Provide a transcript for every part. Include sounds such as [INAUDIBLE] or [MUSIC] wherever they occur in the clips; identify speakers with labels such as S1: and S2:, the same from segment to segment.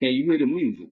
S1: Can you hear the music?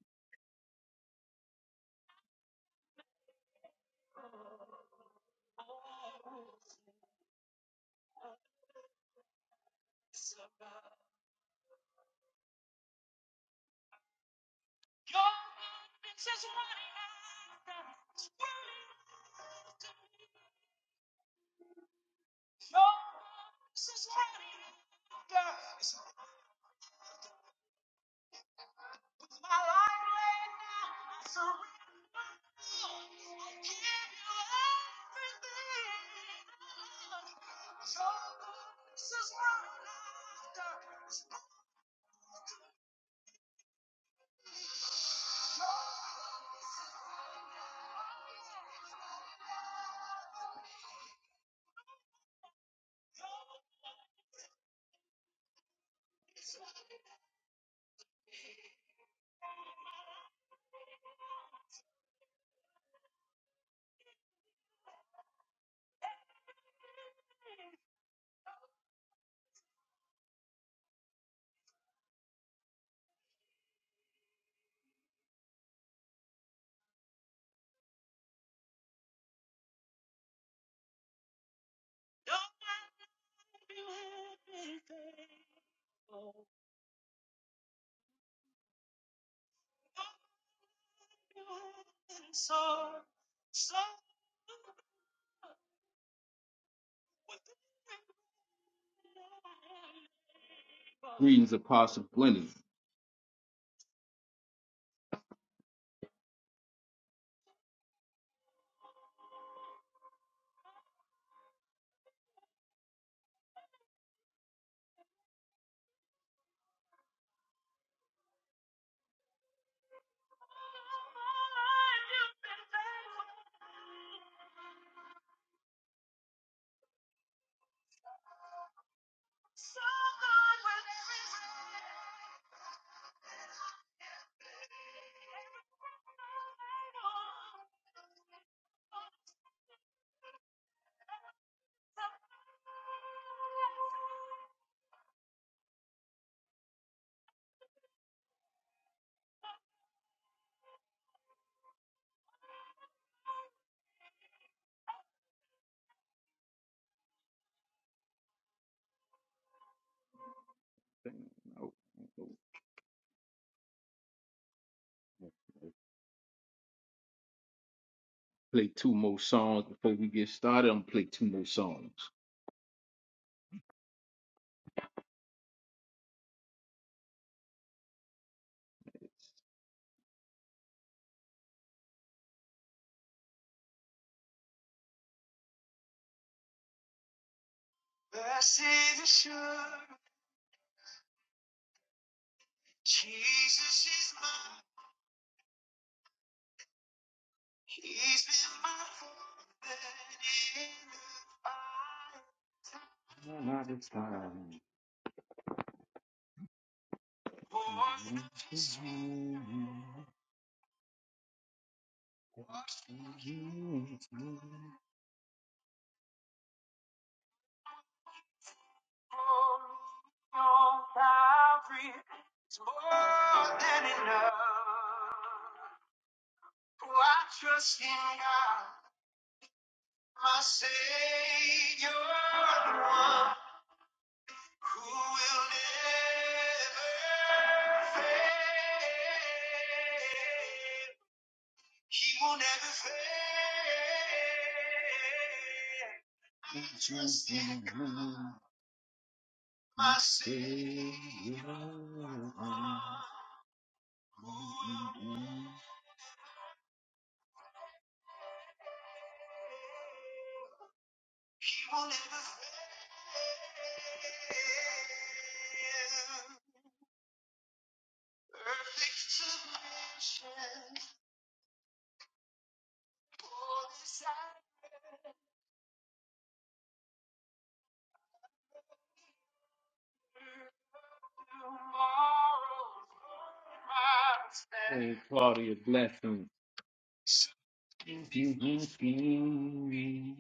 S1: Things of possibilities. I'll I'll play two more songs before we get started. I'm gonna play two more songs. Claudia Blessing. If you can see me,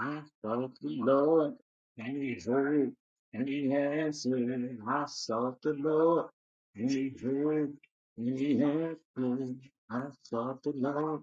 S1: I sought the Lord, and He heard, and He answered. I sought the Lord, and He heard, and He answered. I sought the Lord,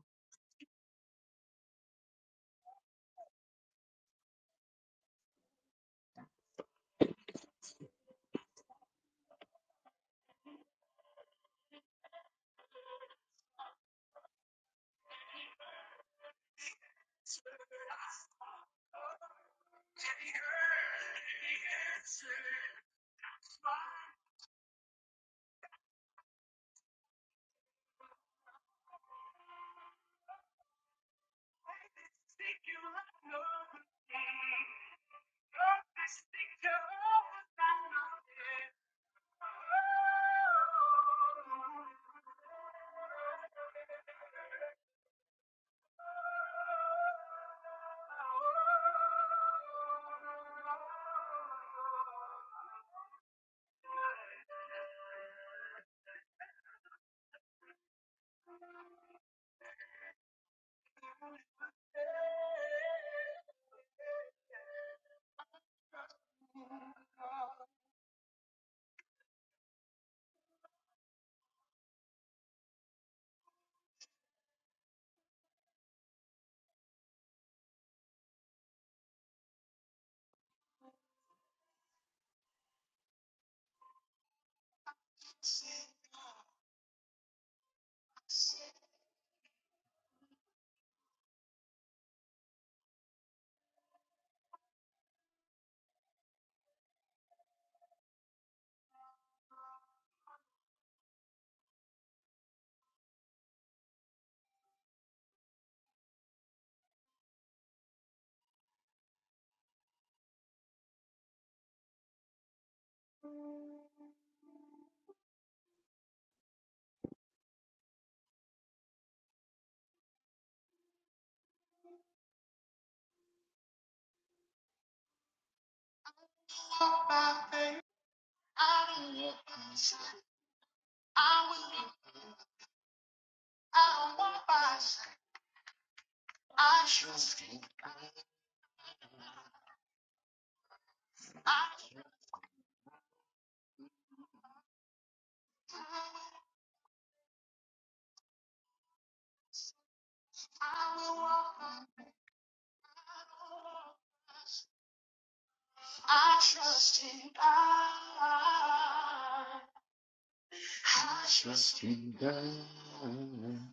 S1: and God.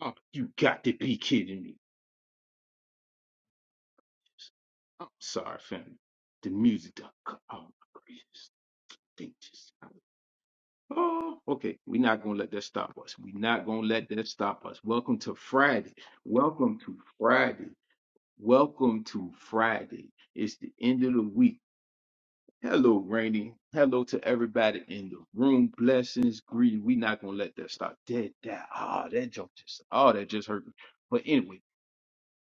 S1: Oh, you got to be kidding me! I'm sorry, family. The music done cut. Oh my gracious. Thing Oh, okay. We're not gonna let that stop us. We're not gonna let that stop us. Welcome to Friday. Welcome to Friday. Welcome to Friday. It's the end of the week. Hello, Rainy. Hello to everybody in the room. Blessings, greed. We're not gonna let that stop. Dead that. Ah, that joke just oh, that just hurt me. But anyway.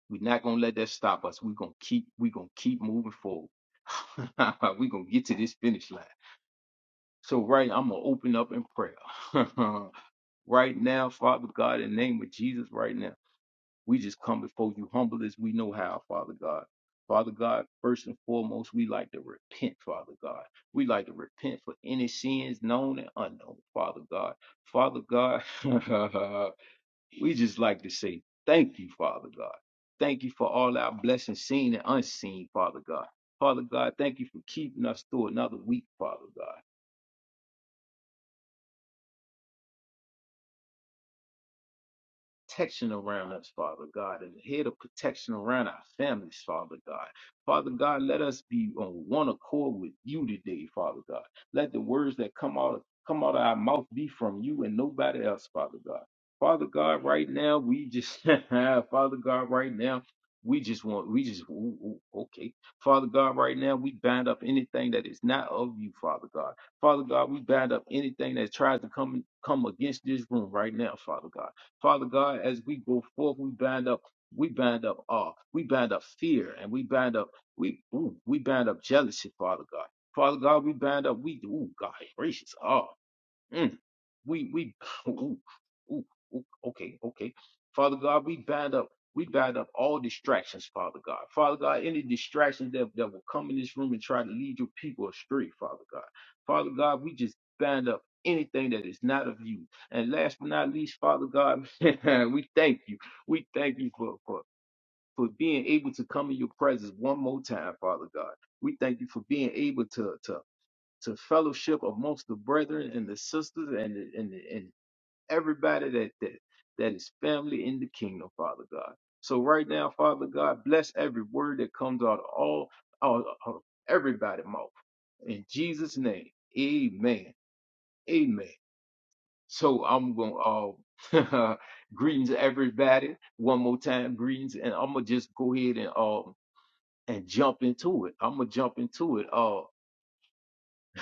S1: We're not gonna let that stop us. We're gonna keep we're gonna keep moving forward. [LAUGHS] we're gonna get to this finish line. So right, I'm gonna open up in prayer. [LAUGHS] right now, Father God, in the name of Jesus, right now, we just come before you humble as we know how, Father God. Father God, first and foremost, we like to repent, Father God. We like to repent for any sins known and unknown, Father God. Father God, [LAUGHS] We just like to say thank you, Father God. Thank you for all our blessings, seen and unseen, Father God. Father God, thank you for keeping us through another week, Father God. protection around us, Father God, and a head of protection around our families, Father God. Father God, let us be on one accord with you today, Father God. Let the words that come out come out of our mouth be from you and nobody else, Father God. Father God, right now we just [LAUGHS] Father God, right now we just want we just ooh, ooh, okay. Father God, right now we bind up anything that is not of you, Father God. Father God, we bind up anything that tries to come come against this room right now, Father God. Father God, as we go forth, we bind up, we bind up awe, we bind up fear, and we bind up, we ooh, we bind up jealousy, Father God. Father God, we bind up, we ooh, God gracious, awe. Mm. We we [LAUGHS] ooh, ooh, ooh, okay, okay. Father God, we bind up, we bind up all distractions, Father God. Father God, any distractions that, that will come in this room and try to lead your people astray, Father God. Father God, we just bind up anything that is not of you. And last but not least, Father God, [LAUGHS] we thank you. We thank you for for for being able to come in your presence one more time, Father God. We thank you for being able to to to fellowship amongst the brethren and the sisters and the, and the, and everybody that that that is family in the kingdom, Father God. So right now, Father God, bless every word that comes out of all out of everybody's mouth. In Jesus' name, Amen. Amen. So I'm gonna uh, [LAUGHS] greetings to everybody one more time, greetings, and I'm gonna just go ahead and um and jump into it. I'm gonna jump into it. Uh,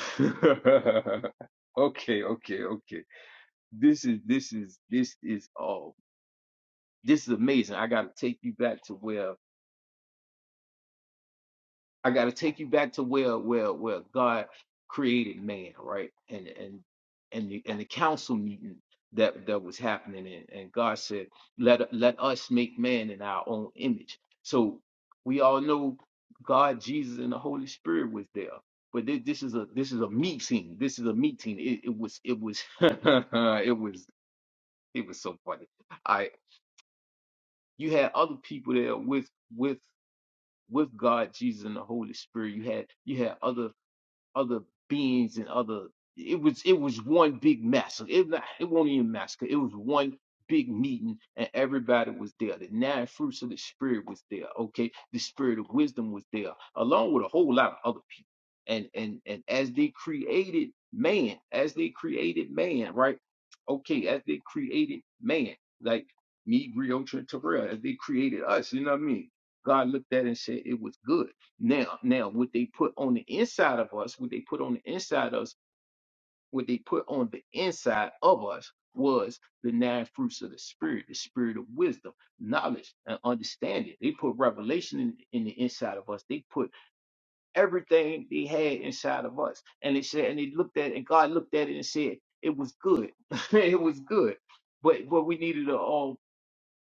S1: [LAUGHS] okay, okay, okay. This is this is this is all. this is amazing. I got to take you back to where I got to take you back to where where where God created man, right? And and and the, and the council meeting that that was happening, and, and God said, "Let let us make man in our own image." So we all know God, Jesus, and the Holy Spirit was there. But thi- this is a this is a meeting. This is a meeting. It, it was it was [LAUGHS] it was it was so funny. I you had other people there with with. with God, Jesus, and the Holy Spirit. You had you had other other beings and other it was it was one big mess. It not- it wasn't even a massacre. It was one big meeting and everybody was there. The nine fruits of the spirit was there. Okay. The spirit of wisdom was there, along with a whole lot of other people. And and and as they created man, as they created man, right? Okay, as they created man, like me, Griotra and Terrell, as they created us, you know what I mean? God looked at it and said it was good. Now, now, what they put on the inside of us, what they put on the inside of us, what they put on the inside of us was the nine fruits of the spirit, the spirit of wisdom, knowledge, and understanding. They put revelation in, in the inside of us. They put everything they had inside of us. And they said, and they looked at it, and God looked at it and said, it was good. [LAUGHS] it was good. But but we needed to all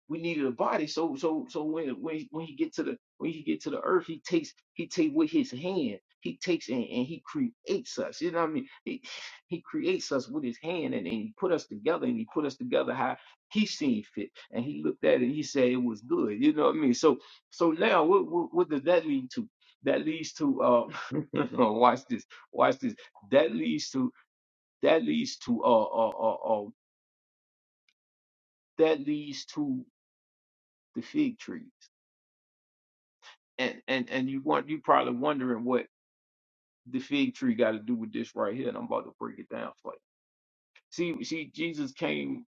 S1: we needed a body. So so so when when when he get to the when he get to the earth, he takes he take with his hand. He takes and, and he creates us. You know what I mean? He he creates us with his hand and, and he put us together and he put us together how he seen fit. And he looked at it and he said it was good. You know what I mean? So so now what what, what does that lead to? That leads to uh [LAUGHS] watch this, watch this. That leads to that leads to uh uh uh, uh that leads to the fig tree. and and and you want you probably wondering what the fig tree got to do with this right here, and I'm about to break it down for you. See, see, Jesus came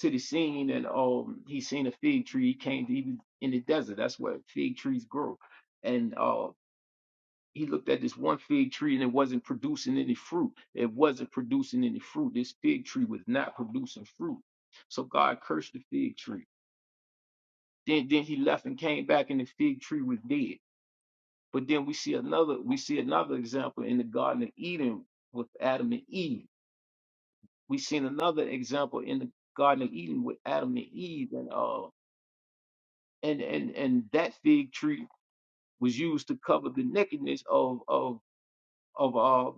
S1: to the scene, and um, he seen a fig tree. He came to even in the desert. That's where fig trees grow, and uh, he looked at this one fig tree, and it wasn't producing any fruit. It wasn't producing any fruit. This fig tree was not producing fruit, so God cursed the fig tree. Then, then he left and came back, and the fig tree was dead. But then we see another we see another example in the Garden of Eden with Adam and Eve. We seen another example in the Garden of Eden with Adam and Eve and uh and and and that fig tree was used to cover the nakedness of of of uh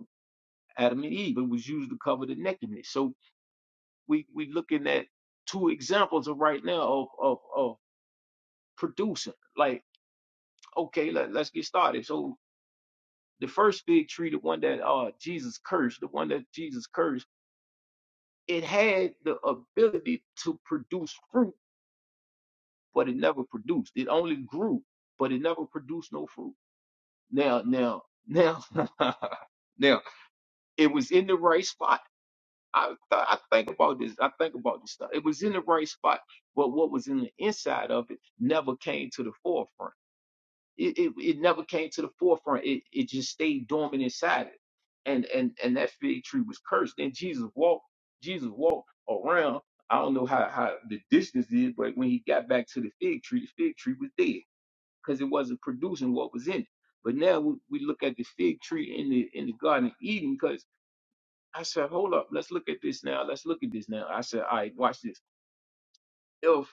S1: Adam and Eve. It was used to cover the nakedness. So we we looking at two examples of right now of of of producing. Like okay, let, let's get started. So the first fig tree, the one that uh Jesus cursed, the one that Jesus cursed it had the ability to produce fruit, but it never produced. It only grew, but it never produced no fruit. Now, now, now, [LAUGHS] now, it was in the right spot. I, th- I think about this. I think about this stuff. It was in the right spot, but what was in the inside of it never came to the forefront. It, it, it never came to the forefront. It, it just stayed dormant inside it. And, and, and that fig tree was cursed. Then Jesus walked, Jesus walked around. I don't know how, how the distance is, but when he got back to the fig tree, the fig tree was dead because it wasn't producing what was in it. But now we, we look at the fig tree in the, in the Garden of Eden because I said, hold up, let's look at this now. Let's look at this now. I said, all right, watch this. If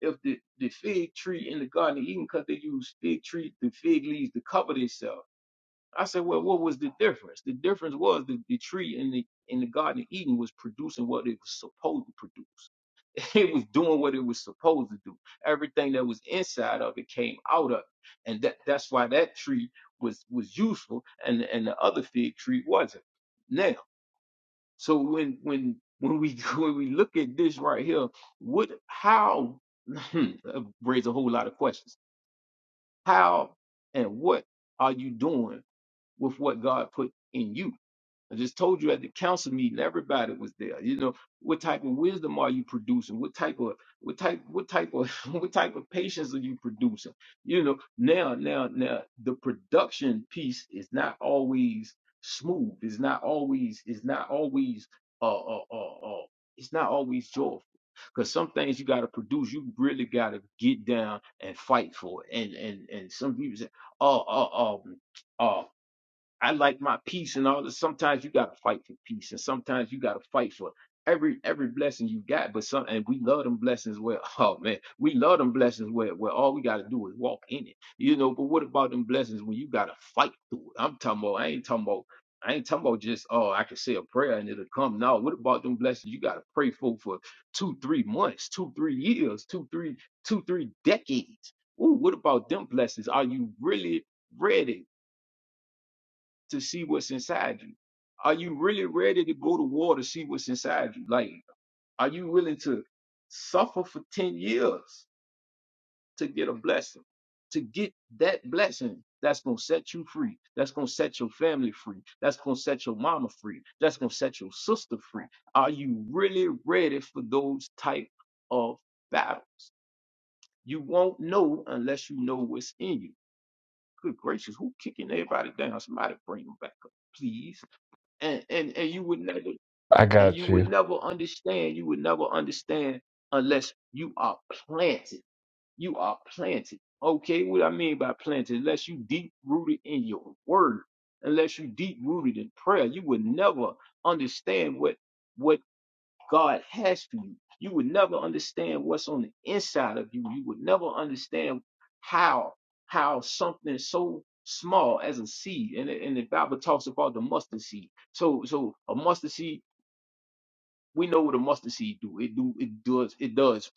S1: if the, the fig tree in the Garden of Eden, because they use fig tree, the fig leaves to cover themselves. I said, well, what was the difference? The difference was the, the tree in the in the Garden of Eden was producing what it was supposed to produce. [LAUGHS] It was doing what it was supposed to do. Everything that was inside of it came out of it, and that that's why that tree was was useful, and and the other fig tree wasn't. Now, so when when when we [LAUGHS] when we look at this right here, what how [LAUGHS] that raise a whole lot of questions. How and what are you doing with what God put in you? I just told you at the council meeting, everybody was there. You know, what type of wisdom are you producing? What type of what type what type of [LAUGHS] what type of patience are you producing? You know, now now now the production piece is not always smooth. It's not always it's not always uh uh uh, uh it's not always joyful. Cause some things you gotta produce, you really gotta get down and fight for it. And and and some people say, oh oh oh. oh I like my peace and all that. Sometimes you gotta fight for peace, and sometimes you gotta fight for every every blessing you got. But some and we love them blessings where [LAUGHS] oh man, we love them blessings where where all we gotta do is walk in it, you know. But what about them blessings when you gotta fight through it? I'm talking about. I ain't talking about. I ain't talking about just oh I can say a prayer and it'll come. No, what about them blessings you gotta pray for for two three months, two three years, two three two three decades? Ooh, what about them blessings? Are you really ready? to see what's inside you? Are you really ready to go to war to see what's inside you? Like, are you willing to suffer for 10 years to get a blessing, to get that blessing that's going to set you free, that's going to set your family free, that's going to set your mama free, that's going to set your sister free? Are you really ready for those type of battles? You won't know unless you know what's in you. Good gracious, who kicking everybody down? Somebody bring them back up, please. and and and you would never
S2: I
S1: and you
S2: got
S1: would
S2: you.
S1: never understand you would never understand unless you are planted you are planted okay what i mean by planted unless you deep rooted in your word unless you deep rooted in prayer you would never understand what what God has for you. You would never understand what's on the inside of you. You would never understand how how something so small as a seed, and, the- and the Bible talks about the mustard seed. So so a mustard seed, we know what a mustard seed do. It do it does it does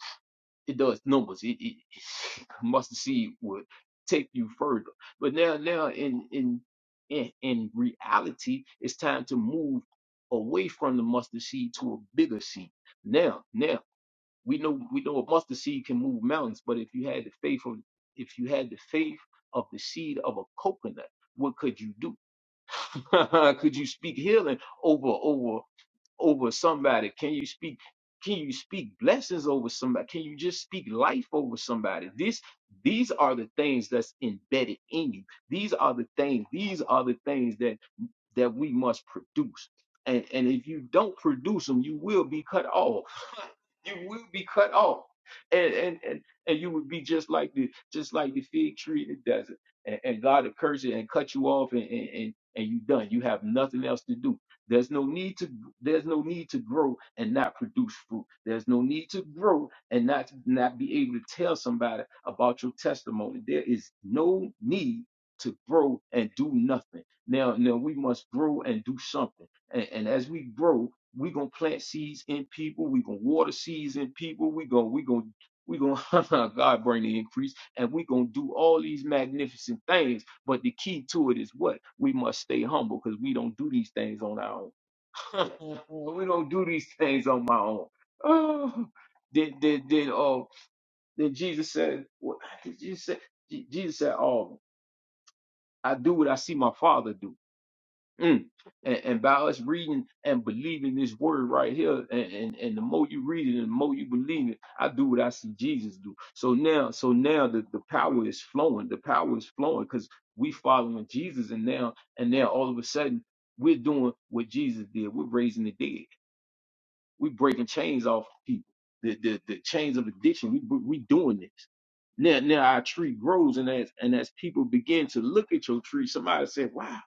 S1: it does numbers. It, it [LAUGHS] mustard seed would take you further. But now now in in in, in reality, it's time to move away from the mustard seed to a bigger seed. Now, now we know we know a mustard seed can move mountains, but if you had the faith of if you had the faith of the seed of a coconut, what could you do? [LAUGHS] could you speak healing over over over somebody? Can you speak can you speak blessings over somebody? Can you just speak life over somebody? This these are the things that's embedded in you. These are the things, these are the things that that we must produce. And, and if you don't produce them, you will be cut off. [LAUGHS] you will be cut off. And, and and and you would be just like the just like the fig tree in the desert. And, and God will curse it and cut you off and, and, and, and you done. You have nothing else to do. There's no need to there's no need to grow and not produce fruit. There's no need to grow and not not be able to tell somebody about your testimony. There is no need to grow and do nothing. Now, now we must grow and do something. And, and as we grow, we gonna plant seeds in people. We gonna water seeds in people. We gonna we gonna we gonna [LAUGHS] God bring the increase, and we gonna do all these magnificent things. But the key to it is what we must stay humble because we don't do these things on our own. [LAUGHS] we don't do these things on my own. Oh, then then then uh then Jesus said, what did Jesus say? Je- Jesus said, "Oh, I do what I see my Father do." Mm. And, and by us reading and believing this word right here, and, and, and the more you read it and the more you believe it, I do what I see Jesus do. So now, so now the, the power is flowing. The power is flowing because we following Jesus, and now and now all of a sudden we're doing what Jesus did. We're raising the dead. We're breaking chains off of people. The the, the chains of addiction. We we doing this. Now, now our tree grows, and as and as people begin to look at your tree, somebody said, "Wow,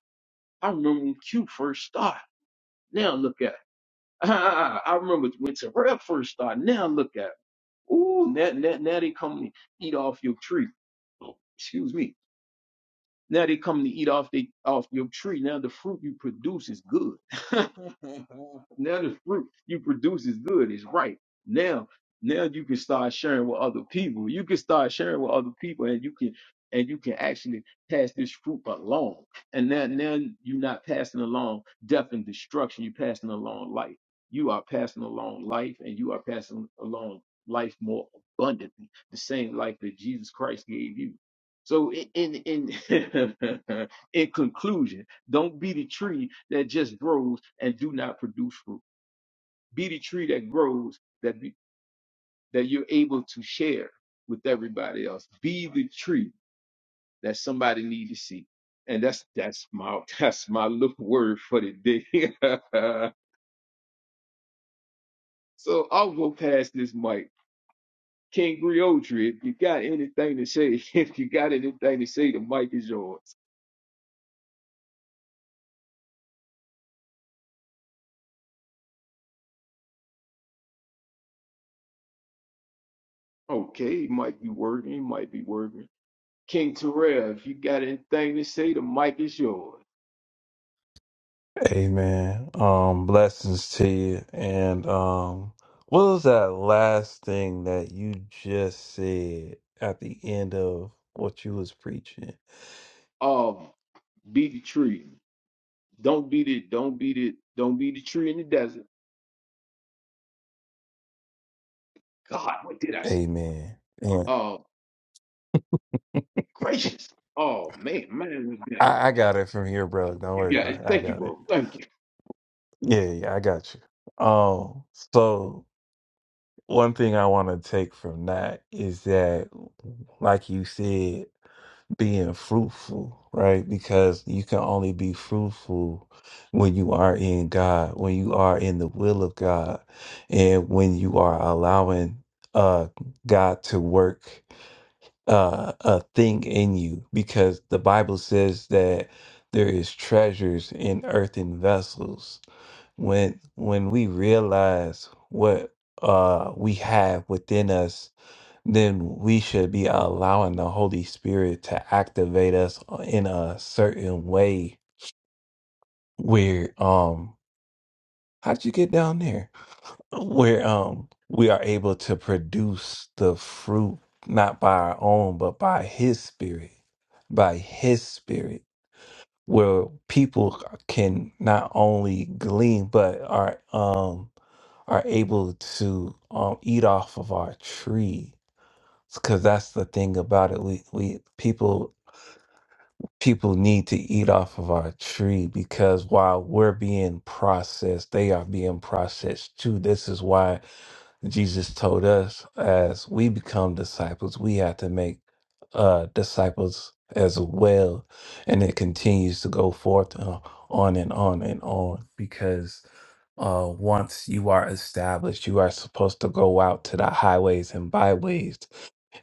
S1: I remember when Q first started." Now look at [LAUGHS] it. I I, I remember when Terrell first started. Now look at it. Ooh, now, now, now they come and eat off your tree. Oh, Excuse me. Now they come to eat off the off your tree. Now the fruit you produce is good. [LAUGHS] now the fruit you produce is good. It's right. Now, now you can start sharing with other people. You can start sharing with other people, and you can and you can actually pass this fruit along. And now, now you're not passing along death and destruction. You're passing along life. You are passing along life, and you are passing along life more abundantly. The same life that Jesus Christ gave you. So in in [LAUGHS] in conclusion, don't be the tree that just grows and do not produce fruit. Be the tree that grows that be, that you're able to share with everybody else. Be the tree that somebody needs to see. And that's that's my [LAUGHS] that's my little word for the day. [LAUGHS] so I'll go past this mic. King Griotry, if you got anything to say, [LAUGHS] if you got anything to say, the mic is yours. Okay, it might be working, it might be working. King Terrell, if you got anything to say, the mic is yours.
S2: Amen. Um, blessings to you. And um, what was that last thing that you just said at the end of what you was preaching?
S1: Um, be the tree. Don't beat it. Don't beat it. Don't be the tree in the desert. God, what did I say?
S2: Amen. And
S1: Oh, gracious. Oh man, man, man.
S2: I, I got it from here, bro. Don't
S1: you
S2: worry
S1: got
S2: about
S1: it.
S2: it. I
S1: Thank you,
S2: got it.
S1: bro. Thank you.
S2: Yeah, yeah, I got you. Um, so one thing I want to take from that is that, like you said. being fruitful, right? Because you can only be fruitful when you are in God, when you are in the will of God, and when you are allowing uh God to work uh a thing in you because the Bible says that there is treasures in earthen vessels. When when we realize what uh we have within us then we should be allowing the Holy Spirit to activate us in a certain way where um how'd you get down there? Where um we are able to produce the fruit not by our own but by his spirit. By his spirit where people can not only glean but are um are able to um eat off of our tree because that's the thing about it we we people people need to eat off of our tree because while we're being processed, they are being processed too. This is why Jesus told us as we become disciples, we have to make uh, disciples as well. And it continues to go forth uh, on and on and on because uh, once you are established, you are supposed to go out to the highways and byways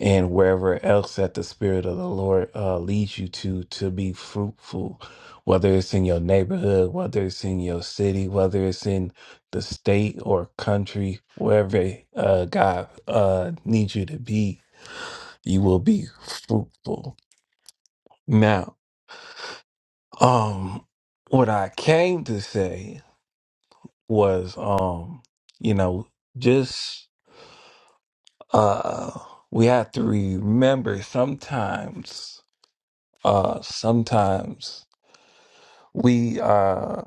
S2: and wherever else that the Spirit of the Lord uh, leads you to, to be fruitful, whether it's in your neighborhood, whether it's in your city, whether it's in the state or country, wherever uh, God uh, needs you to be, you will be fruitful. Now, um, what I came to say was, um, you know, just uh, we have to remember sometimes, uh, sometimes we uh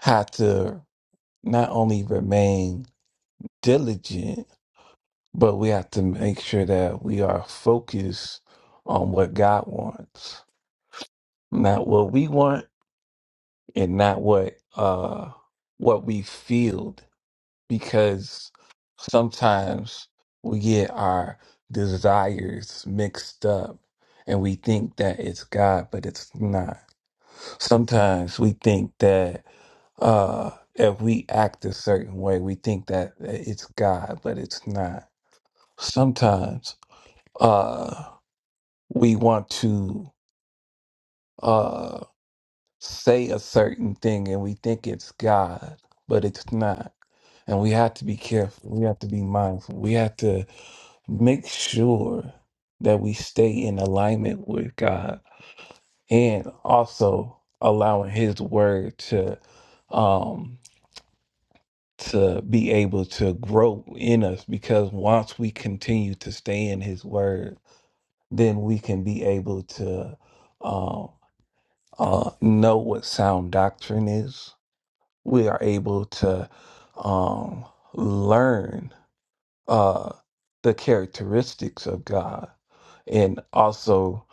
S2: have to not only remain diligent, but we have to make sure that we are focused on what God wants, not what we want and not what uh what we feel because sometimes we get our desires mixed up and we think that it's God, but it's not. Sometimes we think that uh if we act a certain way we think that it's god but it's not sometimes uh we want to uh say a certain thing and we think it's god but it's not and we have to be careful we have to be mindful we have to make sure that we stay in alignment with god and also allowing his word to um to be able to grow in us because once we continue to stay in his word then we can be able to um, uh, know what sound doctrine is we are able to um, learn uh, the characteristics of god and also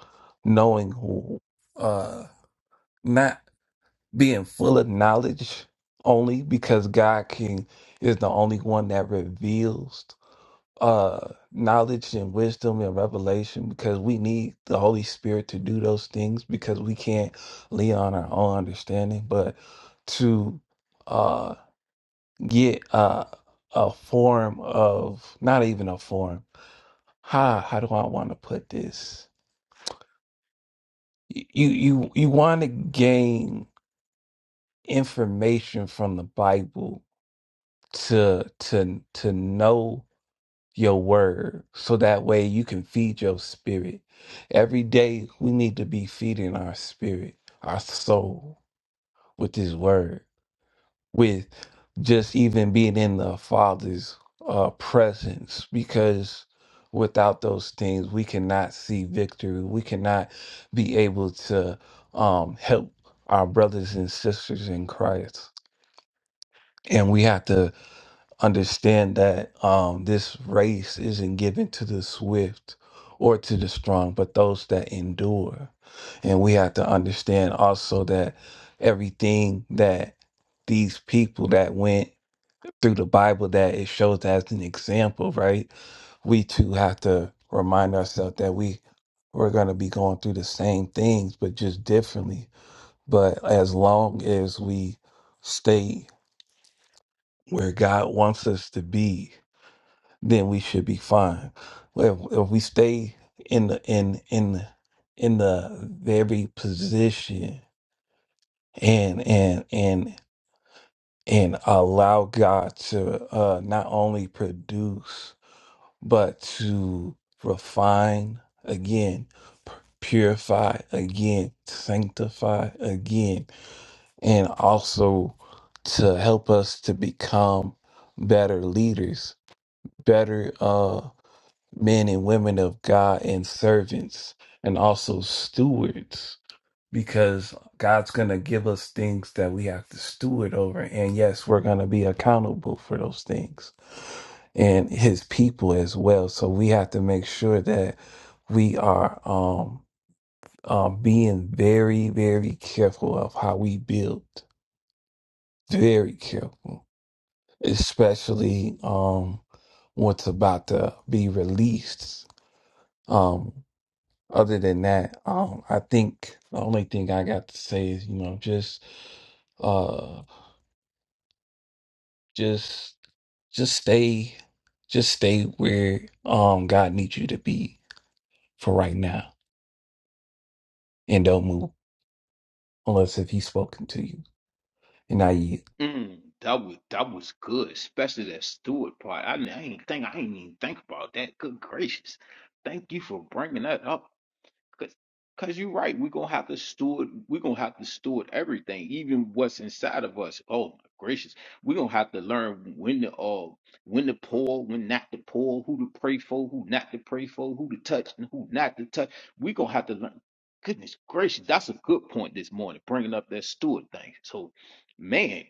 S2: knowing who uh, not being full of knowledge only because god can is the only one that reveals uh knowledge and wisdom and revelation because we need the holy spirit to do those things because we can't lean on our own understanding but to uh get uh a form of not even a form how how do i want to put this Y- you you you want to gain information from the bible to to to know your word so that way you can feed your spirit. Every day we need to be feeding our spirit, our soul with his word, with just even being in the Father's uh, presence, because without those things, we cannot see victory. We cannot be able to um, help our brothers and sisters in Christ. And we have to understand that um, this race isn't given to the swift or to the strong, but those that endure. And we have to understand also that everything that these people that went through the Bible that it shows as an example, right? We too have to remind ourselves that we we're gonna be going through the same things, but just differently. But as long as we stay where God wants us to be, then we should be fine. Well, if if we stay in the in in the- in the very position and and and and allow God to uh, not only produce but to refine again, pu- purify again, sanctify again, and also to help us to become better leaders, better. uh, men and women of God and servants and also stewards because God's going to give us things that we have to steward over. And yes, we're going to be accountable for those things and his people as well. So we have to make sure that we are um, um, being very, very careful of how we build, very careful, especially um, what's about to be released. um, Other than that, I don't, I think the only thing I got to say is, you know, just uh just just stay just stay where um God needs you to be for right now and don't move unless if he's spoken to you and I yield.
S1: Mm, that was that was good, especially that Stewart part. I, I ain't think I ain't even think about that. Good gracious. Thank you for bringing that up. Cause, cause you're right. We're gonna have to steward. We're gonna have to steward everything, even what's inside of us. Oh my gracious, we're gonna have to learn when to uh, when to pour, when not to pour, who to pray for, who not to pray for, who to touch and who not to touch. We're gonna have to learn. Goodness gracious, that's a good point this morning, bringing up that steward thing. So, man,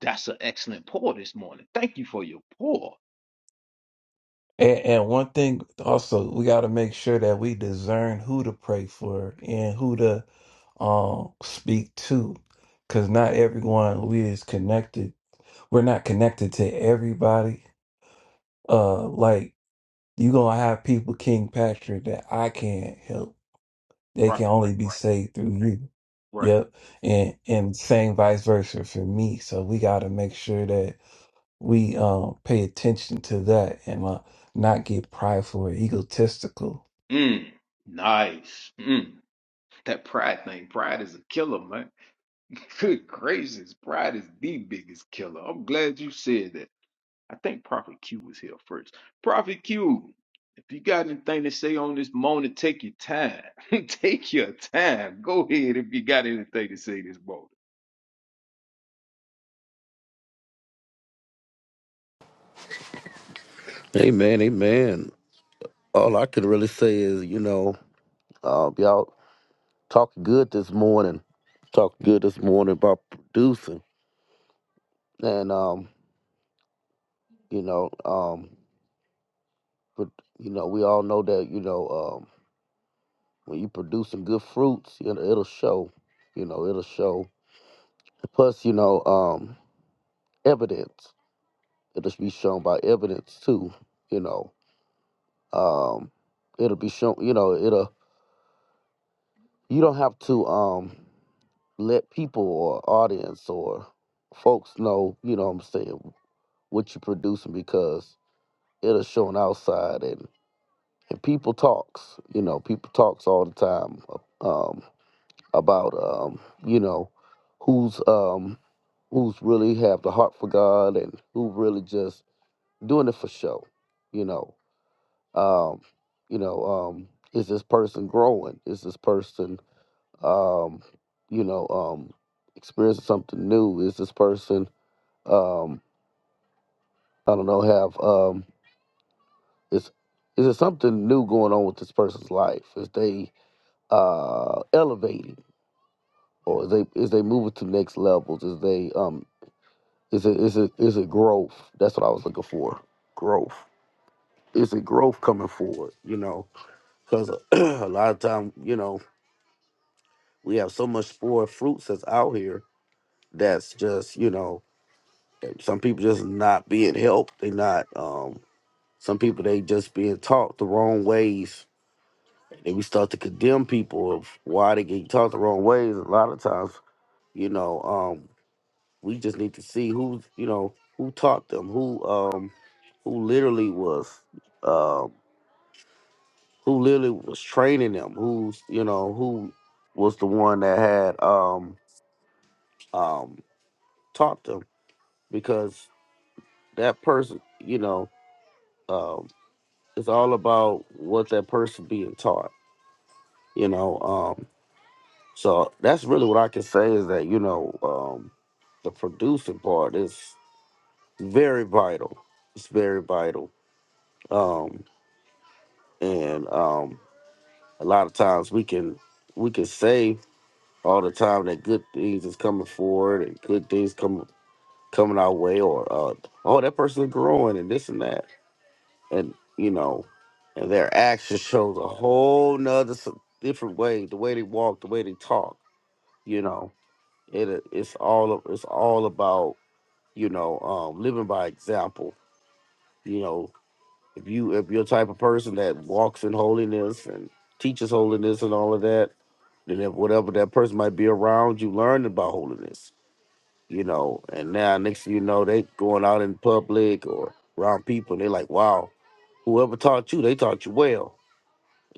S1: that's an excellent pour this morning. Thank you for your pour.
S2: And, and one thing also we got to make sure that we discern who to pray for and who to um speak to because not everyone we is connected we're not connected to everybody Uh, like you gonna have people King Patrick that I can't help. They
S1: Right,
S2: can
S1: right,
S2: only be saved through you.
S1: right, right.
S2: Yep. And and same vice versa for me. So we gotta make sure that we um pay attention to that and uh, not get prideful or egotistical.
S1: Mm, nice. Mm. That pride thing, pride is a killer, man. [LAUGHS] Good gracious, pride is the biggest killer. I'm glad you said that. I think Prophet Q was here first. Prophet Q, if you got anything to say on this morning, take your time. [LAUGHS] take your time. Go ahead if you got anything to say this morning.
S3: Amen, amen. All I can really say is, you know, uh, y'all talked good this morning. Talked good this morning about producing, and um, you know, um, but you know, we all know that you know um, when you producing good fruits, you know, it'll show. You know, it'll show. Plus, you know, um, evidence. It'll be shown by evidence too. You know, um, it'll be shown. You know, it'll. You don't have to. Um, let people or audience or folks know, you know what I'm saying, what you're producing because it'll show an outside and, and people talks, you know, people talks all the time um, about, um, you know, who's um, who's really have the heart for God and who really just doing it for show, you know, um, you know, um, is this person growing? Is this person, um, you know, um, experiencing something new? Is this person um i don't know have um is is there something new going on with this person's life is they uh elevating or is they is they moving to next levels is they um is it is it is it growth that's what i was looking for growth is it growth coming forward you know because [CLEARS THROAT] a lot of time you know we have so much spore fruits that's out here that's just you know some people just not being helped they not um some people they just being taught the wrong ways Then we start to condemn people of why they get taught the wrong ways. A lot of times, you know, um, we just need to see who, you know, who taught them, who, um, who literally was, um, who literally was training them, who's, you know, who was the one that had, um, um, taught them, because that person, you know, um, it's all about what that person being taught. You know, um, So that's really what I can say is that you know um, the producing part is very vital. It's very vital, um, and um, a lot of times we can we can say all the time that good things is coming forward and good things coming coming our way, or uh, oh that person is growing and this and that, and you know, and their action shows a whole nother s- different way. The way they walk, the way they talk, you know, it it's all it's all about you know um living by example you know if you if you're the type of person that walks in holiness and teaches holiness and all of that then if whatever that person might be around you learn about holiness you know and now next thing you know they going out in public or around people and they're like wow whoever taught you they taught you well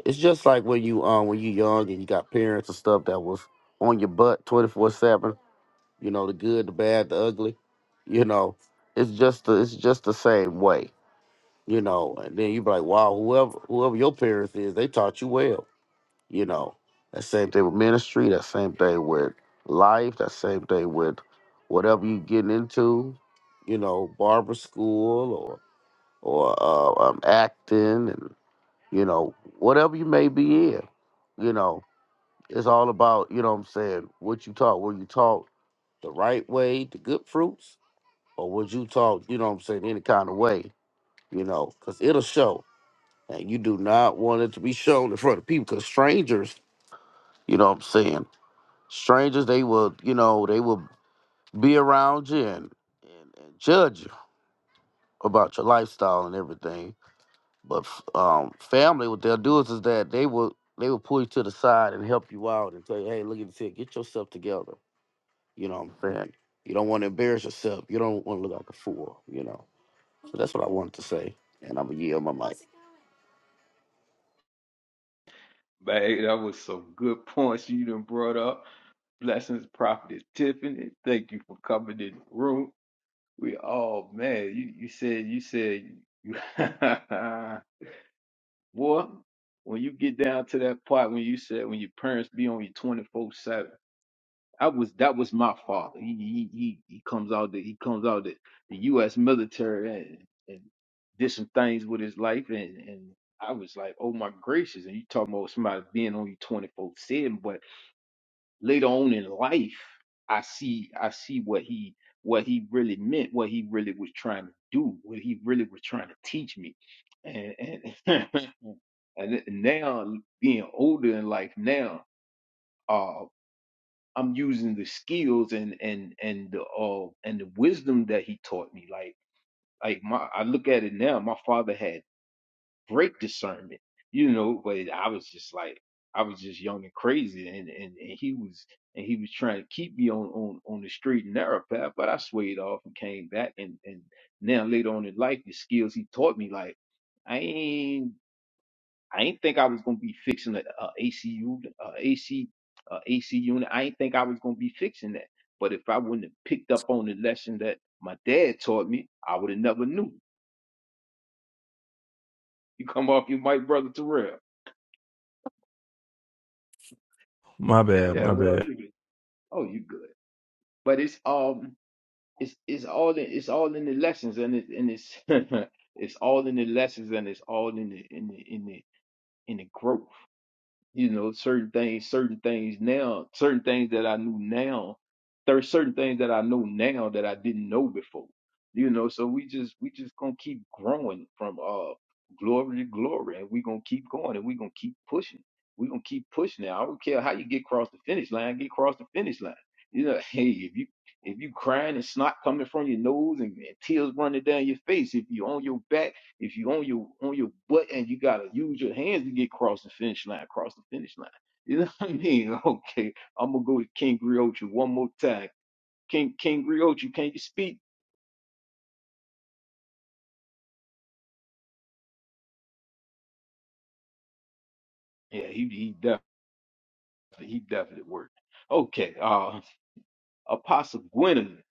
S3: it's just like when you um when you young and you got parents and stuff that was on your butt 24-7 you know the good the bad the ugly you know it's just the, it's just the same way you know and then you be like wow whoever whoever your parents is they taught you well you know that same thing with ministry that same thing with life that same thing with whatever you getting into you know barber school or or uh, um, acting and you know whatever you may be in you know it's all about you know what i'm saying what you taught were you taught the right way the good fruits or would you talk, you know what I'm saying, any kind of way, you know, because it'll show. And you do not want it to be shown in front of people because strangers, you know what I'm saying, strangers, they will, you know, they will be around you and, and, and judge you about your lifestyle and everything. But f- um, family, what they'll do is, is that they will they will pull you to the side and help you out and tell you, hey, look at this here, get yourself together. You know what I'm saying? You don't want to embarrass yourself. You don't want to look like a fool, you know. So that's what I wanted to say. And I'm going to yield my mic.
S1: Man, that was some good points you done brought up. Blessings, Prophetess Tiffany. Thank you for coming in the room. We all, man, you, you said, you said, you, [LAUGHS] Boy, when you get down to that part when you said when your parents be on you twenty four seven, I was that was my father. He he he, he comes out the he comes out the, the U.S. military and, and did some things with his life and and I was like, oh my gracious! And you talking about somebody being on you twenty four seven, later on in life i see i see what he what he really meant what he really was trying to do what he really was trying to teach me and and [LAUGHS] and now being older in life now uh i'm using the skills and and and the uh and the wisdom that he taught me like like my i look at it now my father had great discernment, you know. But I was just like, I was just young and crazy, and and, and he was and he was trying to keep me on on on the straight and narrow path. But I swayed off and came back, and and now later on in life, the skills he taught me, like I ain't I ain't think I was gonna be fixing a, a ACU a AC a AC unit. I ain't think I was gonna be fixing that. But if I wouldn't have picked up on the lesson that my dad taught me, I would have never knew. You come off you Mike Brother Terrell.
S2: My bad,
S1: Yeah,
S2: my
S1: well,
S2: bad.
S1: Oh, you good. But it's um it's it's all in it's all in the lessons and it's and it's [LAUGHS] it's all in the lessons and it's all in the in the in the in the growth you know certain things certain things now certain things that i knew now there's certain things that i know now that i didn't know before you know so we just we just gonna keep growing from uh glory to glory and we gonna keep going and we gonna keep pushing we gonna keep pushing now i don't care how you get across the finish line get across the finish line you know [LAUGHS] hey if you if you crying and snot coming from your nose and, and tears running down your face if you on your back if you on your on your butt and you gotta use your hands to get across the finish line, cross the finish line. You know [LAUGHS] what I mean? [LAUGHS] Okay, I'm gonna go with King Griochi one more time. King King Griochi, can you speak? Yeah, he he definitely he definitely worked. Okay, uh, Apostle Gwendolyn.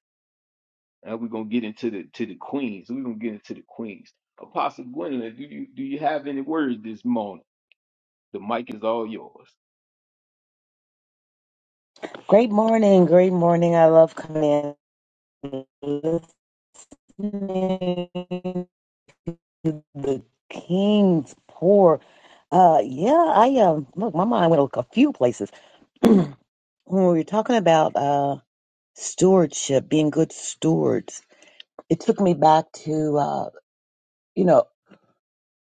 S1: Now we're gonna get into the to the queens. We're gonna get into the queens. Apostle Gwendolyn, do you do you have any words this morning? The mic is all yours.
S4: Great morning, great morning. I love coming in and listening to the King's Pour. Uh yeah, I um look, my mind went a few places. [CLEARS THROAT] when we were talking about uh stewardship, being good stewards, it took me back to uh, you know,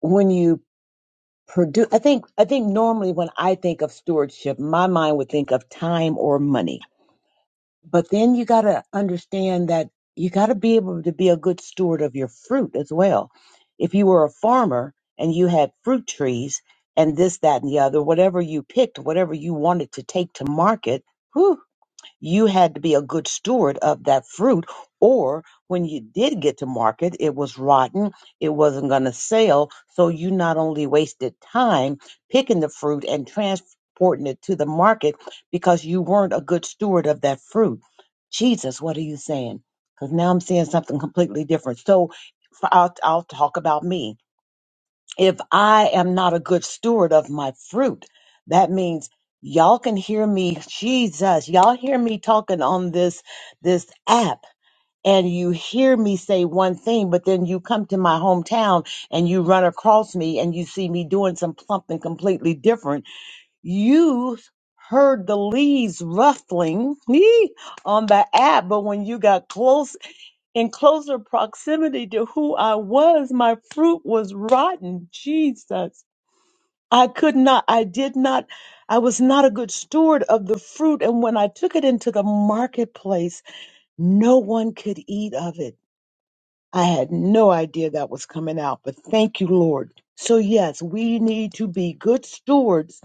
S4: when you produce I think I think normally when I think of stewardship, my mind would think of time or money But then you got to understand that you got to be able to be a good steward of your fruit as well. If you were a farmer and you had fruit trees and this, that, and the other, whatever you picked, whatever you wanted to take to market, you had to be a good steward of that fruit or when you did get to market it was rotten it wasn't going to sell so you not only wasted time picking the fruit and transporting it to the market because you weren't a good steward of that fruit jesus what are you saying because now i'm saying something completely different so f- I'll, I'll talk about me if I am not a good steward of my fruit, that means y'all can hear me, Jesus, y'all hear me talking on this this app and you hear me say one thing, but then you come to my hometown and you run across me and you see me doing some something completely different. You heard the leaves ruffling me on the app, but when you got close in closer proximity to who I was, my fruit was rotten. Jesus. I could not, I did not, I was not a good steward of the fruit. And when I took it into the marketplace, no one could eat of it. I had no idea that was coming out, but thank you, Lord. So, yes, we need to be good stewards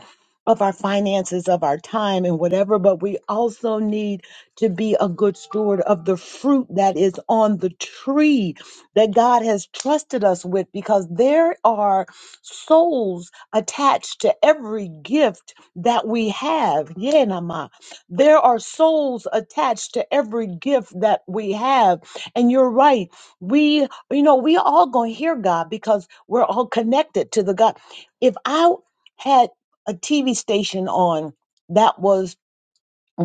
S4: of our finances, of our time, and whatever, but we also need to be a good steward of the fruit that is on the tree that God has trusted us with because there are souls attached to every gift that we have. Yeah, Nama. There are souls attached to every gift that we have. And you're right we, you know, we all gonna hear God because we're all connected to the God. If I had a TV station on that was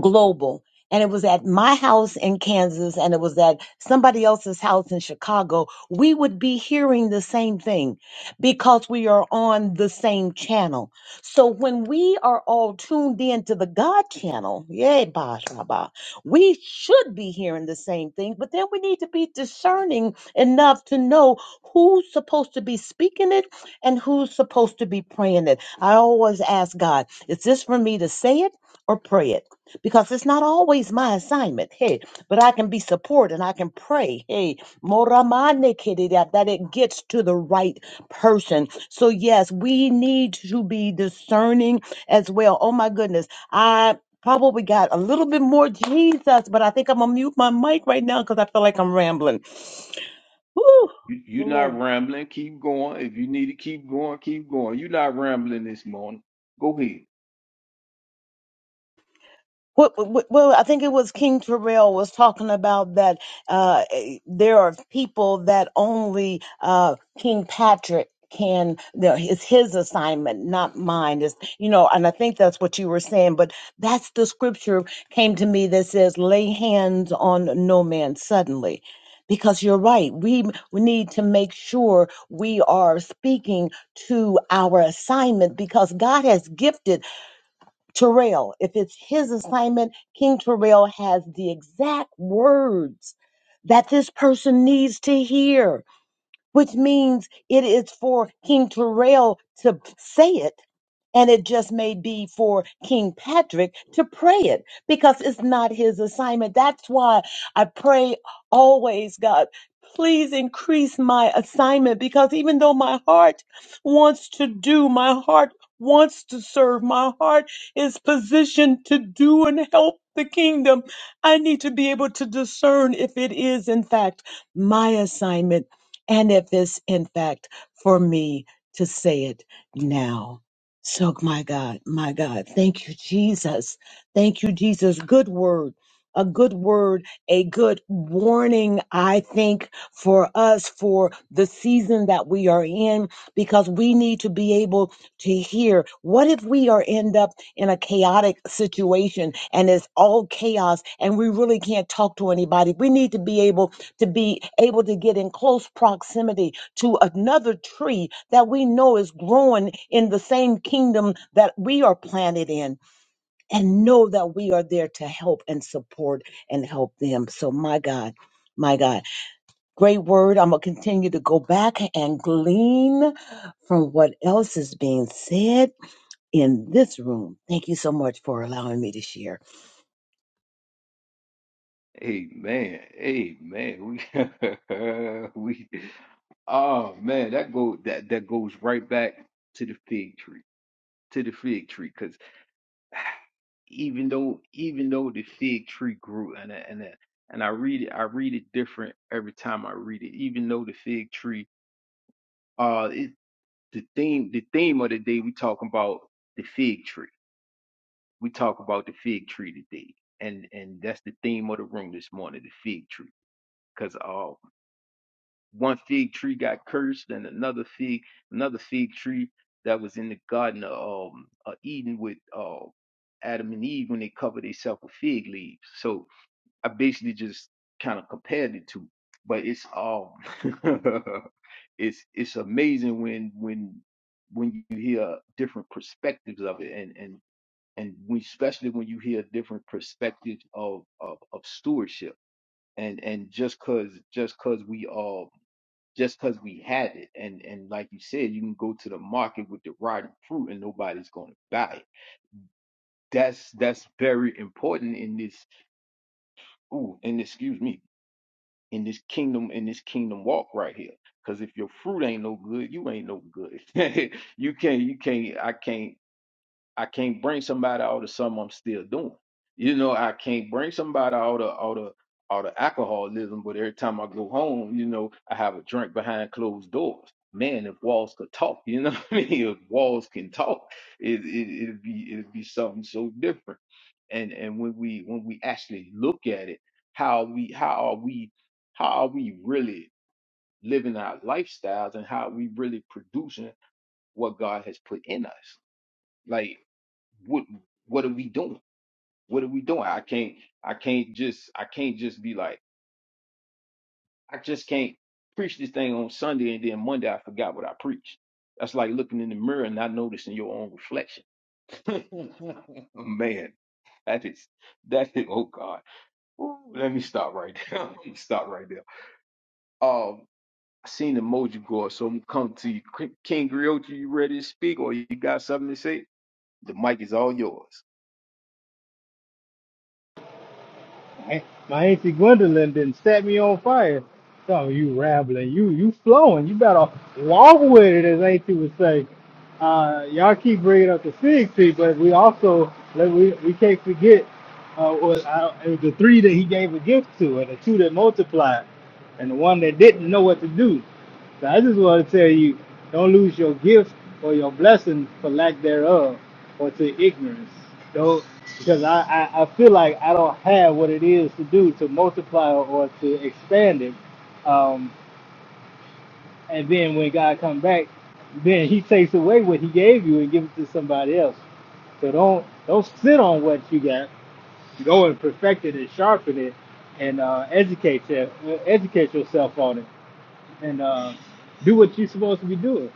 S4: global and it was at my house in Kansas and it was at somebody else's house in Chicago, we would be hearing the same thing because we are on the same channel. So when we are all tuned in to the God channel, yay, bah, bah, bah, we should be hearing the same thing, but then we need to be discerning enough to know who's supposed to be speaking it and who's supposed to be praying it. I always ask God, is this for me to say it or pray it? because it's not always my assignment. Hey, but I can be support and I can pray. Hey, moramane kerida, that it gets to the right person. So yes, we need to be discerning as well. Oh my goodness, I probably got a little bit more Jesus, but I think I'm gonna mute my mic right now because I feel like I'm rambling. Woo,
S1: You, you're not
S4: Lord.
S1: rambling. Keep going. If you need to keep going, keep going. You're not rambling this morning. Go ahead.
S4: What, what, well, I think it was King Terrell was talking about that uh, eh, there are people that only uh, King Patrick can. there- It's his assignment, not mine. Is you know, and I think that's what you were saying. But that's the scripture came to me that says, "Lay hands on no man suddenly." Because you're right, we m- we need to make sure we are speaking to our assignment because God has gifted Terrell, if it's his assignment, King Terrell has the exact words that this person needs to hear which means it is for King Terrell to say it, and it just may be for King Patrick to pray it because it's not his assignment. That's why I pray always, God, please increase my assignment because even though my heart wants to do, my heart wants to serve, my heart is positioned to do and help the kingdom, I need to be able to discern if it is, in fact, my assignment and if it's in fact for me to say it now. So, my God, my God, thank you, Jesus. Thank you, Jesus. Good word. A good word, a good warning, I think, for us for the season that we are in, because we need to be able to hear. What if we are end up in a chaotic situation and it's all chaos and we really can't talk to anybody? We need to be able to be able to get in close proximity to another tree that we know is growing in the same kingdom that we are planted in and know that we are there to help and support and help them. So, my God, my God, great word. I'm going to continue to go back and glean from what else is being said in this room. Thank you so much for allowing me to share.
S1: Amen. Amen. We, [LAUGHS] we, oh man, that go that that goes right back to the fig tree, to the fig tree, because even though even though the fig tree grew, and I- and I- and I read it, I read it different every time I read it. Even though the fig tree, uh, it, the theme the theme of the day we talking about the fig tree we talk about the fig tree today, and and that's the theme of the room this morning, the fig tree, because uh, one fig tree got cursed, and another fig, another fig tree that was in the garden of um, uh, Eden with uh, Adam and Eve when they covered themselves with fig leaves. So I basically just kind of compared the two, but it's all [LAUGHS] it's it's amazing when when when you hear different perspectives of it, and and and we, especially when you hear different perspectives of, of of stewardship and and just cause just cause we all just cause we had it and and like you said you can go to the market with the rotten fruit and nobody's going to buy it that's that's very important in this ooh and excuse me in this kingdom in this kingdom walk right here because if your fruit ain't no good you ain't no good [LAUGHS] you can't you can't i can't I can't bring somebody out of something I'm still doing. You know, I can't bring somebody out of out of out of alcoholism, but every time I go home, you know, I have a drink behind closed doors. Man, if walls could talk, you know [LAUGHS] what I mean? If walls can talk, it, it it'd be it'd be something so different. And and when we when we actually look at it, how we how are we how are we really living our lifestyles and how are we really producing what God has put in us? Like what what are we doing? What are we doing? I can't I can't just I can't just be like I just can't preach this thing on Sunday and then Monday I forgot what I preached. That's like looking in the mirror and not noticing your own reflection. [LAUGHS] Man, that is that is oh God. Ooh, let me stop right there. [LAUGHS] Let me stop right there. Um I seen the emoji go, up, so I'm come to you. King Griochi, you ready to speak or you got something to say? The mic is all yours.
S5: My my auntie Gwendolyn didn't set me on fire. So you rambling, you you flowing. You better walk with it, as auntie would say. Uh, y'all keep bringing up the fig tree, but we also like, we we can't forget uh, was, I, it was the three that he gave a gift to, and the two that multiplied, and the one that didn't know what to do. So I just want to tell you, don't lose your gift or your blessing for lack thereof or to ignorance. Don't, because I, I, I feel like I don't have what it is to do to multiply or or to expand it. Um, and then when God come back, then he takes away what he gave you and gives it to somebody else. So don't don't sit on what you got. Go and perfect it and sharpen it, and uh, educate your, educate yourself on it, and uh, do what you're supposed to be doing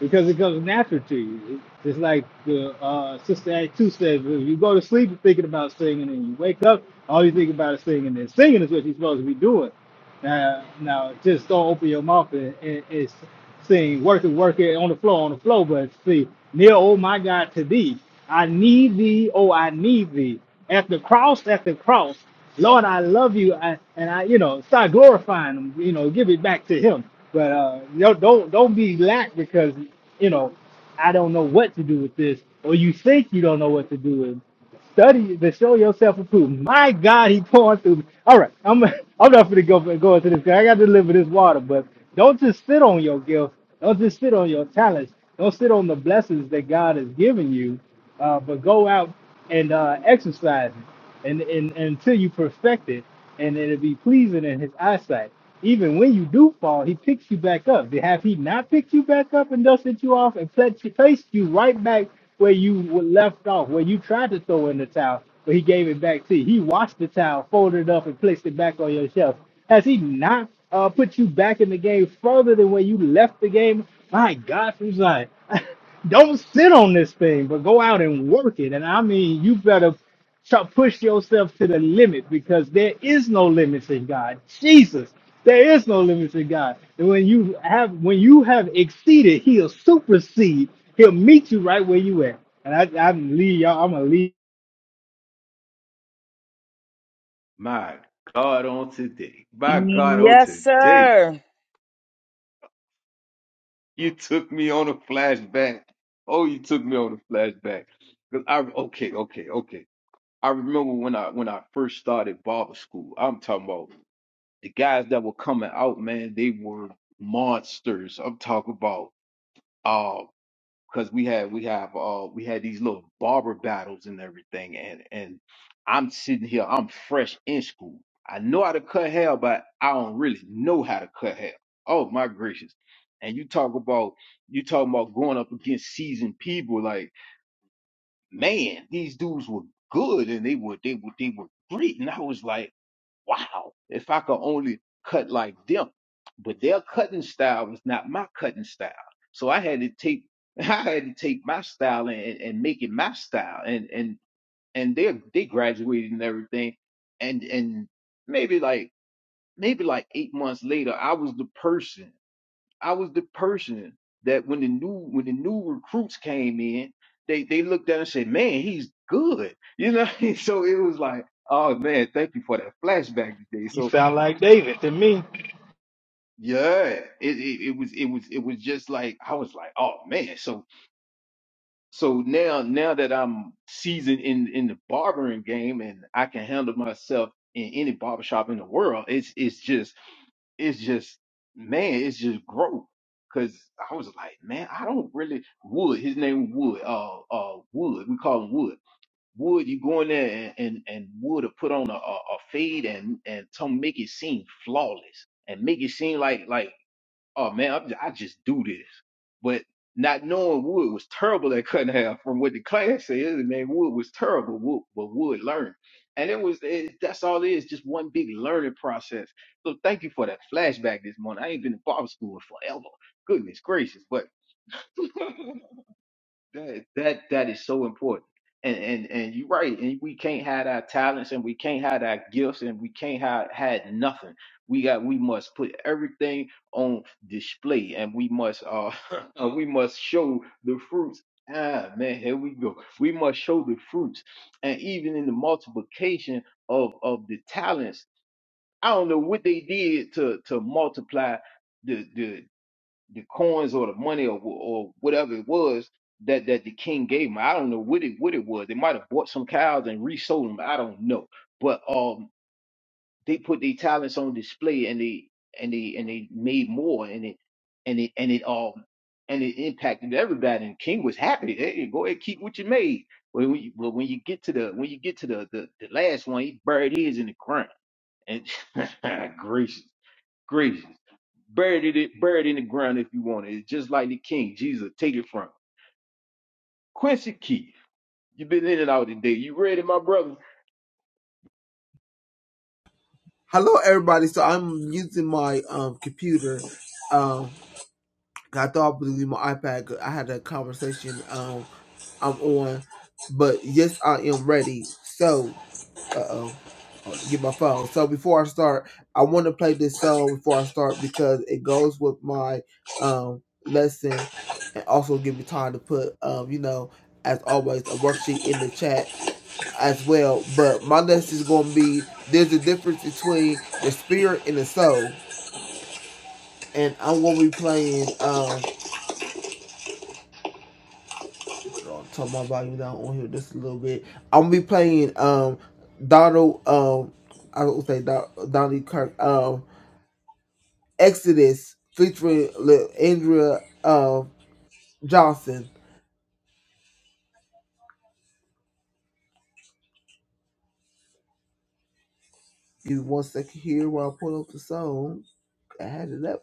S5: because it comes natural to you. It's like the uh, Sister Act 2 says, if you go to sleep thinking about singing and you wake up, all you think about is singing, and singing is what you're supposed to be doing. Now, now just don't open your mouth and, and, and sing, work it, work it, on the floor, on the floor. But see, near, oh my God, to thee, I need thee, oh, I need thee. At the cross, at the cross, Lord, I love you, I, and I, you know, start glorifying him. You know, give it back to him. But uh, you know, don't don't be lack because you know, I don't know what to do with this, or you think you don't know what to do with. it. Study to show yourself approved. My God, he pouring through me. All right, I'm [LAUGHS] I'm not gonna go go into this 'cause I got to deliver this water. But don't just sit on your gift. Don't just sit on your talents. Don't sit on the blessings that God has given you uh, but go out and uh, exercise it, and, and, and until you perfect it, and it'll be pleasing in His eyesight. Even when you do fall, He picks you back up. Have He not picked you back up and dusted you off and placed you placed you right back where you were left off, where you tried to throw in the towel, but He gave it back to you? He washed the towel, folded it up, and placed it back on your shelf. Has He not uh, put you back in the game further than where you left the game? My God, from Zion. [LAUGHS] Don't sit on this thing, but go out and work it. And I mean, you better try, push yourself to the limit because there is no limits in God. Jesus, there is no limits in God. And when you have when you have exceeded, He'll supersede. He'll meet you right where you at. And I, I leave y'all. I'm gonna leave.
S1: My God, on today. My God, on
S4: Yes,
S1: today.
S4: sir.
S1: You took me on a flashback. Oh, you took me on a flashback. 'Cause I okay, okay, okay. I remember when I when I first started barber school. I'm talking about the guys that were coming out, man. They were monsters. I'm talking about. uh. because we had we have uh we had these little barber battles and everything and and I'm sitting here I'm fresh in school I know how to cut hair but I don't really know how to cut hair oh my gracious and you talk about you talking about going up against seasoned people like man these dudes were good and they were they were they were great and I was like wow, if I could only cut like them. But their cutting style was not my cutting style. So I had to take [LAUGHS] I had to take my style and, and make it my style. And and and they they graduated and everything. And and maybe like maybe like eight months later, I was the person. I was the person that when the new when the new recruits came in, they they looked at and said, Man, he's good. You know, [LAUGHS] so it was like, oh man, thank you for that flashback today.
S5: You
S1: So
S5: sound like David to me.
S1: Yeah, it, it it was it was it was just like I was like, oh man. So so now now that I'm seasoned in in the barbering game and I can handle myself in any barbershop in the world, it's it's just it's just man, it's just growth. Cause I was like, man, I don't really Wood. His name Wood. Uh, uh, Wood. We call him Wood. Wood, you go in there and and, and Wood will put on a, a, a fade and and to make it seem flawless and make it seem like like oh man, I'm, I just do this. But not knowing Wood was terrible at cutting hair from what the class says, man, Wood was terrible, Wood, but Wood learned. And it was, it, that's all it is, just one big learning process. So thank you for that flashback this morning. I ain't been in barber school in forever. Goodness gracious, but [LAUGHS] That that that is so important. And and and you're right. And we can't hide our talents and we can't hide our gifts and we can't hide hide nothing. We got we must put everything on display and we must uh [LAUGHS] and we must show the fruits. Ah man, here we go. We must show the fruits. And even in the multiplication of of the talents, I don't know what they did to to multiply the coins or the money or or whatever it was that that the king gave him. I don't know what it what it was. They might have bought some cows and resold them. I don't know. But um, they put their talents on display and they and they and they made more and it and it and it um and it impacted everybody. And the King was happy. Hey, hey, go ahead, keep what you made. But when you, but when you get to the when you get to the the, the last one, he buried his in the ground. And [LAUGHS] gracious, gracious buried it, buried in the ground if you want it. It's just like the king, Jesus, take it from. him. Quincy Key, you been in and out today. You ready, my brother?
S6: Hello, everybody. So I'm using my um computer. Um, I thought I was using my iPad. I had a conversation. Um, I'm on, but yes, I am ready. So, uh oh, get my phone. So before I start, I want to play this song before I start because it goes with my um lesson, and also give me time to put um you know. As always, a worksheet in the chat as well. But my lesson is going to be there's a difference between the spirit and the soul. and I'm gonna be playing. Um, I'll turn my volume down on here just a little bit. I'm gonna be playing. Um, Donald. Um, I would say Don, Donnie Kirk. Um, Exodus featuring Andrea. Um, Johnson. Give me one second here while I pull up the song. I had it up.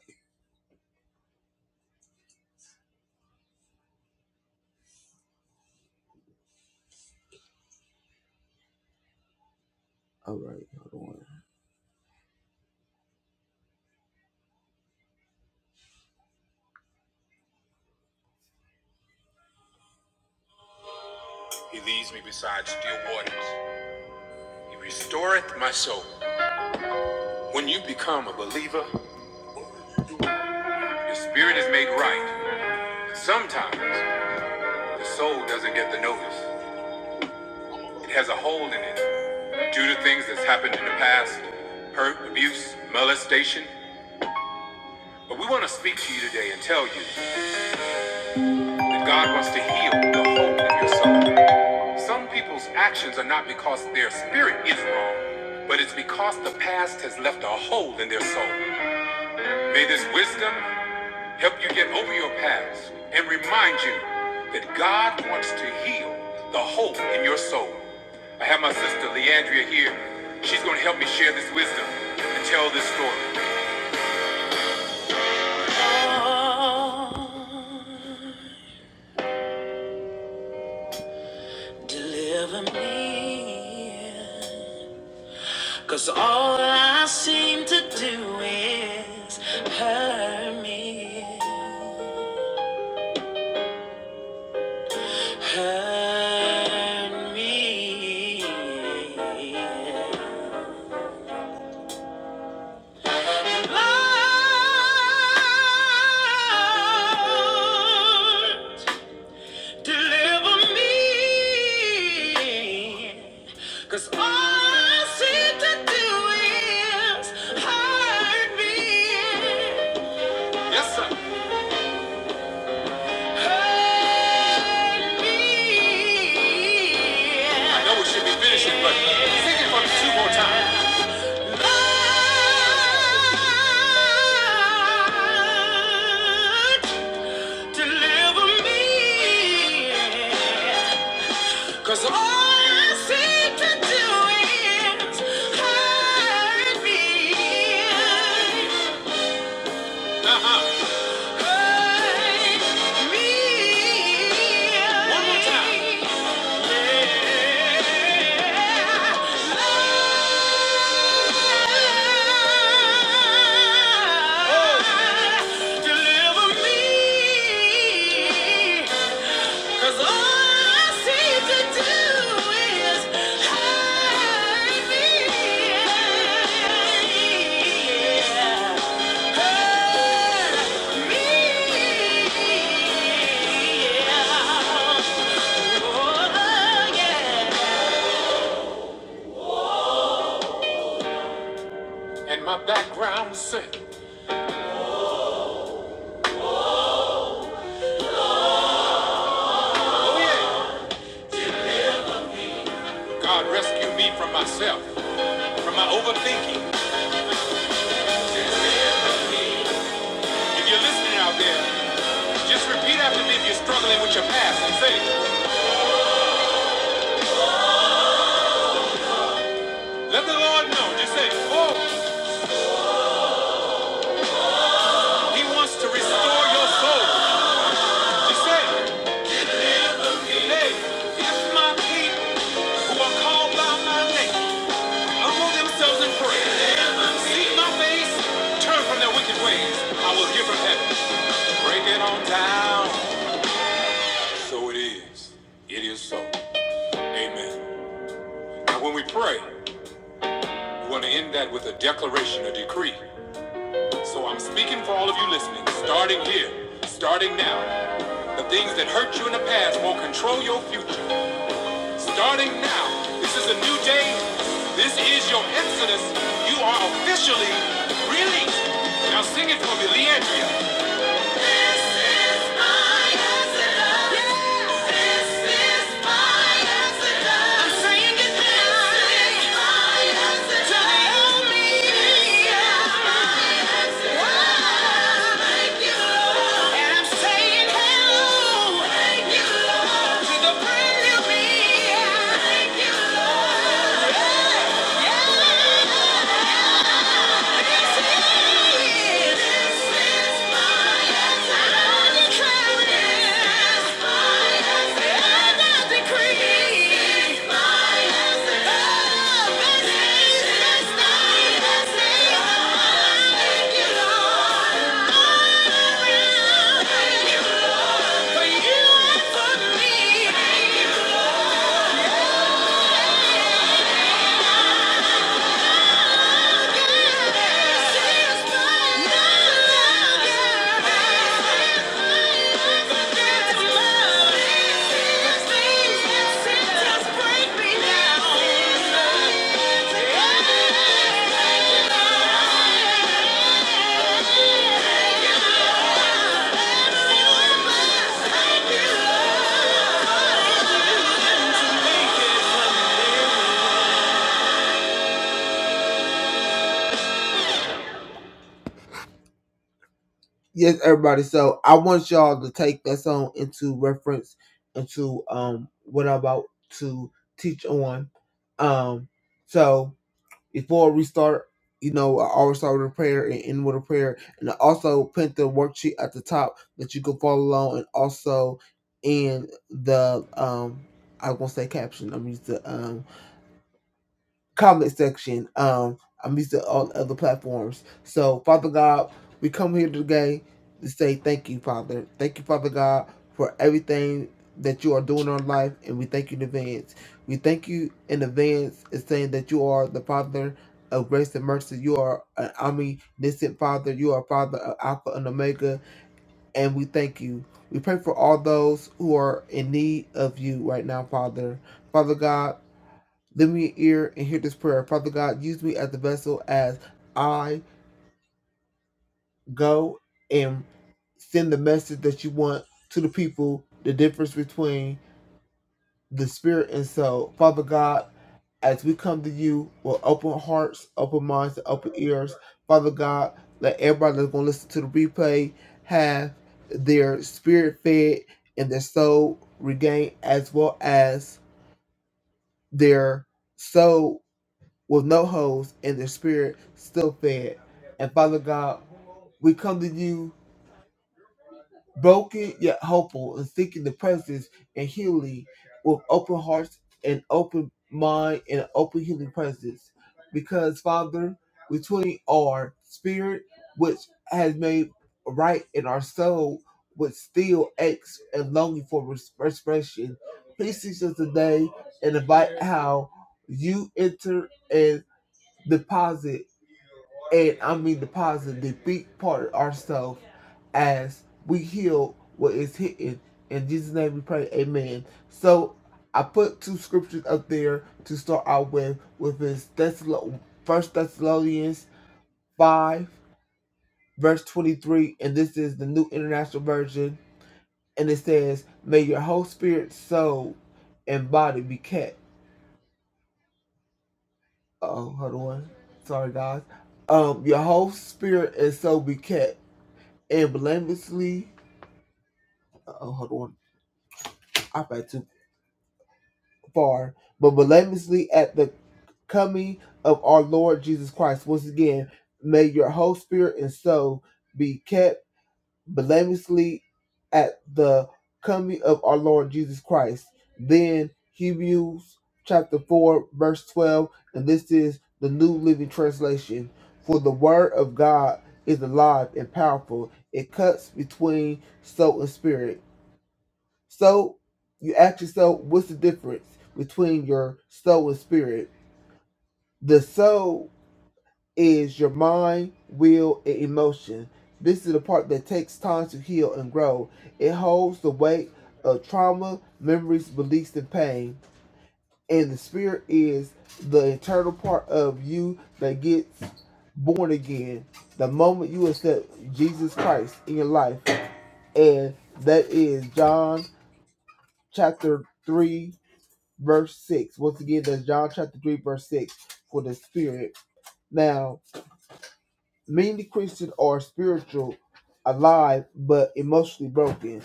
S6: All right, hold on. He leads me beside still waters. He restoreth my soul. When you become a believer, your spirit is made right. But sometimes the soul doesn't get the notice. It has a hole in it due to things that's happened in the past hurt, abuse, molestation. But we want to speak to you today and tell you that God wants to heal the hole in your soul. Some people's actions are not because their spirit is wrong, but it's because the past has left a hole in their soul. May this wisdom help you get over your past and remind you that God wants to heal the hope in your soul. I have my sister Leandria here. She's going to help me share this wisdom and tell this story. Lord, deliver me. Cause all I seem to do is hurt me. Turn me Lord, deliver me. 'Cause all I seem to do is hurt me. Yes, sir. I know we should be finishing, but sing it for me two more times. Lord, deliver me. 'Cause all I seem to do is hurt me. Uh-huh. Yeah. And my background said, yeah. God rescue me from myself, from my overthinking. If you're listening out there, just repeat after me if you're struggling with your past and say, let the Lord know. Just say, oh, he wants to restore your soul. Just say, hey, if my people who are called by my name. humble themselves in prayer, seek my face, turn from their wicked ways. I will hear from heaven. Break it on down. So it is. It is so. Amen. Now, when we pray, we want to end that with a declaration, a decree. So I'm speaking for all of you listening, starting here, starting now. The things that hurt you in the past won't control your future. Starting now, this is a new day. This is your Exodus. You are officially released. Now sing it for me, Leandria. Yeah. Thank you. Yes, everybody. So I want y'all to take that song into reference into um what I'm about to teach on. Um, so before we start, you know, I always start with a prayer and end with a prayer. And I also put the worksheet at the top that you can follow along and also in the um I won't say caption. I'm used to um comment section. Um, I'm used to all other platforms. So, Father God, we come here today to say thank you, Father. Thank you, Father God, for everything that you are doing in our life, and we thank you in advance. We thank you in advance in saying that you are the Father of grace and mercy. You are an omniscient Father. You are Father of Alpha and Omega, and we thank you. We pray for all those who are in need of you right now, Father. Father God, Lend me your ear and hear this prayer. Father God, use me as the vessel as I go and send the message that you want to the people, the difference between the spirit and soul. Father God, as we come to you with open hearts, open minds, and open ears, Father God, let everybody that's going to listen to the replay have their spirit fed and their soul regained, as well as their soul with no holes and the spirit still fed. And Father God, we come to you broken yet hopeful and seeking the presence and healing with open hearts and open mind and an open healing presence. Because Father, we truly are spirit which has made right in our soul which still aches and longing for res- expression. Please teach us today and invite how you enter and deposit and I mean the positive, the big part of ourselves as we heal what is hidden. In Jesus' name we pray, amen. So I put two scriptures up there to start out with, with is Thessalo- First Thessalonians 5, verse 23, and this is the New International Version, and it says, May your whole spirit, soul, and body be kept. Oh, hold on. Sorry, guys. Um, your whole spirit and soul be kept and blamelessly oh, hold on, I read too far, but blamelessly at the coming of our Lord Jesus Christ. Once again, may your whole spirit and soul be kept blamelessly at the coming of our Lord Jesus Christ. Then Hebrews chapter 4, verse 12, and this is the New Living Translation. For the word of God is alive and powerful, it cuts between soul and spirit So you ask yourself, what's the difference between your soul and spirit? The soul is your mind, will, and emotion. This is the part that takes time to heal and grow. It holds the weight of trauma, memories, beliefs, and pain. And the spirit is the internal part of you that gets born again. The moment you accept Jesus Christ in your life. And that is John chapter 3 verse 6. Once again, that's John chapter 3, verse 6 for the spirit. Now, many Christians are spiritual, alive, but emotionally broken.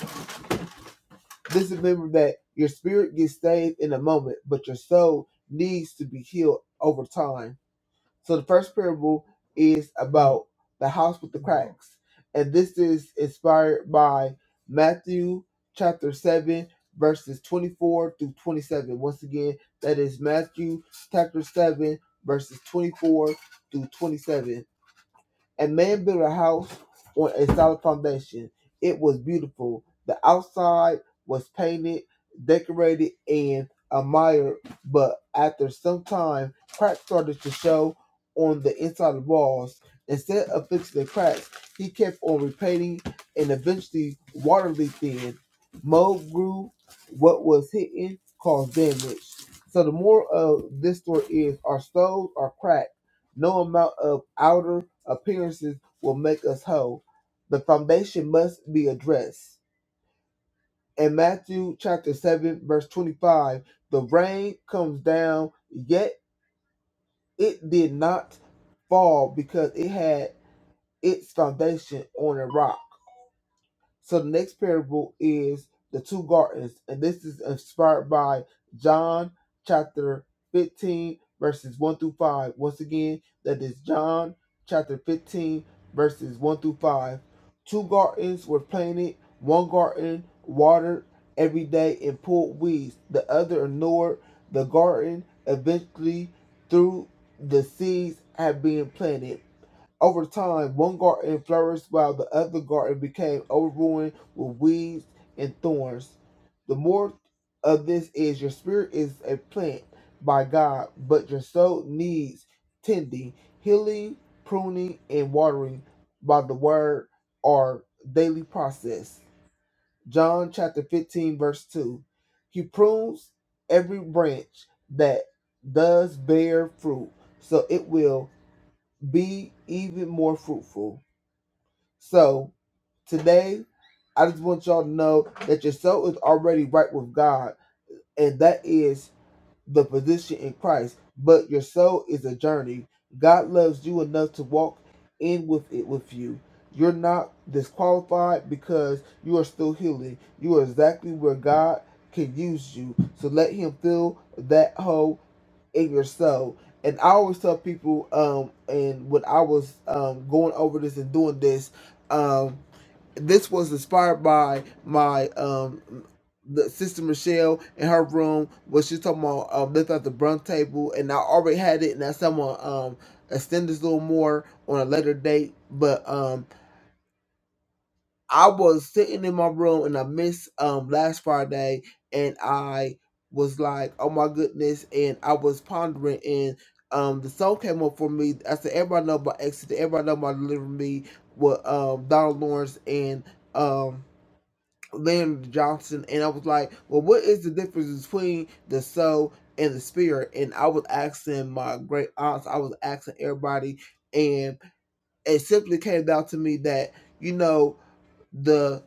S6: Just remember that your spirit gets saved in a moment, but your soul needs to be healed over time. So the first parable is about the house with the cracks. And this is inspired by Matthew chapter 7, verses 24 through 27. Once again, that is Matthew chapter 7, verses 24 through 27. A man built a house on a solid foundation. It was beautiful. The outside was painted, decorated, and admired, but after some time, cracks started to show on the inside of the walls. Instead of fixing the cracks, he kept on repainting, and eventually, water leaked in. Mold grew. What was hidden caused damage. So the moral of this story is: our stoves are cracked. No amount of outer appearances will make us whole. The foundation must be addressed. In Matthew chapter 7, verse 25, the rain comes down, yet it did not fall because it had its foundation on a rock. So the next parable is the two gardens, and this is inspired by John chapter 15, verses 1 through 5. Once again, that is John chapter 15, verses 1 through 5. Two gardens were planted, one garden watered every day and pulled weeds, the other ignored the garden eventually through the seeds had been planted. Over time, one garden flourished while the other garden became overrun with weeds and thorns. The more of this is your spirit is a plant by God, but your soul needs tending, healing, pruning, and watering by the word or daily process. John chapter 15, verse 2. He prunes every branch that does bear fruit, so it will be even more fruitful. So today, I just want y'all to know that your soul is already right with God, and that is the position in Christ. But your soul is a journey. God loves you enough to walk in with it with you. You're not disqualified because you are still healing. You are exactly where God can use you. So let Him fill that hole in your soul. And I always tell people, um, and when I was um, going over this and doing this, um, this was inspired by my um the sister Michelle in her room where she's talking about um lift out the brunch table and I already had it and I said well, um extend this a little more on a later date. But um I was sitting in my room and I missed um last Friday and I was like, Oh my goodness and I was pondering and um the song came up for me. I said everybody know about Exit, everybody know about Deliver Me with um Donald Lawrence and um Landon Johnson, and I was like, "Well, what is the difference between the soul and the spirit?" And I was asking my great aunts, I was asking everybody, and it simply came down to me that you know the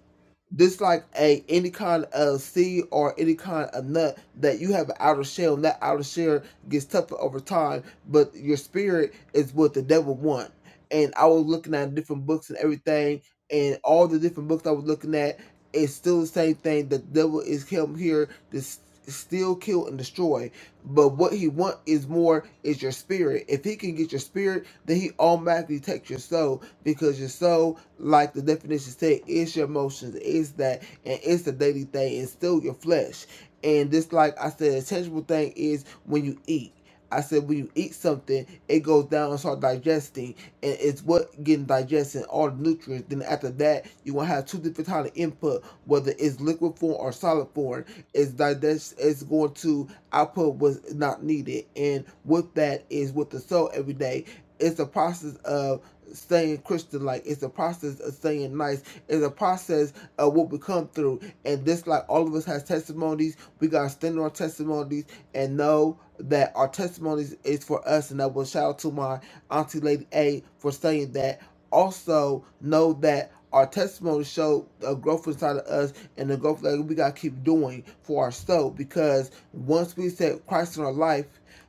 S6: this like a any kind of seed or any kind of nut that you have an outer shell and that outer shell gets tougher over time but your spirit is what the devil want and i was looking at different books and everything and all the different books i was looking at it's still the same thing the devil is come here to s- steal kill and destroy but what he want is more is your spirit if he can get your spirit then he automatically takes your soul because your soul like the definition said, it's your emotions, it's that, and it's the daily thing, and still your flesh. And this, like I said, a tangible thing is when you eat. I said when you eat something, it goes down and start digesting, and it's what getting digested, all the nutrients. Then after that, you gonna have two different type of input, whether it's liquid form or solid form. It's digest, it's going to output what's not needed, and with that is with the soul every day. It's a process of staying Christian like. It's a process of staying nice. It's a process of what we come through. And this like all of us has testimonies. We gotta stand on our testimonies and know that our testimonies is for us and I will shout out to my auntie Lady A for saying that. Also know that our testimony show a growth inside of us and the growth that we gotta keep doing for ourselves because once we set Christ in our life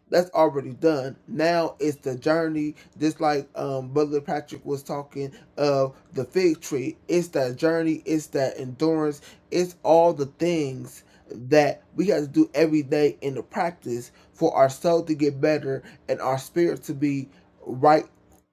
S6: that's already done. Now it's the journey, just like um Brother Patrick was talking of the fig tree. It's that journey, it's that endurance, it's all the things that we got to do every day in the practice for our soul to get better and our spirit to be right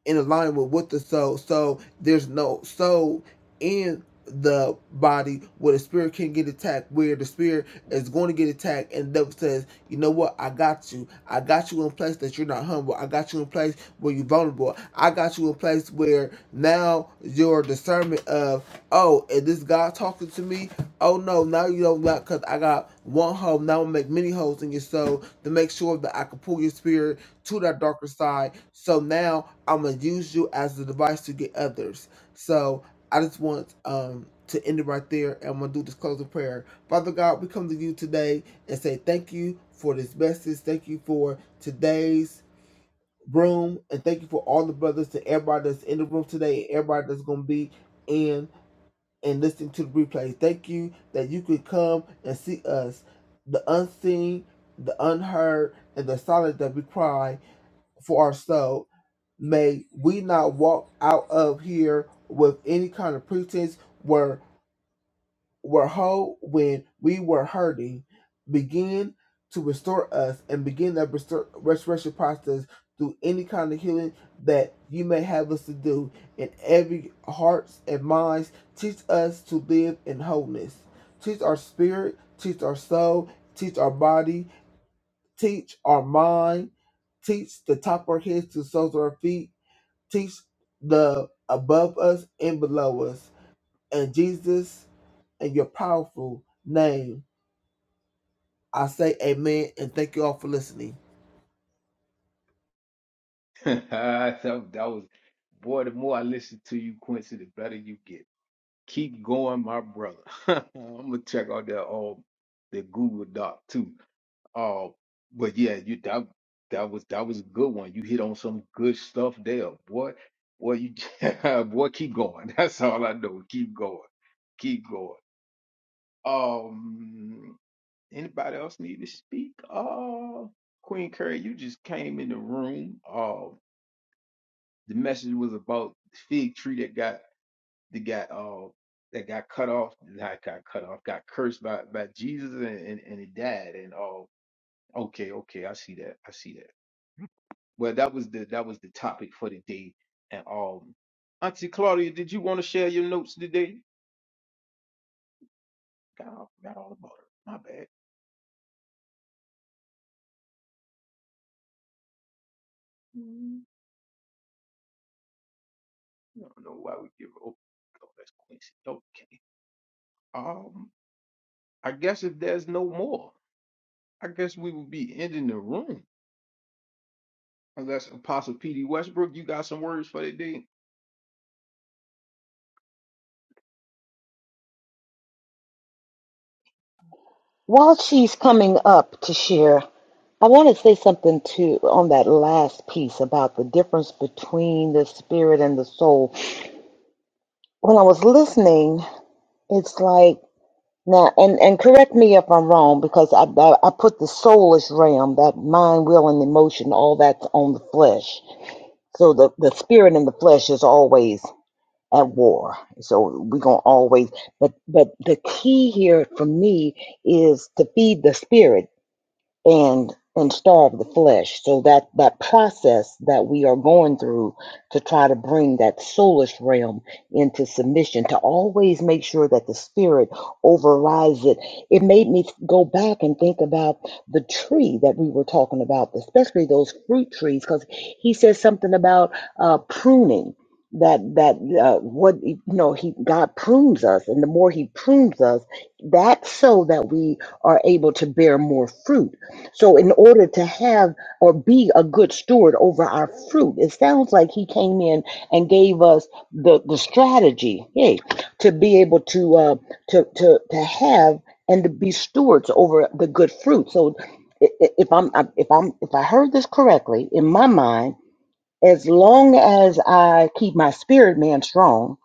S6: in alignment with the soul. So there's no soul in the body where the spirit can get attacked, where the spirit is going to get attacked, and the devil says you know what? I got you. I got you in a place that you're not humble. I got you in a place where you're vulnerable. I got you in a place where now your discernment of, oh, is this God talking to me? Oh no, now you don't like because I got one hole. Now I make many holes in your soul to make sure that I can pull your spirit to that darker side. So now I'm gonna use you as the device to get others. So I just want um to end it right there and I'm gonna do this closing prayer. Father God, we come to you today and say thank you for this message. Thank you for today's room. And thank you for all the brothers and everybody that's in the room today and everybody that's going to be in and listening to the replay. Thank you that you could come and see us, the unseen, the unheard, and the silent that we cry for our soul. May we not walk out of here with any kind of pretense. where were whole when we were hurting, begin to restore us and begin that restor- restoration process through any kind of healing that you may have us to do in every hearts and minds. Teach us to live in wholeness. Teach our spirit, teach our soul, teach our body, teach our mind, teach the top of our heads to the soles of our feet, teach the above us and below us. And Jesus in your powerful name. I say amen and thank you all for listening.
S1: [LAUGHS] that, that was, boy, the more I listen to you, Quincy, the better you get. Keep going, my brother. [LAUGHS] I'm gonna check out that all the Google Doc too. Uh, but yeah, you that that was that was a good one. You hit on some good stuff there, boy. Boy, you [LAUGHS] boy, keep going. That's all I know. Keep going. Keep going. Um, anybody else need to speak? Uh, Queen Curry, you just came in the room. Uh, the message was about the fig tree that got that got uh that got cut off, not got cut off, got cursed by by Jesus and and, and it died. And uh, okay, okay, I see that, I see that. Well, that was the that was the topic for the day. And um, Auntie Claudia, did you want to share your notes today? Got all, got all about her. My bad. I don't know why we give up. Oh, that's Quincy. Okay. Um, I guess if there's no more, I guess we will be ending the room. Unless Apostle P.D. Westbrook, you got some words for the day.
S4: While she's coming up to share, I want to say something too on that last piece about the difference between the spirit and the soul. When I was listening, it's like now, and and correct me if I'm wrong because I I, I put the soulless realm, that mind, will, and emotion, all that's on the flesh. So the the spirit and the flesh is always at war. So we're gonna always, but but the key here for me is to feed the spirit and and starve the flesh so that that process that we are going through to try to bring that soulish realm into submission to always make sure that the spirit overrides it it made me go back and think about the tree that we were talking about especially those fruit trees because he says something about uh, pruning that that uh, what you know he god prunes us and the more he prunes us that's so that we are able to bear more fruit so, in order to have or be a good steward over our fruit, it sounds like he came in and gave us the, the strategy, hey, to be able to uh, to to to have and to be stewards over the good fruit. So, i- i- if I'm I- if I'm if I heard this correctly, in my mind, as long as I keep my spirit man strong,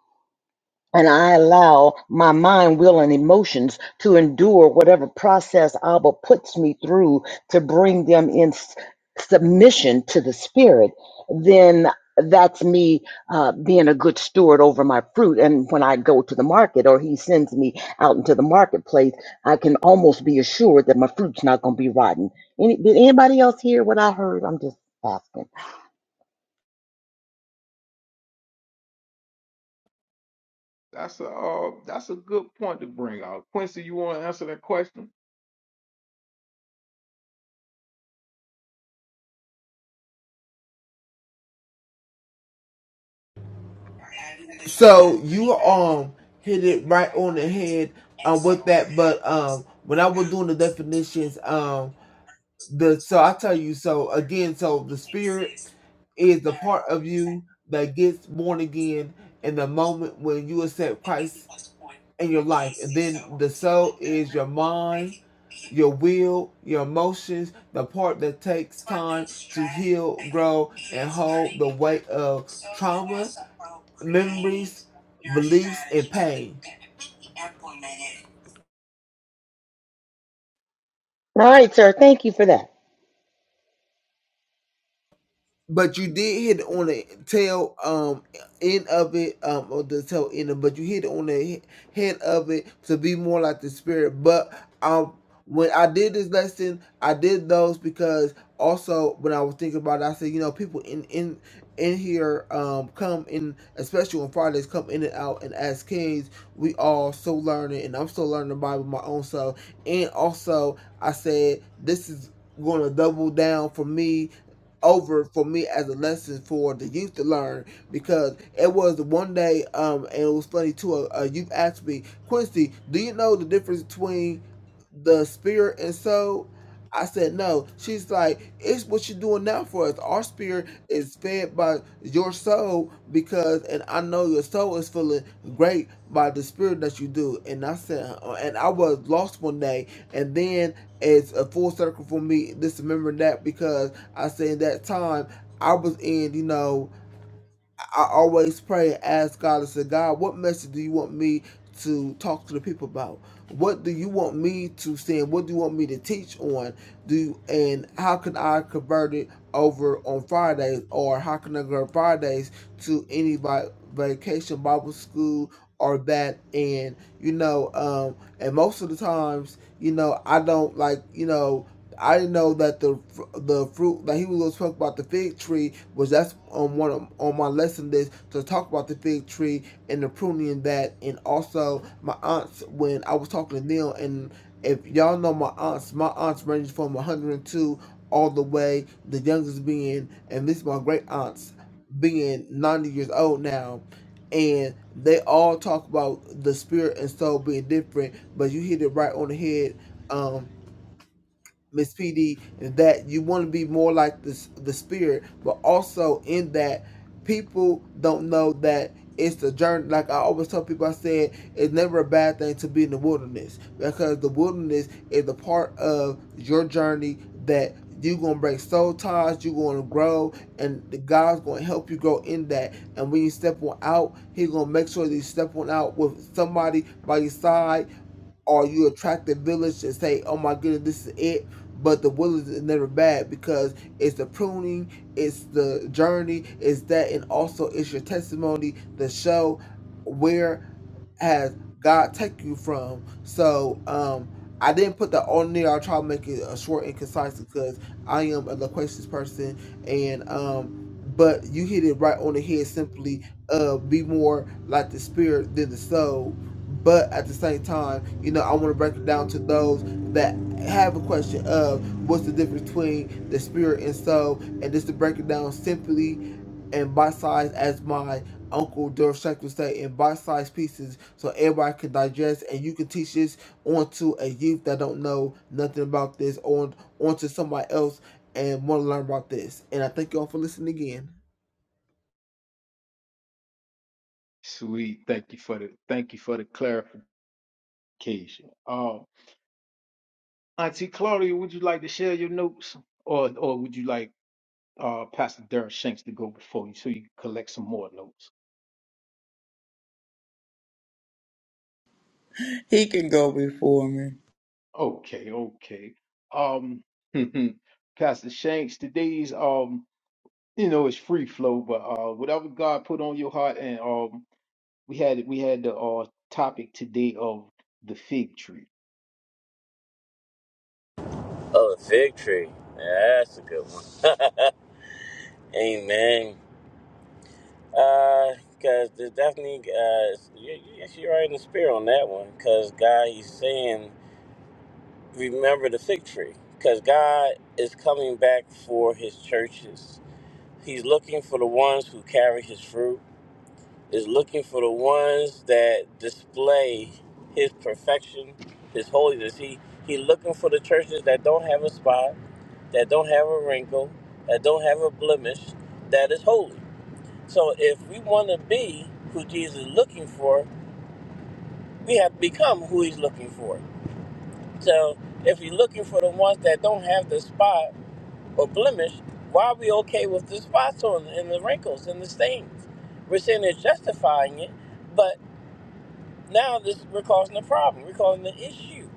S4: and I allow my mind, will, and emotions to endure whatever process Abba puts me through to bring them in s- submission to the Spirit, then that's me uh, being a good steward over my fruit. And when I go to the market or he sends me out into the marketplace, I can almost be assured that my fruit's not going to be rotten. Any, did anybody else hear what I heard? I'm just asking.
S1: That's a uh, that's a good point to bring out. Quincy, you want to answer that question?
S6: So you um hit it right on the head with that, but um when I was doing the definitions, um the so I tell you so again, so the spirit is the part of you that gets born again in the moment when you accept Christ in your life. The soul, your mind, your will, your emotions, the part that takes feel grow, the weight of
S4: All right, sir. Thank you for that.
S6: but you did hit on the tail um end of it um or the tail end of but you hit on the head of it to be more like the spirit but um when i did this lesson i did those because also when i was thinking about it i said you know people in in in here um come in especially on fridays come in and out and as kids we all still learning and i'm still learning the bible my own self and also i said this is going to double down for me over for me as a lesson for the youth to learn because it was one day um and it was funny too a, a youth asked me quincy do you know the difference between the spirit and soul i said no she's like it's what you're doing now for us our spirit is fed by your soul because and i know your soul is feeling great by the spirit that you do and i said uh, and i was lost one day and then it's a full circle for me This remembering that because I said in that time I was in, you know, I always pray and ask God. I said, God, what message do you want me to talk to the people about? What do you want me to send? What do you want me to teach on? Do and how can I convert it over on Fridays or how can I go Fridays to any vi- vacation Bible school or that and you know, um and most of the times, you know, I don't like, you know, I didn't know that the the fruit that he was talking about the fig tree was that's on one of, on my lesson list to talk about the fig tree and the pruning and that and also my aunts when I was talking to Neil and if y'all know my aunts my aunts range from 102 all the way the youngest being and this is my great aunts being 90 years old now and they all talk about the spirit and soul being different but you hit it right on the head Um, Miss PD is that you want to be more like this the spirit, but also in that people don't know that it's the journey. Like I always tell people, I said it's never a bad thing to be in the wilderness because the wilderness is a part of your journey that you're gonna break soul ties, you're gonna grow, and the God's gonna help you grow in that. And when you step on out, He's gonna make sure that you step on out with somebody by your side or you attract the village and say, "Oh my goodness, this is it." But the wilderness is never bad because it's the pruning, it's the journey, it's that, and also it's your testimony to show where has God take you from. So um, I didn't put that on there. I'll try to make it uh, short and concise because I am a loquacious person, and um, but you hit it right on the head. Simply, uh, be more like the spirit than the soul but at the same time, you know, I want to break it down to those that have a question of what's the difference between the spirit and soul, and just to break it down simply and bite size as my uncle Doris Shack would say, in bite size pieces, so everybody can digest and you can teach this onto a youth that don't know nothing about this, or onto somebody else and want to learn about this. And I thank y'all for listening again.
S1: Sweet. Thank you for the thank you for the clarification. Uh, Auntie Claudia, would you like to share your notes, or or would you like uh Pastor Darrell Shanks to go before you so you can collect some more notes?
S7: He can go before me.
S1: Okay, okay. Um, [LAUGHS] Pastor Shanks, today's um, you know, it's free flow, but uh, whatever God put on your heart, and um, we had we had the uh topic today of the fig tree.
S8: Oh, the fig tree. Yeah, that's a good one. Amen. Uh, cause there's definitely uh, you, you- yes, you're right in the spirit on that one. Cause God, He's saying, remember the fig tree. Cause God is coming back for His churches. He's looking for the ones who carry His fruit. Is looking for the ones that display His perfection, His holiness. He He looking for the churches that don't have a spot that don't have a wrinkle, that don't have a blemish, that is holy. So if we want to be who Jesus is looking for, we have to become who he's looking for. So if he's looking for the ones that don't have the spot or blemish, why are we okay with the spots on and the wrinkles and the stains? We're saying they're justifying it, but now this we're causing a problem. We're causing an issue.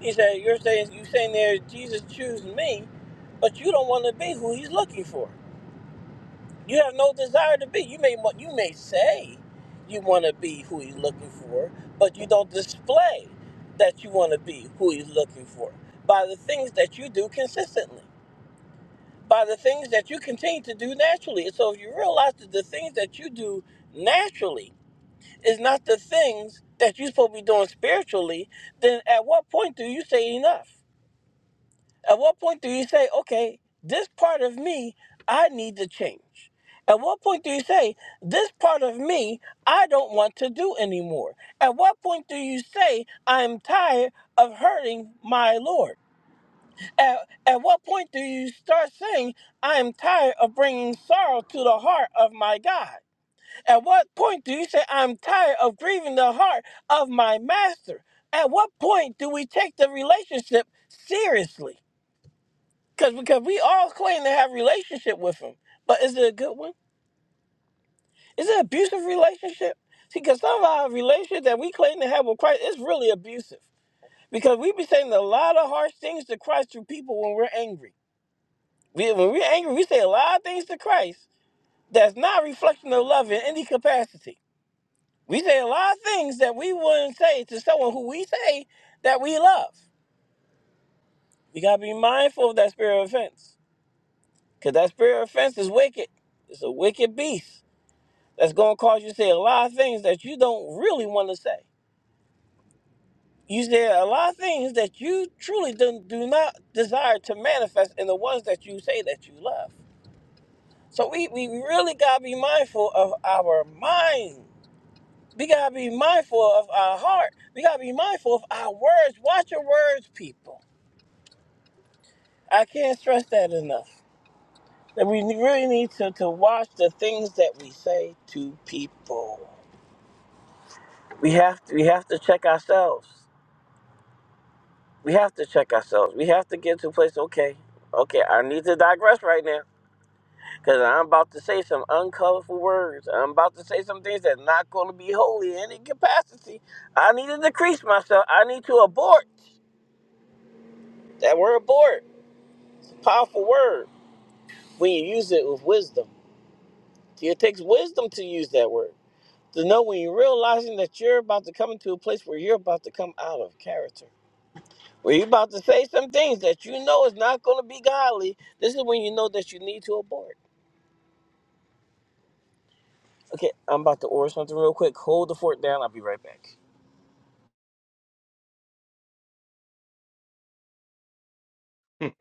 S8: He said, You're saying you're saying there Jesus choose me, but you don't want to be who he's looking for. You have no desire to be. You may wa- you may say you want to be who he's looking for, but you don't display that you want to be who he's looking for by the things that you do consistently, by the things that you continue to do naturally. so if you realize that the things that you do naturally is not the things that you're supposed to be doing spiritually, then at what point do you say enough? At what point do you say, okay, this part of me, I need to change? At what point do you say, this part of me, I don't want to do anymore? At what point do you say, I'm tired of hurting my Lord? At, at what point do you start saying, I am tired of bringing sorrow to the heart of my God? At what point do you say, I'm tired of grieving the heart of my master? At what point do we take the relationship seriously? Cause because we all claim to have relationship with him, but is it a good one? Is it an abusive relationship? See, because some of our relationship that we claim to have with Christ is really abusive. Because we be saying a lot of harsh things to Christ through people when we're angry. We, when we're angry, we say a lot of things to Christ that's not a reflection of love in any capacity. We say a lot of things that we wouldn't say to someone who we say that we love. We gotta be mindful of that spirit of offense. Because that spirit of offense is wicked. It's a wicked beast that's going to cause you to say a lot of things that you don't really want to say. You say a lot of things that you truly do, do not desire to manifest in the ones that you say that you love. So we, we really got to be mindful of our mind. We got to be mindful of our heart. We got to be mindful of our words. Watch your words, people. I can't stress that enough. That we really need to, to watch the things that we say to people. We have to, we have to check ourselves we have to check ourselves. We have to get to a place, okay, okay, I need to digress right now because I'm about to say some uncolorful words. I'm about to say some things that's not going to be holy in any capacity. I need to decrease myself. I need to abort. That word abort, it's a powerful word when you use it with wisdom. See, It takes wisdom to use that word. To know when you're realizing that you're about to come into a place where you're about to come out of character. Well, you about to say some things that you know is not going to be godly. This is when you know that you need to abort. Okay, I'm about to order something real quick. Hold the fort down. I'll be right back.
S1: [LAUGHS]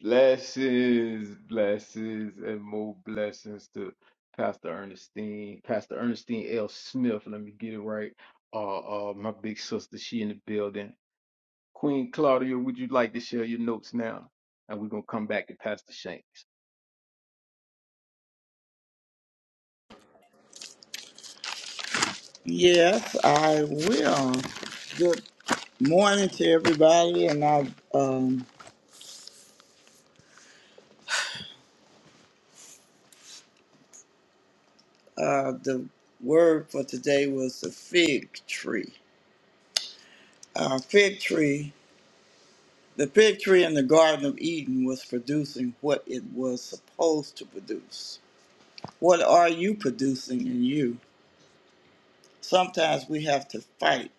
S1: Blessings, blessings, and more blessings to Pastor Ernestine, Pastor Ernestine L. Smith. Let me get it right. Uh, uh, my big sister, she in the building. Queen Claudia, would you like to share your notes now? And we're gonna come back to Pastor Shanks.
S7: Yes, I will. Good morning to everybody. And I, um, uh, the word for today was the fig tree. Uh, fig tree. The fig tree in the Garden of Eden was producing what it was supposed to produce. What are you producing in you? Sometimes we have to fight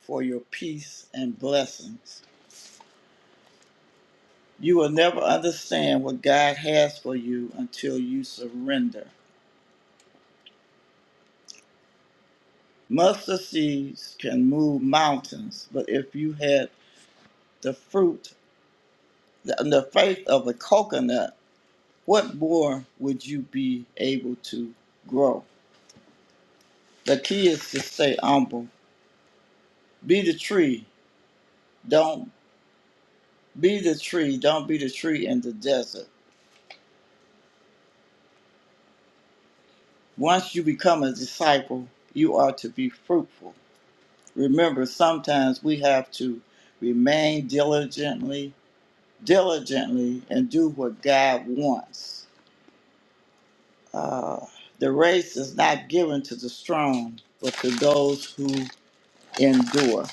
S7: for your peace and blessings. You will never understand what God has for you until you surrender. Mustard seeds can move mountains, but if you had the fruit, the, the faith of a coconut, what more would you be able to grow? The key is to stay humble. Be the tree. Don't be the tree. Don't be the tree in the desert. Once you become a disciple, you are to be fruitful. Remember, sometimes we have to remain diligently, diligently, and do what God wants. Uh, the race is not given to the strong, but to those who endure.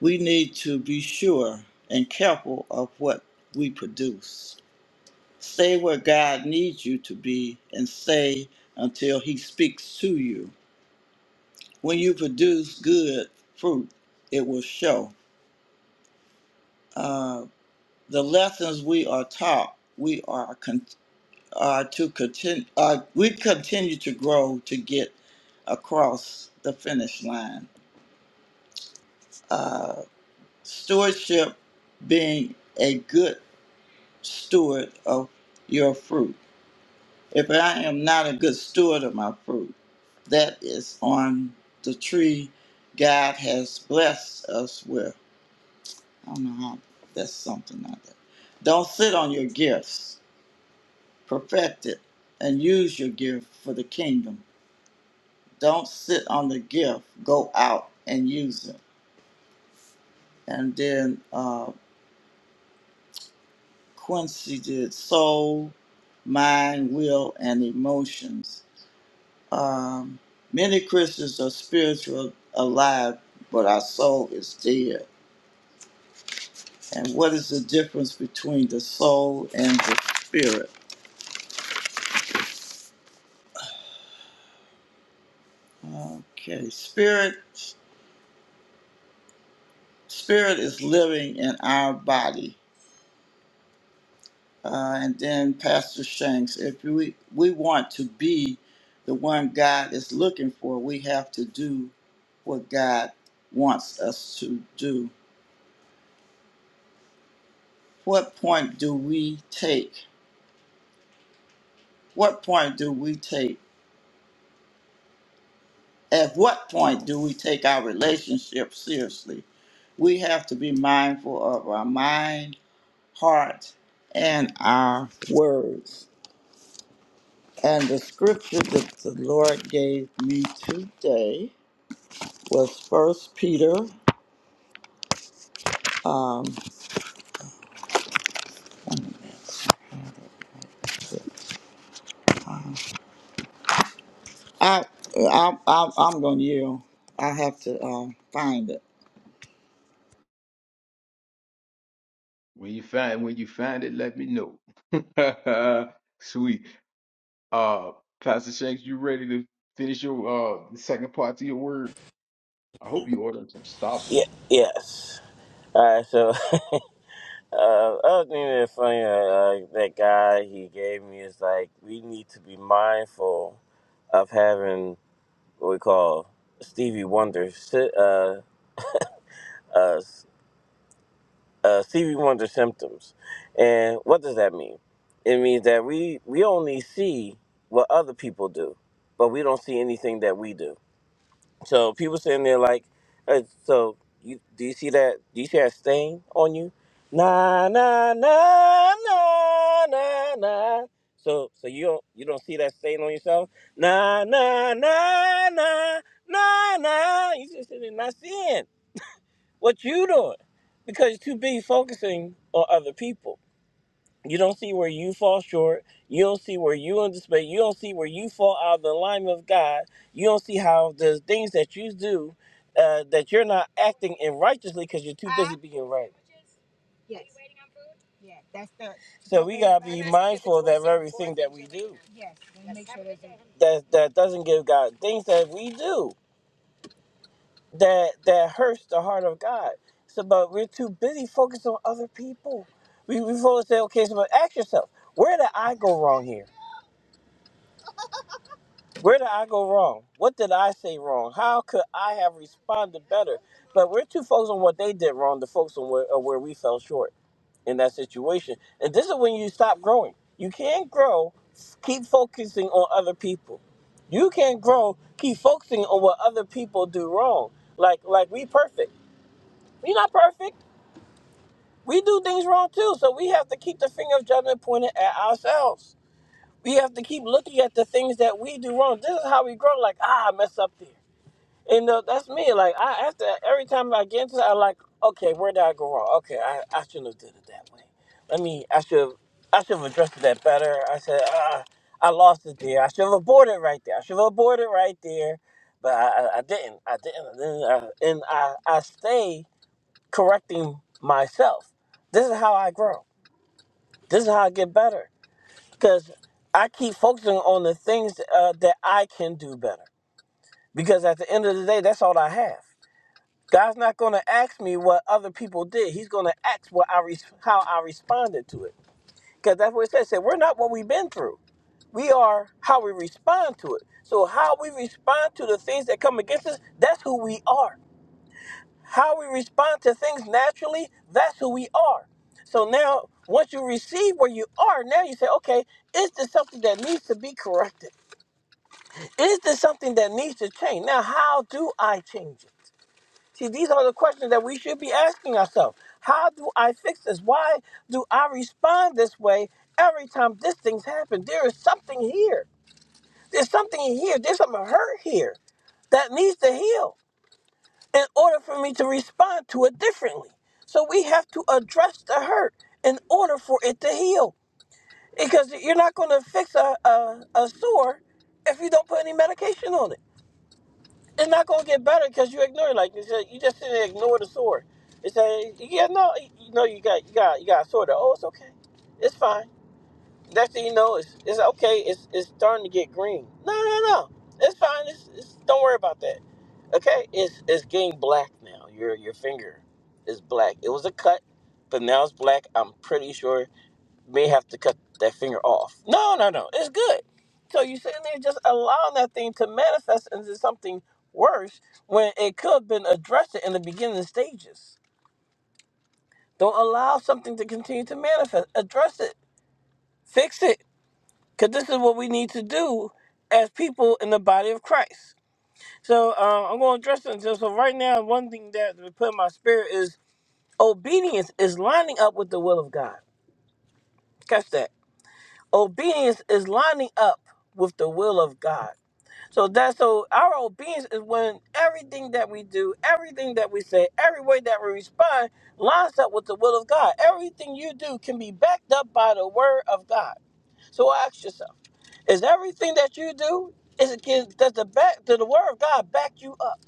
S7: We need to be sure and careful of what we produce. Stay where God needs you to be and stay until He speaks to you. When you produce good fruit, it will show. Uh, the lessons we are taught, we are con- are to continue. Uh, we continue to grow to get across the finish line. Uh, stewardship being a good steward of your fruit. If I am not a good steward of my fruit, that is on the tree God has blessed us with. I don't know how. That's something like that. Don't sit on your gifts perfect it, and use your gift for the kingdom. Don't sit on the gift. Go out and use it. And then uh, Quincy did soul, mind, will, and emotions. Um, many Christians are spiritual alive, but our soul is dead. And what is the difference between the soul and the spirit? Okay, spirit. Spirit is living in our body uh, and then Pastor Shanks. If we we want to be the one God is looking for, we have to do what God wants us to do. What point do we take? What point do we take? At what point do we take our relationship seriously? We have to be mindful of our mind, heart, and our words. And the scripture that the Lord gave me today was First Peter. Um, I, I, I I'm going to yield. I have to um, find it.
S1: When you find when you find it, let me know. [LAUGHS] Sweet. Uh Pastor Shanks, you ready to finish your uh the second part to your word? I hope you ordered some Starbucks.
S8: Yeah. Yes. All right. So, [LAUGHS] uh, other thing that's funny, uh, uh, that guy he gave me is like we need to be mindful of having what we call Stevie Wonder sy- uh, uh, uh, C V ones are symptoms. And what does that mean? It means that we we only see what other people do, but we don't see anything that we do. So people sitting there like, uh, so you do you see that? Do you see that stain on you? Nah, nah, nah, nah, nah, nah. So so you don't you don't see that stain on yourself? Nah, nah, nah, nah, nah, nah. You just sitting there not seeing what you doing because you're too busy focusing on other people you don't see where you fall short you don't see where you anticipate you don't see where you fall out of the alignment of god you don't see how the things that you do uh, that you're not acting in righteously because you're too busy being right so we gotta be mindful of that very thing that we do that that doesn't give God things that we do. that that hurts the heart of God. So, but we're too busy focused on other people. We we focus say, okay, so but ask yourself, where did I go wrong here? Where did I go wrong? What did I say wrong? How could I have responded better? But we're too focused on what they did wrong to focus on where, uh, where we fell short in that situation. And this is when you stop growing. You can't grow, keep focusing on other people. You can't grow, keep focusing on what other people do wrong. Like like we perfect. We're not perfect we do things wrong too. So we have to keep the finger of judgment pointed at ourselves. We have to keep looking at the things that we do wrong. This is how we grow. Like, ah, I messed up there. And uh, that's me. Like, I after every time I get into, it, I'm like, okay, where did I go wrong? Okay, I, I shouldn't have did it that way. Let me. I should. I should have addressed that better. I said, ah, I lost it there. I should have aborted right there. I should have aborted right there, but I, I, I didn't. I didn't. And I, and I, I stay correcting myself. This is how I grow. This is how I get better. Because I keep focusing on the things uh, that I can do better. Because at the end of the day, that's all I have. God's not going to ask me what other people did. He's going to ask what I res- how I responded to it. Because that's what it says. It said, we're not what we've been through. We are how we respond to it. So how we respond to the things that come against us, that's who we are. how we respond to things naturally, that's who we are. So now, once you receive where you are, now you say, okay, is this something that needs to be corrected? Is this something that needs to change? Now, how do I change it? See, these are the questions that we should be asking ourselves. How do I fix this? Why do I respond this way every time this thing's happened? There is something here. There's something here. There's something hurt here that needs to heal in order for me to respond to it differently. So we have to address the hurt in order for it to heal. Because you're not going to fix a, a, a sore if you don't put any medication on it. It's not going to get better because you ignore it. Like you said, you just sit there and ignore the sore. It's a yeah, no, you know you got you got you got a sore. though. Oh, it's okay, it's fine. Next thing you know, it's, it's okay. It's it's starting to get green. No, no, no. It's fine. It's, it's don't worry about that. Okay, it's it's getting black now. Your your finger is black. It was a cut, but now it's black. I'm pretty sure you may have to cut that finger off. No, no, no. It's good. So you sitting there just allowing that thing to manifest into something worse when it could have been addressed in the beginning stages. Don't allow something to continue to manifest. Address it. Fix it because this is what we need to do as people in the body of Christ. So uh, I'm going to address it. So, so right now, one thing that we put in my spirit is obedience is lining up with the will of God. Catch that. Obedience is lining up with the will of God. So that's so our obedience is when everything that we do, everything that we say, every way that we respond lines up with the will of God. Everything you do can be backed up by the word of God. So ask yourself. Is everything that you do is it can does the back does the word of God back you up?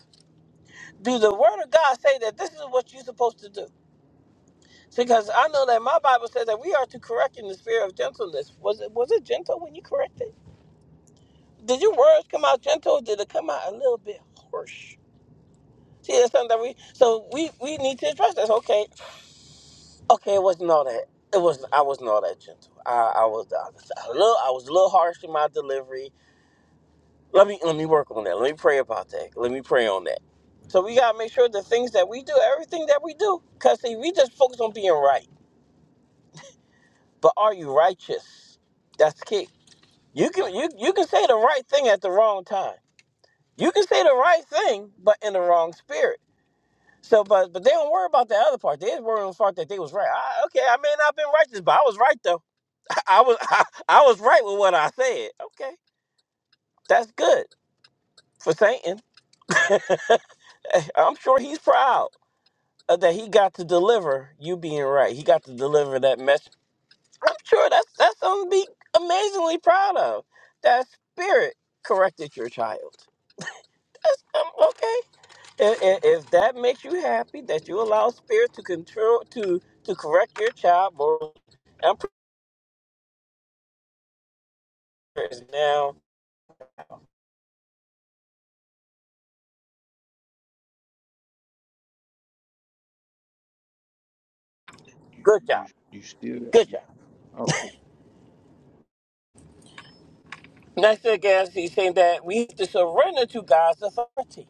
S8: Do the word of God say that this is what you're supposed to do? Because I know that my Bible says that we are to correct in the spirit of gentleness. Was it was it gentle when you corrected? Did your words come out gentle? Or did it come out a little bit harsh? See, that's something that we so we we need to address That's Okay, okay, it wasn't all that. It was I wasn't all that gentle. I, I was I was a little I was a little harsh in my delivery let me let me work on that. Let me pray about that. Let me pray on that. So we gotta make sure the things that we do, everything that we do, cause see, we just focus on being right. But are you righteous? That's key. You can you you can say the right thing at the wrong time. You can say the right thing, but in the wrong spirit. So, but but they don't worry about the other part. They just worry on the part that they was right. I, okay, I may not have been righteous, but I was right though. [LAUGHS] I was I, I was right with what I said. Okay, that's good for Satan. [LAUGHS] I'm sure he's proud. uh, that he got to deliver. You being right, he got to deliver that message. I'm sure that's that's something to be amazingly proud of. That spirit corrected your child. That's um, okay. If, if, if that makes you happy, that you allow spirit to control to to correct your child, well, I'm praise now.
S1: You
S8: Good
S1: you
S8: job.
S1: you still there?
S8: Good job.
S1: Oh
S8: Next again, he's saying that we have to surrender to God's authority.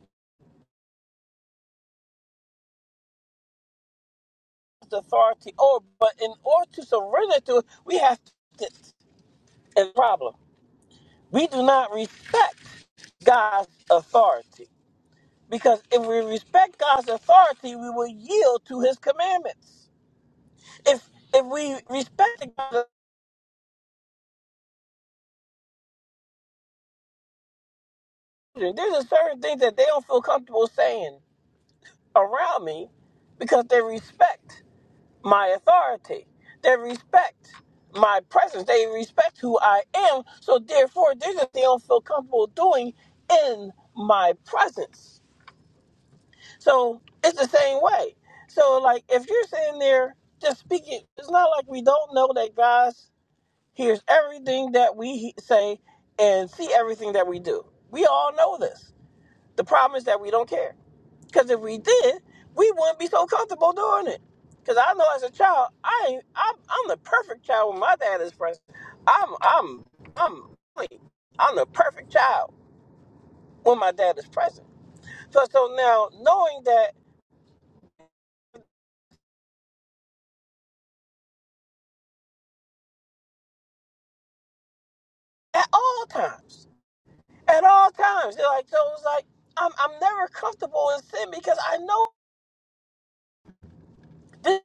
S8: God's authority. Oh, but in order to surrender to it, we have to. And problem. We do not respect God's authority because if we respect God's authority, we will yield to His commandments. If if we respect God's authority, there's a certain thing that they don't feel comfortable saying around me because they respect my authority. They respect my presence. They respect who I am. So therefore, there's a thing they don't feel comfortable doing in my presence. So it's the same way. So like if you're sitting there just speaking, it's not like we don't know that God hears everything that we he- say and see everything that we do. We all know this. The problem is that we don't care. Because if we did, we wouldn't be so comfortable doing it. Because I know as a child, I ain't, I'm, I'm the perfect child when my dad is present. I'm I'm I'm like, I'm the perfect child when my dad is present. So so now knowing that at all times. at all times. They're like, so it was like, I'm, I'm never comfortable in sin because I know this,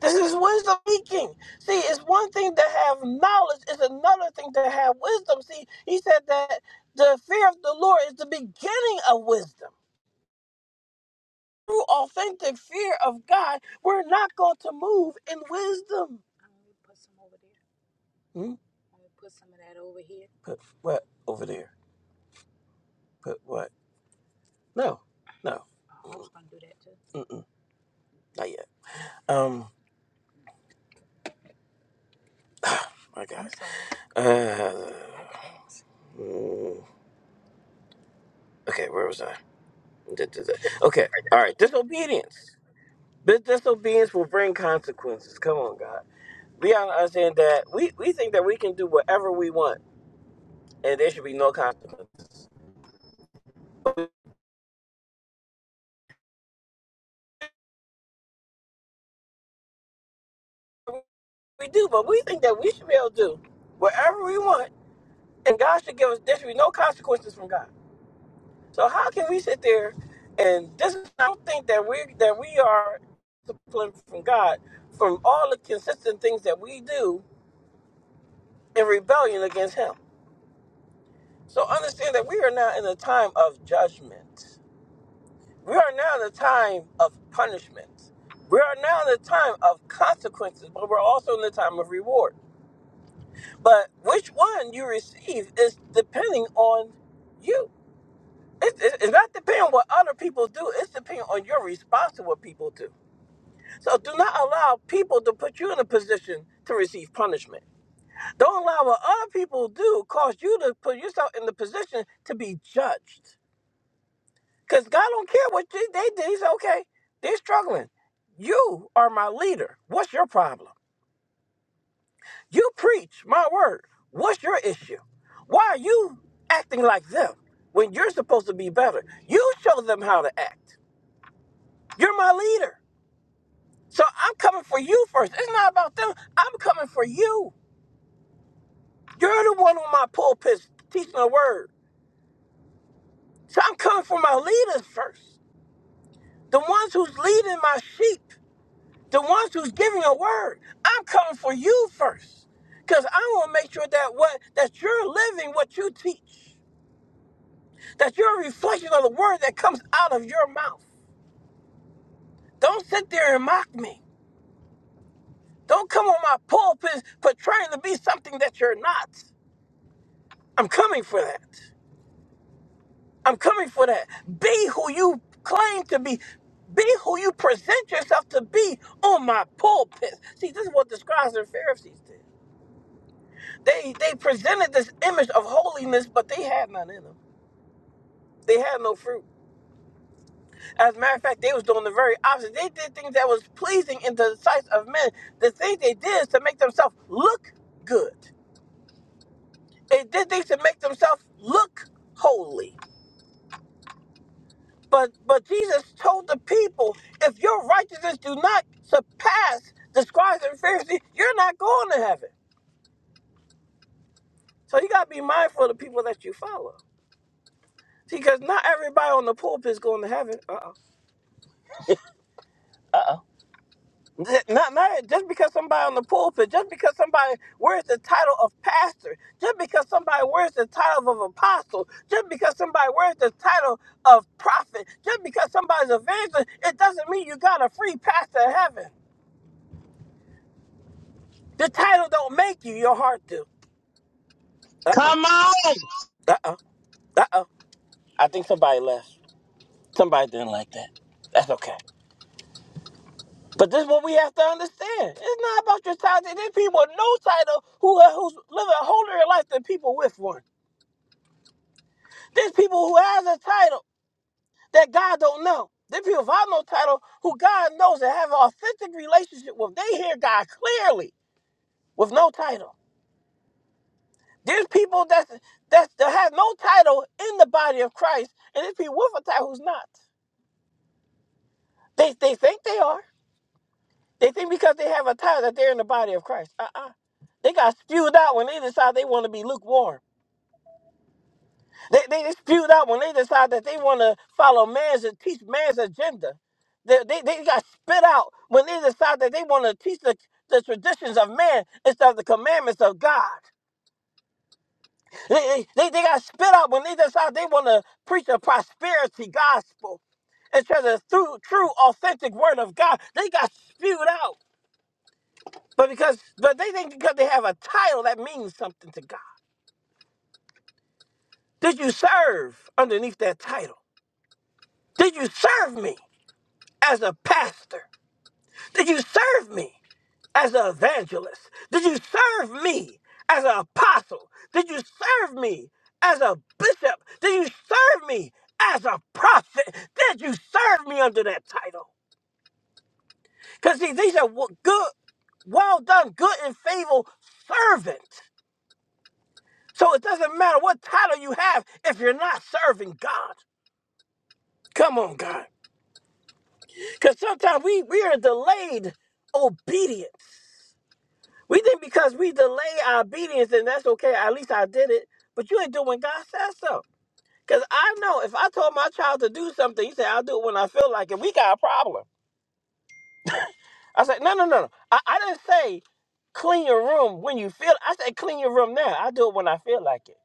S8: this is wisdom speaking. See, it's one thing to have knowledge, it's another thing to have wisdom. See, he said that the fear of the Lord is the beginning of wisdom. Through authentic fear of God, we're not going to move in wisdom. Hmm? Put what over there? Put what? No, no. I'm gonna do that too. Mm-mm, not yet. Um, my God. Uh, Mm, okay, where was I? Da, da, da. Okay, all right. Disobedience. This disobedience will bring consequences. Come on, God. We are understand that we, we think that we can do whatever we want and there should be no consequences. We do, but we think that we should be able to do whatever we want and God should give us, there should be no consequences from God. So how can we sit there and this, I don't think that we that we are disciplined from God from all the consistent things that we do in rebellion against him. So understand that we are now in a time of judgment. We are now in a time of punishment. We are now in a time of consequences, but we're also in the time of reward. But which one you receive is depending on you. It's, it's it's not depending on what other people do. It's depending on your response to what people do. So do not allow people to put you in a position to receive punishment. Don't allow what other people do cause you to put yourself in the position to be judged. Because God don't care what they, they did. He's okay. They're struggling. You are my leader. What's your problem? You preach my word. What's your issue? Why are you acting like them when you're supposed to be better? You show them how to act. You're my leader. So I'm coming for you first. It's not about them. I'm coming for you. You're the one on my pulpit teaching the word. So I'm coming for my leaders first. the ones who's leading my sheep, the ones who's giving a word. I'm coming for you first. Because I want to make sure that what that you're living what you teach, that you're a reflection of the word that comes out of your mouth. Don't sit there and mock me. Don't come on my pulpit for trying to be something that you're not. I'm coming for that. I'm coming for that. Be who you claim to be. Be who you present yourself to be on my pulpit. See, this is what the scribes and Pharisees did. They they presented this image of holiness, but they had none in them. They had no fruit. As a matter of fact, they was doing the very opposite. They did things that was pleasing in the sight of men. The things they did is to make themselves look good. They did things to make themselves look holy. But but Jesus told the people, if your righteousness do not surpass the scribes and Pharisees, you're not going to heaven. So you gotta be mindful of the people that you follow. See, Because not everybody on the pulpit is going to heaven. Uh-uh. Th- Not married just because somebody on the pulpit, just because somebody wears the title of pastor, just because somebody wears the title of apostle, just because somebody wears the title of prophet, just because somebody's evangelist, it doesn't mean you got a free pass to heaven. The title don't make you, your heart do. Uh oh,
S9: Come on!
S8: uh oh, uh oh. I think somebody left. Somebody didn't like that. That's okay. But this is what we have to understand. It's not about your title. There's people with no title who who's living a holier life than people with one. There's people who has a title that God don't know. There's people without no title who God knows that have an authentic relationship with. They hear God clearly with no title. There's people that's, that's, that have no title in the body of Christ, and there's people with a title who's not. They, they think they are. They think because they have a title that they're in the body of Christ. Uh-uh. They got spewed out when they decide they want to be lukewarm. They, they dispute out when they decide that they want to follow man's and teach man's agenda. They, they, they got spit out when they decide that they want to teach the, the traditions of man instead of the commandments of God. They, they, they, they got spit out when they decide they want to preach a prosperity gospel instead of the through, true, authentic word of God. They got spewed out. But because but they think because they have a title that means something to God. Did you serve underneath that title? Did you serve me? as a pastor? Did you serve me as an evangelist? Did you serve me as an apostle? Did you serve me as a bishop? Did you serve me as a prophet? Did you serve me under that title? Because see, these are wo- good, well done, good and faithful servant. So it doesn't matter what title you have if you're not serving God. Come on, God. Because sometimes we, we are delayed obedience. We think because we delay our obedience, and that's okay. At least I did it. But you ain't doing what God says so. Because I know if I told my child to do something, you say, I'll do it when I feel like it. We got a problem. I said, no, no, no, no. I, I didn't say clean your room when you feel I said clean your room now. I do it when I feel like it.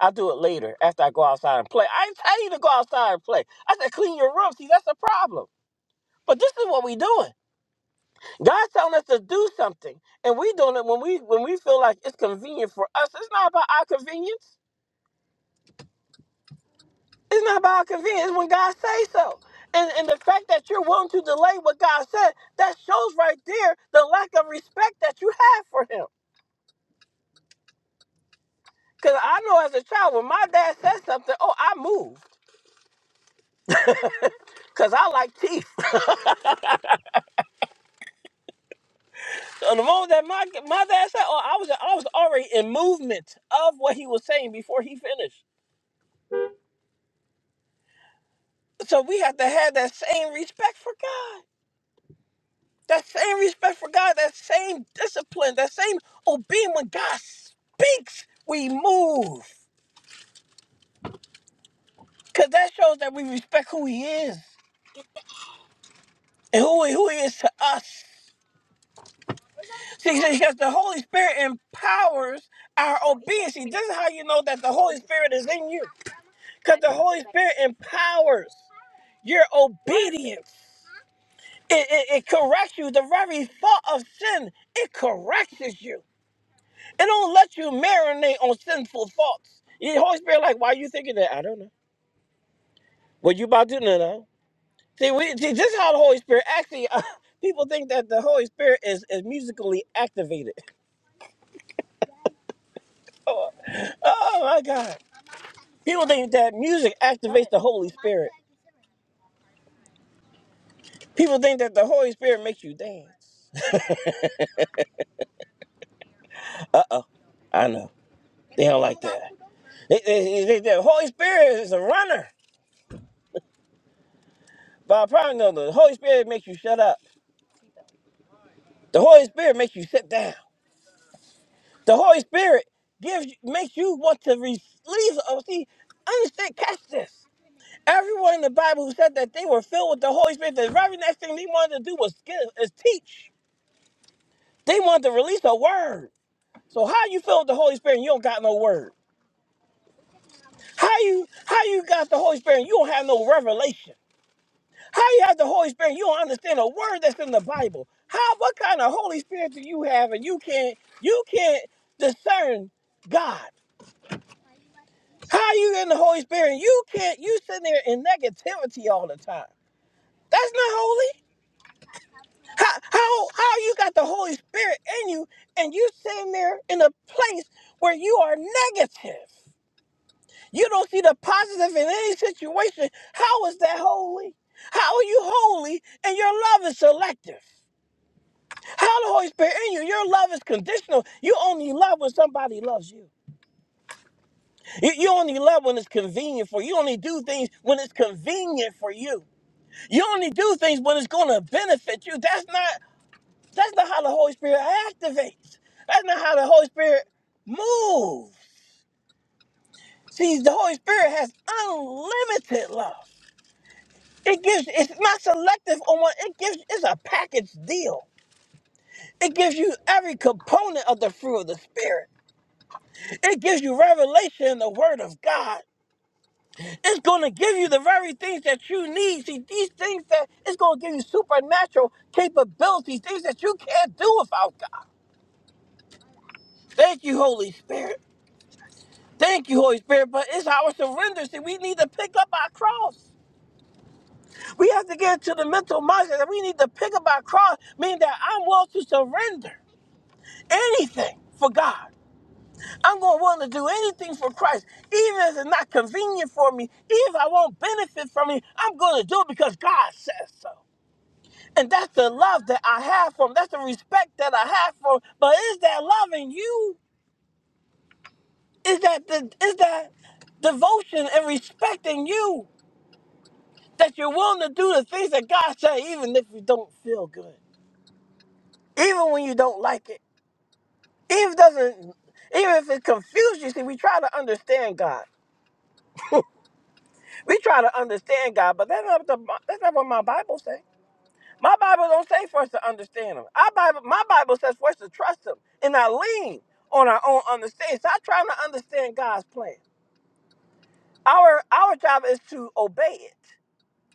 S8: I'll do it later after I go outside and play. I ain't tell you to go outside and play. I said clean your room. See, that's the problem. But this is what we doing. God's telling us to do something, and we doing it when we when we feel like it's convenient for us. It's not about our convenience. It's not about our convenience. It's when God says so. And and the fact that you're willing to delay what God said, that shows right there the lack of respect that you have for Him. Cause I know as a child, when my dad said something, oh, I moved. Cause I like teeth. [LAUGHS] and the moment that my my dad said, oh, I was I was already in movement of what he was saying before he finished. So we have to have that same respect for God. That same respect for God, that same discipline, that same obeying when God speaks, we move. Because that shows that we respect who He is and who He, who he is to us. See, see, because the Holy Spirit empowers our obedience. See, this is how you know that the Holy Spirit is in you. Because the Holy Spirit empowers your obedience. It, it, it corrects you. The very thought of sin, it corrects you. It don't let you marinate on sinful thoughts. The Holy Spirit, like, why you thinking that? I don't know. What you about to know? no. no." See, we see this is how the Holy Spirit actually. [LAUGHS] people think that the Holy Spirit is, is musically activated. [LAUGHS] Oh, oh my God! People think that music activates the Holy Spirit. People think that the Holy Spirit makes you dance. Uh oh, I know they don't like that. They, they, they, they- the Holy Spirit is a runner, but I probably know the Holy Spirit makes you shut up. The Holy Spirit makes you sit down. The Holy Spirit gives you- makes you want to release. Oh, see, understand, catch this. Everyone in the Bible who said that they were filled with the Holy Spirit, the very next thing they wanted to do was give, is teach. They wanted to release a word. So how you filled with the Holy Spirit and you don't got no word? How you how you got the Holy Spirit and you don't have no revelation? How you have the Holy Spirit and you don't understand a word that's in the Bible? How what kind of Holy Spirit do you have and you can't you can't discern God? How are you in the Holy Spirit? And you can't. You sitting there in negativity all the time. That's not holy. How how how you got the Holy Spirit in you, and you sitting there in a place where you are negative. You don't see the positive in any situation. How is that holy? How are you holy? And your love is selective. How the Holy Spirit in you? Your love is conditional. You only love when somebody loves you. You, you only love when it's convenient for you. You only do things when it's convenient for you. You only do things when it's going to benefit you. That's not that's not how the Holy Spirit activates. That's not how the Holy Spirit moves. See, the Holy Spirit has unlimited love. It gives it's not selective on what it gives it's a package deal. It gives you every component of the fruit of the Spirit. It gives you revelation in the Word of God. It's going to give you the very things that you need. See, these things that it's going to give you supernatural capabilities, things that you can't do without God. Thank you, Holy Spirit. Thank you, Holy Spirit. But it's our surrender. See, we need to pick up our cross. We have to get to the mental mindset that we need to pick up our cross, meaning that I'm willing to surrender anything for God. I'm going to willing to do anything for Christ, even if it's not convenient for me, even if I won't benefit from it. I'm going to do it because God says so. And that's the love that I have for him. That's the respect that I have for him. But is that loving you? Is that the is that devotion and respecting you that you're willing to do the things that God said, even if you don't feel good, even when you don't like it, even doesn't, even if it confuses you. See, we try to understand God. We try to understand God, but that's not what the, that's not what my Bible says. My Bible don't say for us to understand Him. Our Bible, my Bible says for us to trust Him and not lean on our own understanding. Stop trying to understand God's plan. Our our job is to obey it.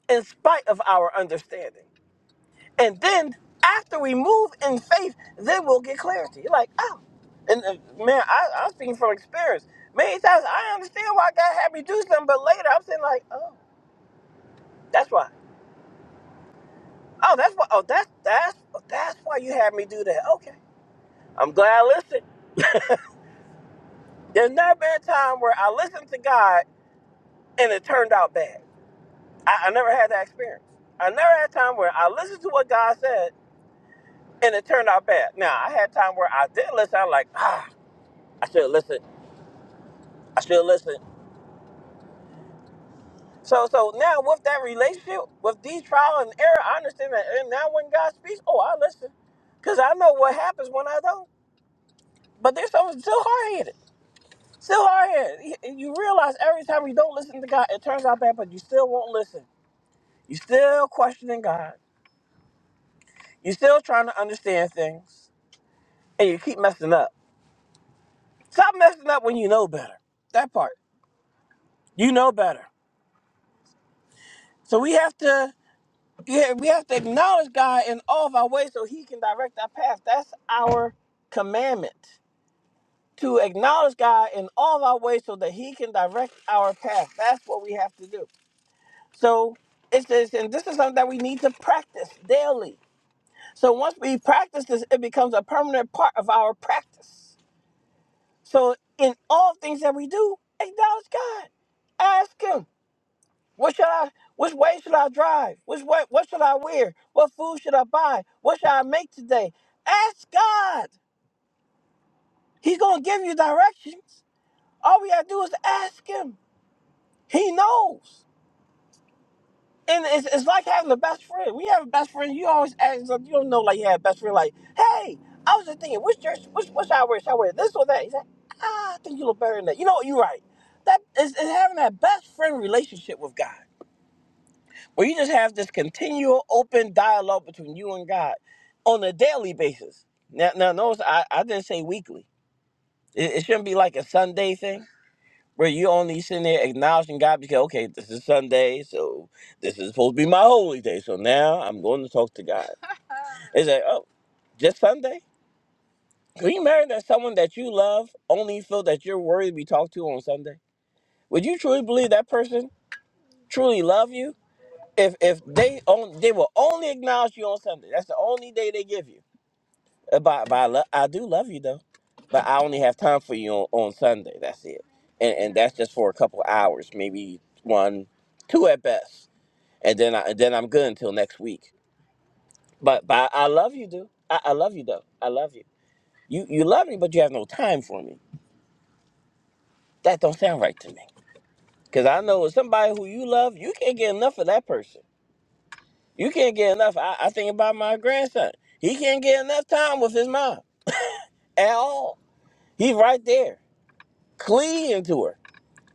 S8: in spite of our understanding. And then after we move in faith, then we'll get clarity. You're like, oh, and uh, man, I, I'm speaking from experience. Many times I understand why God had me do something, but later I'm saying like, oh, that's why. Oh, that's why. Oh, that's that's that's why you had me do that. Okay, I'm glad I listened. There's never been a time where I listened to God and it turned out bad. I, I never had that experience. I never had a time where I listened to what God said and it turned out bad. Now I had time where I did listen. I'm like, ah, I should listen. I should listen. So so now with that relationship, with these trial and error, I understand that. And now when God speaks, oh, I listen, cause I know what happens when I don't. But there's something still hard headed. Still hard headed. You realize every time you don't listen to God, it turns out bad. But you still won't listen. You still questioning God. You still trying to understand things, and you keep messing up. Stop messing up when you know better. That part. You know better. So we have to yeah, we have to acknowledge God in all of our ways so he can direct our path. That's our commandment. To acknowledge God in all of our ways so that he can direct our path. That's what we have to do. So it's this and this is something that we need to practice daily. So once we practice this, it becomes a permanent part of our practice. So in all things that we do, acknowledge God. Ask him. What should I? Which way should I drive? Which way? What should I wear? What food should I buy? What should I make today? Ask God. He's gonna give you directions. All we gotta do is ask Him. He knows. And it's, it's like having a best friend. We have a best friend. You always ask. them- You don't know like you have a best friend. Like, hey, I was just thinking, which church? Which what should I wear? Should I wear this or that? He said, ah, I think you look better than that. You know what? You're right. That is, is having that best friend relationship with God. where you just have this continual open dialogue between you and God on a daily basis. Now, now notice I, I didn't say weekly. It, it shouldn't be like a Sunday thing where you only sitting there acknowledging God because, okay, this is Sunday, so this is supposed to be my holy day, so now I'm going to talk to God. It's like, oh, just Sunday? Can you imagine that someone that you love only feel that you're worthy to be talked to on Sunday? Would you truly believe that person truly love you? if if they on they will only acknowledge you on Sunday. That's the only day they give you. Uh, But, but I, lo- I do love you though. But I only have time for you on, on Sunday. That's it. And and that's just for a couple hours, maybe one, two at best. And then I and then I'm good until next week. But but I love you, dude. I, I love you though. I love you. You you love me, but you have no time for me. That don't sound right to me. Cause I know somebody who you love, you can't get enough of that person. You can't get enough. I, I think about my grandson. He can't get enough time with his mom at all. He's right there, clinging to her.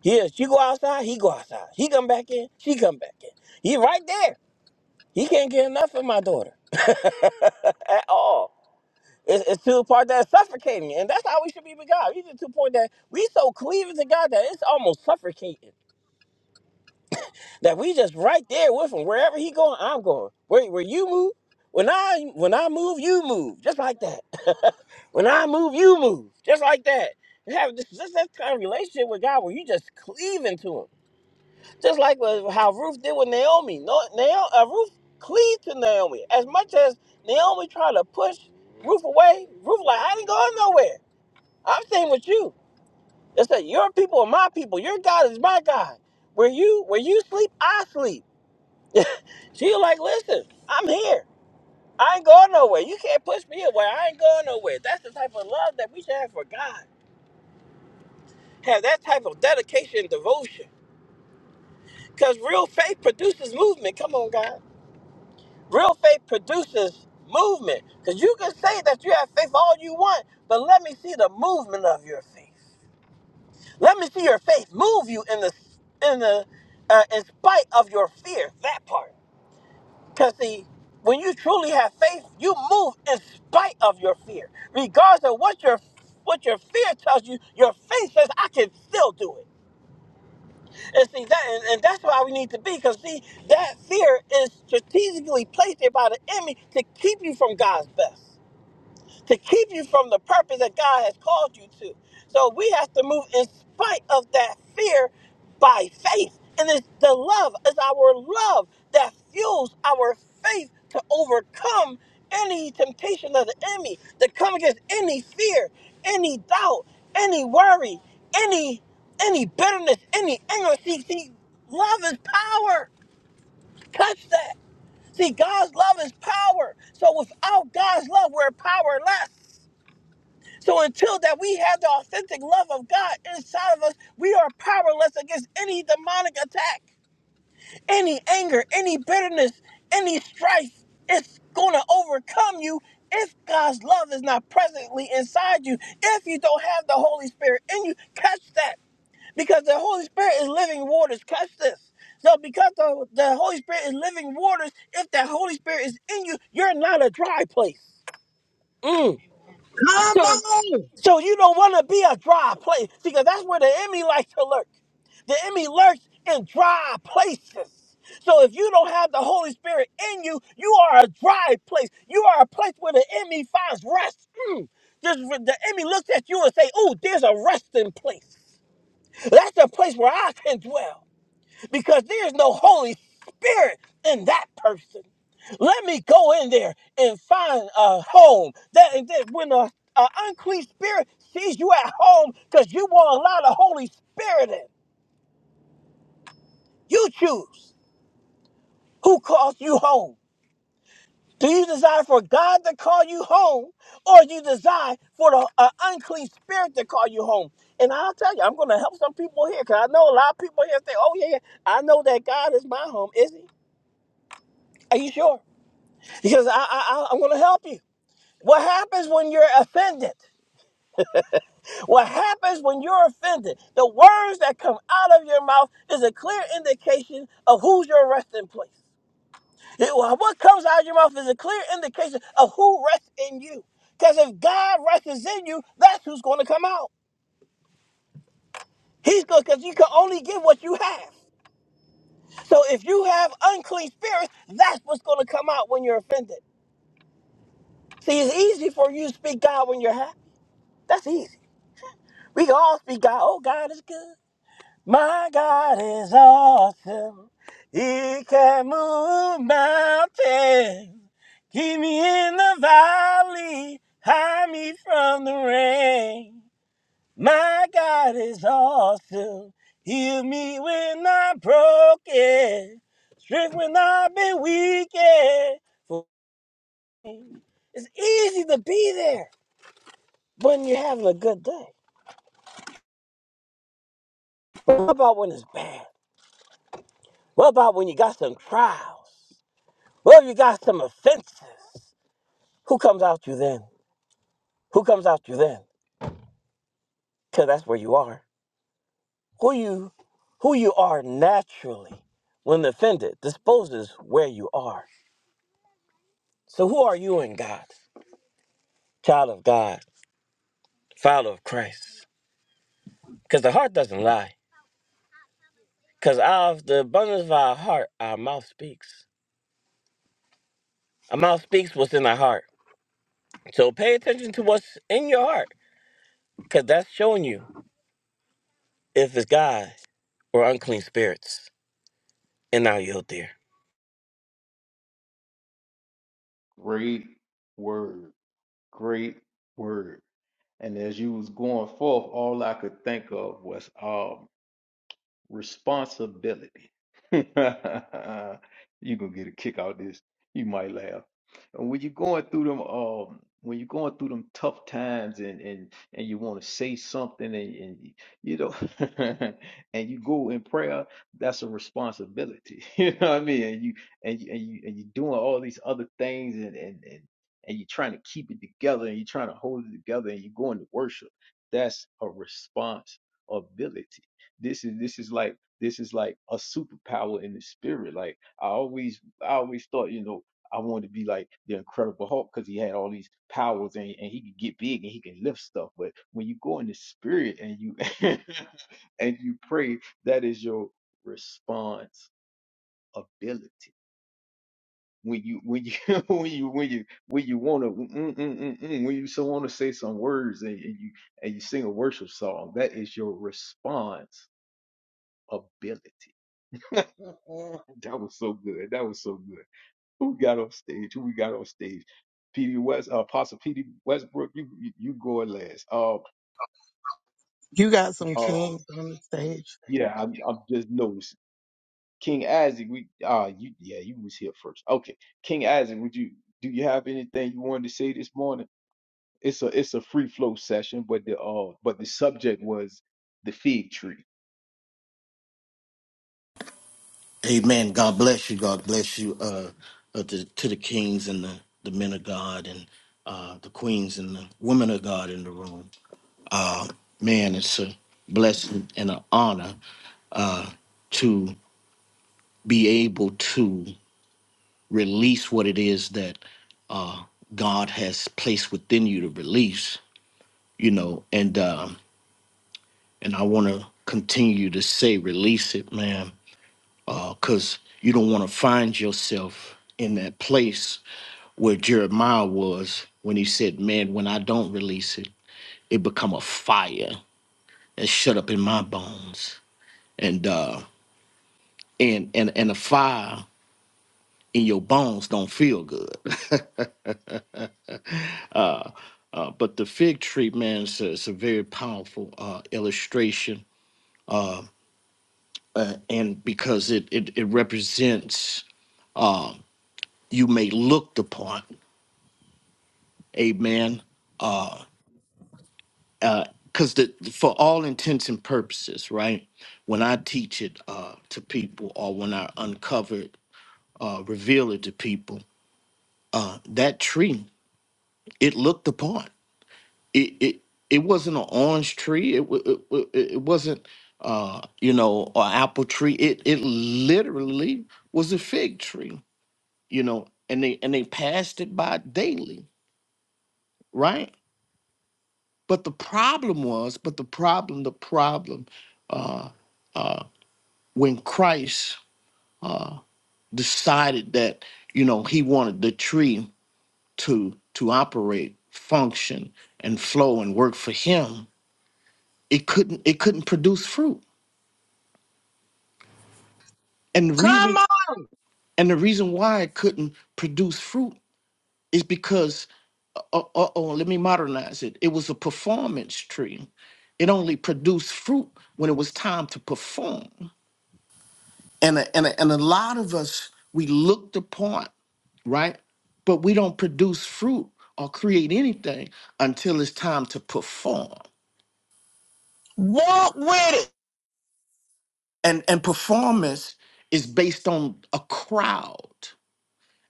S8: He is. She go outside, he go outside. He come back in, she come back in. He right there. He can't get enough of my daughter [LAUGHS] at all. It's, it's to the part that's suffocating, and that's how we should be with God. He's the two point that we so cleaving to God that it's almost suffocating. That we just right there with him. Wherever he going, I'm going. Where where you move, when I when I move, you move. Just like that. [LAUGHS] when I move, you move. Just like that. You have this, this, this kind of relationship with God where you just cleaving to him. Just like what- how Ruth did with Naomi. No, Naomi uh, Ruth cleaved to Naomi. As much as Naomi tried to push Ruth away, Ruth like, I ain't going nowhere. I'm staying with you. That's that your people are my people. Your God is my God. Where you where you sleep, I sleep. [LAUGHS] She was like, listen, I'm here. I ain't going nowhere. You can't push me away. I ain't going nowhere. That's the type of love that we should have for God. Have that type of dedication and devotion. Because real faith produces movement. Come on, God. Real faith produces movement. Because you can say that you have faith all you want, but let me see the movement of your faith. Let me see your faith move you in the in the uh, in spite of your fear. That part. Because, see, when you truly have faith, you move in spite of your fear. Regardless of what your what your fear tells you, your faith says, I can still do it. And see, that, and, and that's why we need to be, because, see, that fear is strategically placed there by the enemy to keep you from God's best to keep you from the purpose that God has called you to. So we have to move in spite of that fear by faith. And it's the love, it's our love that fuels our faith to overcome any temptation of the enemy, to come against any fear, any doubt, any worry, any any bitterness, any anger. See, see, love is power. Touch that. See, God's love is power. So without God's love, we're powerless. So until that we have the authentic love of God inside of us, we are powerless against any demonic attack, any anger, any bitterness, any strife. It's going to overcome you if God's love is not presently inside you. If you don't have the Holy Spirit in you, catch that because the Holy Spirit is living waters. Catch this. So because the, the Holy Spirit is living waters, if that Holy Spirit is in you, you're not a dry place. Mm.
S9: Come
S8: So
S9: on!
S8: so you don't want to be a dry place. because that's where the enemy likes to lurk. The enemy lurks in dry places. So if you don't have the Holy Spirit in you, you are a dry place. You are a place where the enemy finds rest. Mm. Just the enemy looks at you and say, "Oh, there's a resting place. That's the place where I can dwell." because there's no Holy Spirit in that person. Let me go in there and find a home. That, that when a, unclean spirit sees you at home, because you won't allow the Holy Spirit in. You choose who calls you home. Do you desire for God to call you home, or do you desire for the uh, unclean spirit to call you home? And I'll tell you, I'm going to help some people here, because I know a lot of people here say, "Oh yeah, yeah, I know that God is my home." Is He? Are you sure? because I, I, I, am going to help you. What happens when you're offended? What happens when you're offended? The words that come out of your mouth is a clear indication of who's your resting place. It- what comes out of your mouth is a clear indication of who rests in you. Because if God rests in you, that's who's going to come out. He's going because you can only give what you have. So if you have unclean spirits, that's what's going to come out when you're offended. See, it's easy for you to speak God when you're happy. That's easy. We can all speak God. Oh, God is good. My God is awesome. He can move mountains. Keep me in the valley. Hide me from the rain. My God is awesome. Heal me when I'm broken. Strength when I've been weakened. It's easy to be there when you are having a good day. But What about when it's bad? What about when you got some trials? What if you got some offenses? Who comes out you then? Who comes out you then? Because that's where you are. Who you who you are naturally when offended disposes where you are. So who are you in God? Child of God, follower of Christ. Because the heart doesn't lie. Because out of the abundance of our heart, our mouth speaks. Our mouth speaks what's in our heart. So pay attention to what's in your heart. Because that's showing you if it's God or unclean spirits. And I'll yield there.
S1: great word. Great word. And as you was going forth, all I could think of was um. responsibility. [LAUGHS] you gonna get a kick out of this. You might laugh. And When you're going through them, um, when you're going through them tough times, and and and you want to say something, and, and y- you know, [LAUGHS] and you go in prayer, that's a responsibility. [LAUGHS] You know what I mean? And you and you and you and you're doing all these other things, and and and and you're trying to keep it together, and you're trying to hold it together, and you're going to worship. That's a responsibility this is this is like this is like a superpower in the spirit. Like I always I always thought, you know, I wanted to be like the Incredible Hulk because he had all these powers and, and he could get big and he can lift stuff. But when you go in the spirit and you [LAUGHS] and you pray, that is your responsibility. When you when you [LAUGHS] when you when you when you want to mm, mm, mm, mm, when you so want to say some words and, and you and you sing a worship song, that is your response ability. [LAUGHS] Oh, [LAUGHS] that was so good. That was so good. Who we got on stage? Who we got on stage? PD West, uh, Apostle PD Westbrook. You you, you going last? Um,
S9: You got some
S1: um,
S9: kings on the stage.
S1: yeah, I'm I'm just noticing. King Isaac, we uh you yeah you was here first. Okay, King Isaac, would you do you have anything you wanted to say this morning? It's a it's a free flow session, but the uh but the subject was the fig tree.
S10: Amen. God bless you. God bless you. Uh, uh to, to the kings and the, the men of God and uh the queens and the women of God in the room. Uh, man, it's a blessing and an honor uh to be able to release what it is that uh God has placed within you to release. You know, and um and I want to continue to say release it, man, because you don't want to find yourself in that place where Jeremiah was when he said, Man, when I don't release it, it become a fire and shut up in my bones. And uh and and and a fire in your bones don't feel good. [LAUGHS] uh uh, but the fig tree, man, is a, is a very powerful uh, illustration, uh, uh, and because it it, it represents uh, you may looked upon, amen, uh, because the for all intents and purposes, right? When I teach it uh, to people, or when I uncover it, uh, reveal it to people, uh, that tree it looked upon. It it it wasn't an orange tree. It wa- it, wa- it it wasn't uh, you know an apple tree. It it literally was a fig tree. You know, and they and they passed it by daily, right? But the problem was, but the problem, the problem. Uh, uh, when Christ decided that you know he wanted the tree to to operate, function, and flow and work for him, it couldn't it couldn't produce fruit. And the
S9: Come
S10: reason
S9: on!
S10: and the reason why it couldn't produce fruit is because uh uh, oh, let me modernize it. It was a performance tree. It only produced fruit when it was time to perform. And a, and a, and a lot of us we look the part right? But we don't produce fruit or create anything until it's time to perform.
S9: Walk with it!
S10: And and performance is based on a crowd.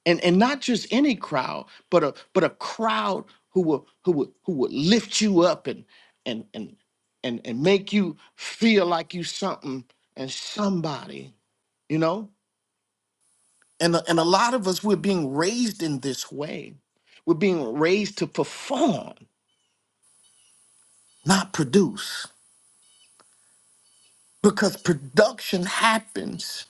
S10: And and not just any crowd, but a but a crowd who will who will who will lift you up and and and and and make you feel like you something and somebody, you know? And a- and a lot of us we're being raised in this way. We're being raised to perform, not produce because production happens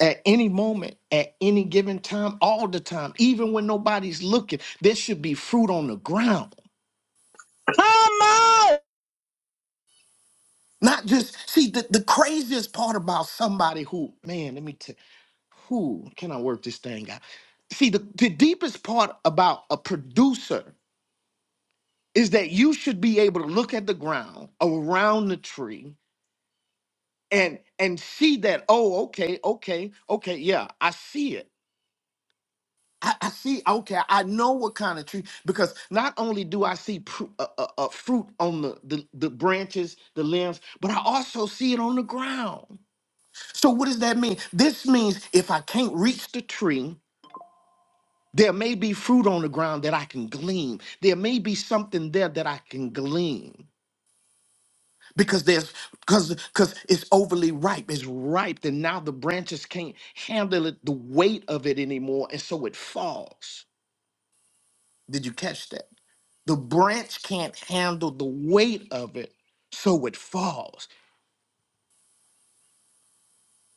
S10: at any moment, at any given time, all the time, even when nobody's looking. There should be fruit on the ground.
S9: Come on!
S10: Not just see the, the craziest part about somebody who, man, let me tell who can I work this thing out? See, the, the deepest part about a producer is that you should be able to look at the ground around the tree and and see that, oh, okay, okay, okay, yeah, I see it. I, I see. Okay, I know what kind of tree because not only do I see pr- uh, uh, uh, fruit on the, the the branches, the limbs, but I also see it on the ground. So what does that mean? This means if I can't reach the tree, there may be fruit on the ground that I can glean. There may be something there that I can glean because there's because because it's overly ripe. It's ripe, and now the branches can't handle it, the weight of it anymore, and so it falls. Did you catch that? The branch can't handle the weight of it, so it falls.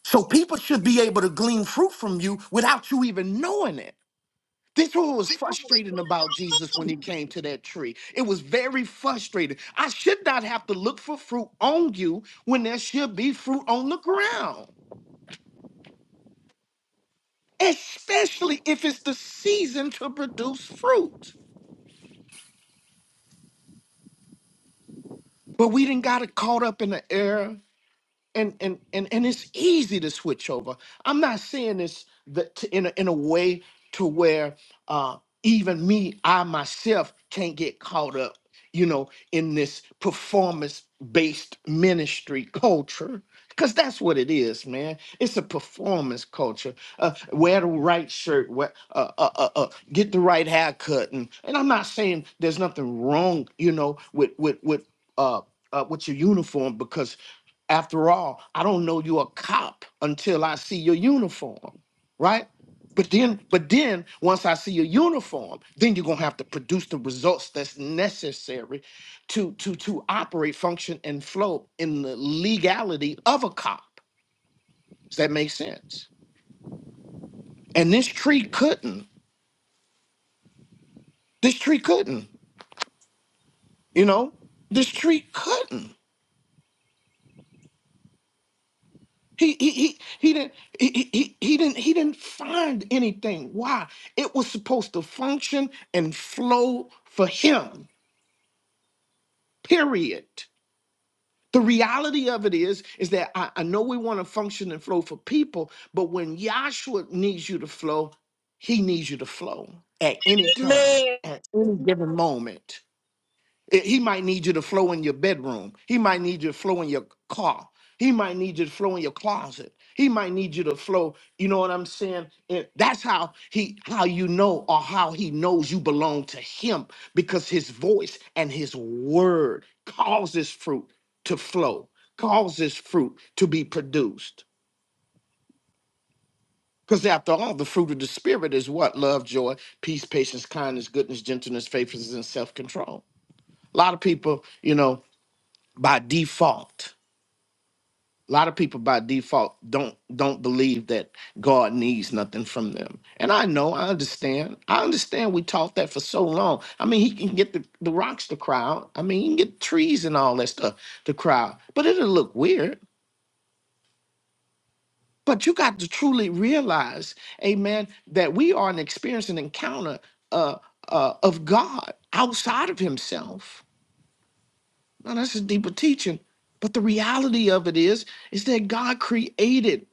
S10: So people should be able to glean fruit from you without you even knowing it. This is what was frustrating about Jesus when he came to that tree. It was very frustrating. I should not have to look for fruit on you when there should be fruit on the ground, especially if it's the season to produce fruit. But we didn't got it caught up in the era and and and and it's easy to switch over. I'm not saying this that t- in a, in a way to where uh, even me, I myself, can't get caught up, you know, in this performance based ministry culture. Cause that's what it is, man. It's a performance culture. Uh, wear the right shirt, wear, uh, uh, uh, uh, get the right haircut, and, and I'm not saying there's nothing wrong, you know, with with with uh, uh, with your uniform because after all, I don't know you're a cop until I see your uniform, right? But then, but then once I see your uniform, then you're gonna have to produce the results that's necessary to to to operate, function, and flow in the legality of a cop. Does that make sense? And this tree couldn't. This tree couldn't, you know, this tree couldn't. He he he he didn't he, he he he didn't he didn't find anything. Why? It was supposed to function and flow for him. Period. The reality of it is, is that I, I know we want to function and flow for people, but when Yahshua needs you to flow, he needs you to flow at any time,
S9: Man,
S10: at any given moment. Eh, He might need you to flow in your bedroom. He might need you to flow in your car. He might need you to flow in your closet. He might need you to flow. You know what I'm saying? Eh, That's how he, how you know, or how he knows you belong to him, because his voice and his word causes fruit to flow, causes fruit to be produced. Because after all, the fruit of the spirit is what love, joy, peace, patience, kindness, goodness, gentleness, faithfulness, and self-control. A lot of people, you know, by default. A lot of people by default don't don't believe that God needs nothing from them. And I know, I understand. I understand we taught that for so long. I mean, he can get the, the rocks to cry out. I mean, he can get trees and all that stuff to cry out. But it'll look weird. But you got to truly realize, amen, that we are an experience, an encounter uh, uh, of God outside of himself. Now that's a deeper teaching. But the reality of it is, is that God created.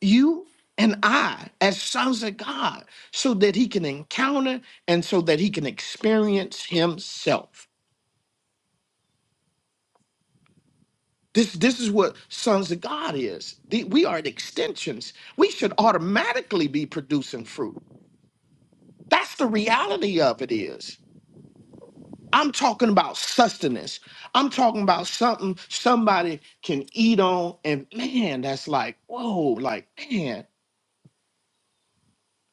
S10: you and I as sons of God so that he can encounter and so that he can experience himself. This, this is what sons of God is. The- we are the extensions. We should automatically be producing fruit. That's the reality of it is. I'm talking about sustenance. I'm talking about something somebody can eat on and man, that's like, whoa, like man.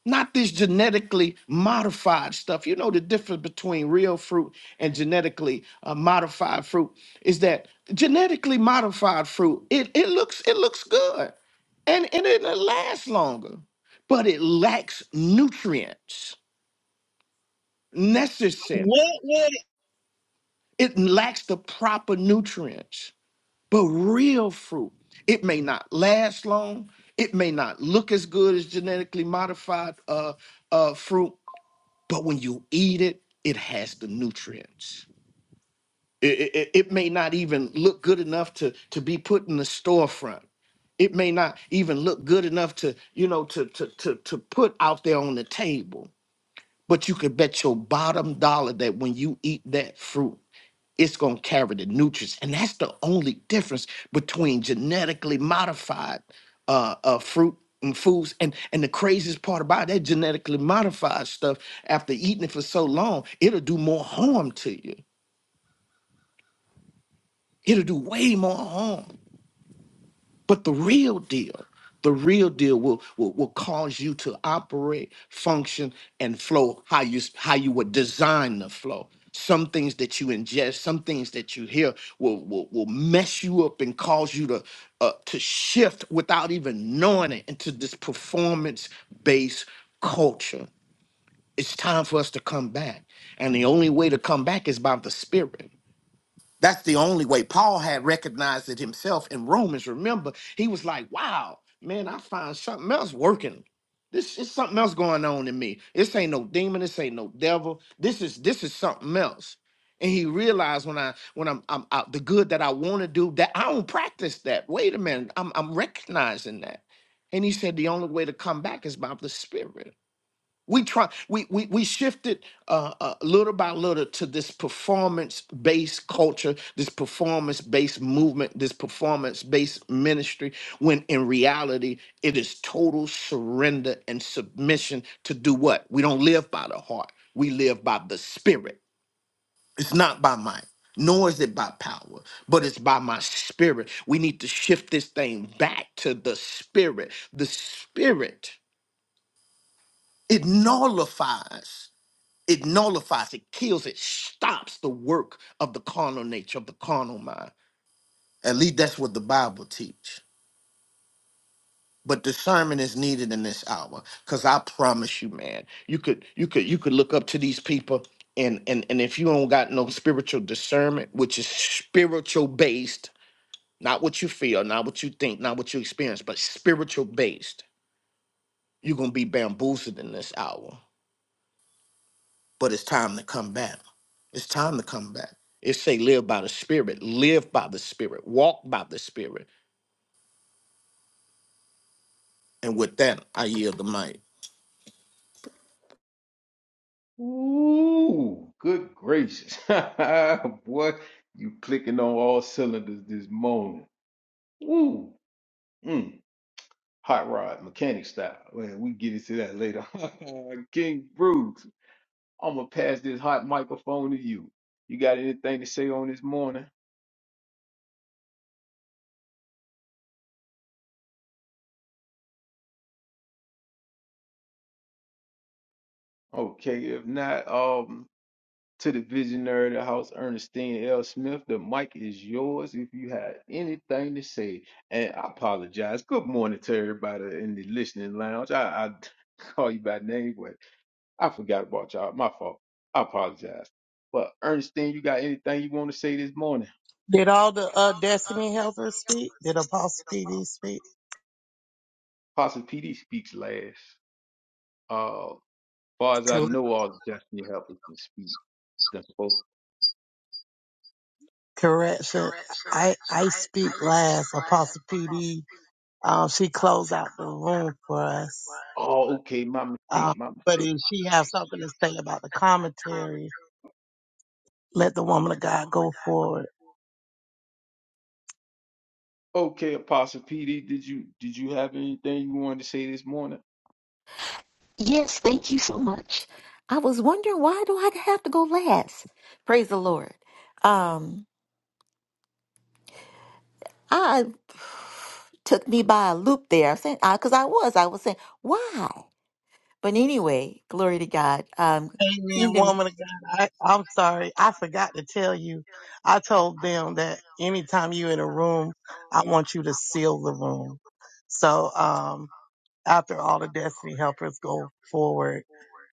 S10: not this genetically modified stuff. You know, the difference between real fruit and genetically uh, modified fruit is that genetically modified fruit, it, it looks it looks good and, and it lasts longer, but it lacks nutrients necessary.
S9: walk with it!
S10: It lacks the proper nutrients. But real fruit, it may not last long. It may not look as good as genetically modified uh, uh, fruit, But when you eat it, it has the nutrients. It, it, it- may not even look good enough to, to be put in the storefront. It may not even look good enough to, you know, to, to, to, to put out there on the table. But you could bet your bottom dollar that when you eat that fruit, it's going to carry the nutrients and that's the only difference between genetically modified uh, uh, fruit and foods and and the craziest part about that genetically modified stuff after eating it for so long it'll do more harm to you it'll do way more harm But the real deal, the real deal will, will, will cause you to operate, function, and flow how you s- how you would design the flow. Some things that you ingest, some things that you hear will will, will mess you up and cause you to uh, to shift without even knowing it into this performance based culture. It's time for us to come back, and the only way to come back is by the spirit. That's the only way. Paul had recognized it himself in Romans. Remember, he was like, wow, man, I find something else working. This is something else going on in me. This ain't no demon. This ain't no devil. This is this is something else. And he realized when I when I'm I'm out the good that I want to do that I don't practice that. Wait a minute, I'm I'm recognizing that. And he said the only way to come back is by the spirit we try we we, we shifted uh, uh little by little to this performance based culture this performance based movement this performance based ministry when in reality it is total surrender and submission to do what we don't live by the heart we live by the spirit it's not by might nor is it by power, but it's by my spirit. We need to shift this thing back to the spirit. The spirit, it nullifies. It nullifies, it kills, it stops the work of the carnal nature, of the carnal mind. At least that's what the Bible teach. But discernment is needed in this hour. Cause I promise you, man, you could you could you could look up to these people and and and if you don't got no spiritual discernment, which is spiritual based, not what you feel, not what you think, not what you experience, but spiritual based, you're gonna be bamboozled in this hour. But it's time to come back. It's time to come back. It say live by the spirit, live by the spirit, walk by the spirit. And with that, I yield the mic.
S1: Ooh, good gracious, [LAUGHS] boy, you clicking on all cylinders this morning. Woo! Mm. Hot rod, mechanic style. Well, we get into that later. [LAUGHS] King Bruce, I'm gonna pass this hot microphone to you. You got anything to say on this morning? Okay, if not, um, to the visionary of the house, Ernestine L. Smith, the mic is yours if you had anything to say. And I apologize. Good morning to everybody in the listening lounge. I, I [LAUGHS] call you by name, I forgot about y'all. My fault. I apologize. But Ernestine, you got anything you want to say this morning?
S9: Did all the uh, Destiny helpers speak? Did Apostle PD speak?
S1: Apostle PD speaks last. Uh, far as I
S9: Co-
S1: know, all the destiny helpers can speak. That's all.
S9: Correction. I, I speak last. Apostle PD, um, she closed out the room for us.
S1: Oh, okay. My
S9: Um,
S1: mistake. My
S9: but
S1: mistake.
S9: if she has something to say about the commentary, let the woman of God go forward.
S1: Okay, Apostle PD, did you did you have anything you wanted to say this morning?
S11: Yes, thank you so much. I was wondering why do I have to go last? Praise the Lord. Um, I [SIGHS] took me by a loop there. I said, because I was, I was saying, why? But anyway, glory to God. Um,
S9: Amen,
S11: kingdom,
S9: woman of God. I, I'm sorry. I forgot to tell you. I told them that anytime you're in a room, I want you to seal the room. So, um, after all the destiny helpers go forward,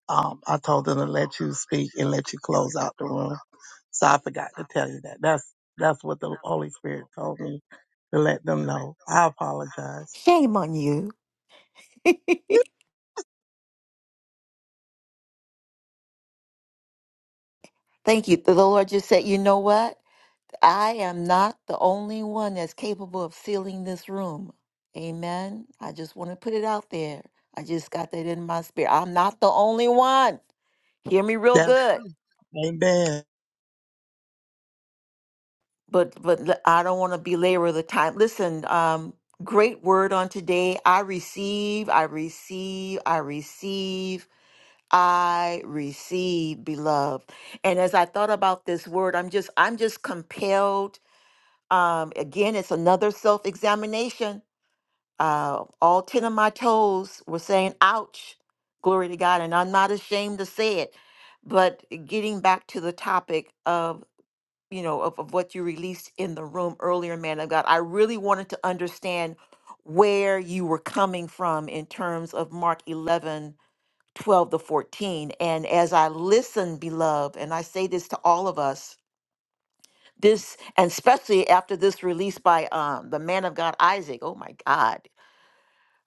S9: um, I told them to let you speak and let you close out the room. So I forgot to tell you that. That's, that's what the Holy Spirit told me to let them know. I apologize.
S11: shame on you. [LAUGHS] Thank you. The Lord just said, you know what? I am not the only one that's capable of sealing this room. Amen. I just want to put it out there. I just got that in my spirit. I'm not the only one. hear me real
S9: That's
S11: good
S9: true. Amen.
S11: but but l- i don't want to belabor the time listen um great word on today i receive i receive i receive i receive beloved and as i thought about this word i'm just i'm just compelled um again it's another self-examination uh all 10 of my toes were saying ouch glory to god and i'm not ashamed to say it but getting back to the topic of you know, of, of what you released in the room earlier, man of God. I really wanted to understand where you were coming from in terms of Mark eleven, twelve, 12 to 14. And as I listen, beloved, and I say this to all of us, this, and especially after this release by um, the man of God, Isaac, oh my God.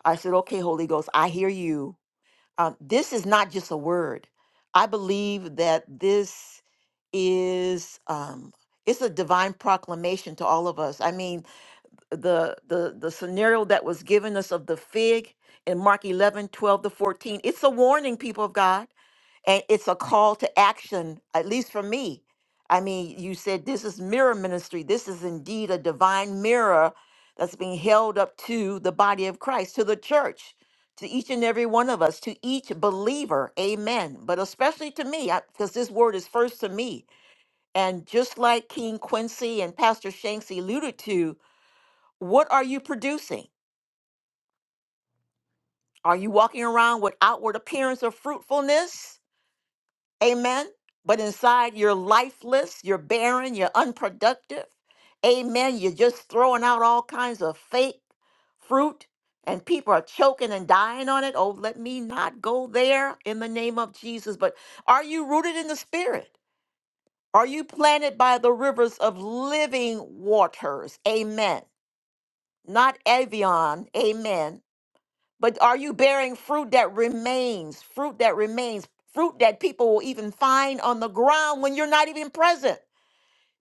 S11: I said, okay, Holy Ghost, I hear you. Um, this is not just a word. I believe that this is um, it's a divine proclamation to all of us. I mean, the the the scenario that was given us of the fig in Mark 11 12 to 14, it's a warning, people of God and it's a call to action at least for me i mean you said this is mirror ministry this is indeed a divine mirror that's being held up to the body of christ to the church to each and every one of us to each believer amen but especially to me because this word is first to me and just like king quincy and pastor shanks alluded to what are you producing are you walking around with outward appearance of fruitfulness Amen. But inside you're lifeless, you're barren, you're unproductive. Amen. You're just throwing out all kinds of fake fruit and people are choking and dying on it. Oh, let me not go there in the name of Jesus. But are you rooted in the spirit? Are you planted by the rivers of living waters? Amen. Not Avion. Amen but are you bearing fruit that remains? Fruit that remains. Fruit that people will even find on the ground when you're not even present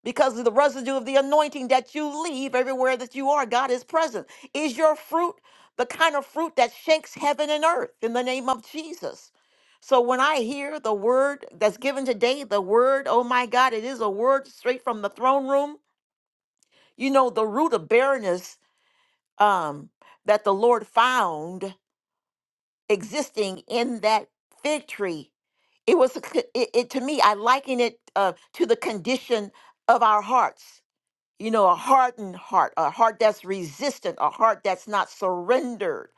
S11: because of the residue of the anointing that you leave everywhere that you are. God is present. Is your fruit the kind of fruit that shakes heaven and earth in the name of Jesus? So when I hear the word that's given today, the word, oh my God, it is a word straight from the throne room. You know, the root of barrenness um, that the Lord found existing in that fig tree. It was a co- it, it to me. I liken it uh, to the condition of our hearts. You know, a hardened heart, a heart that's resistant, a heart that's not surrendered,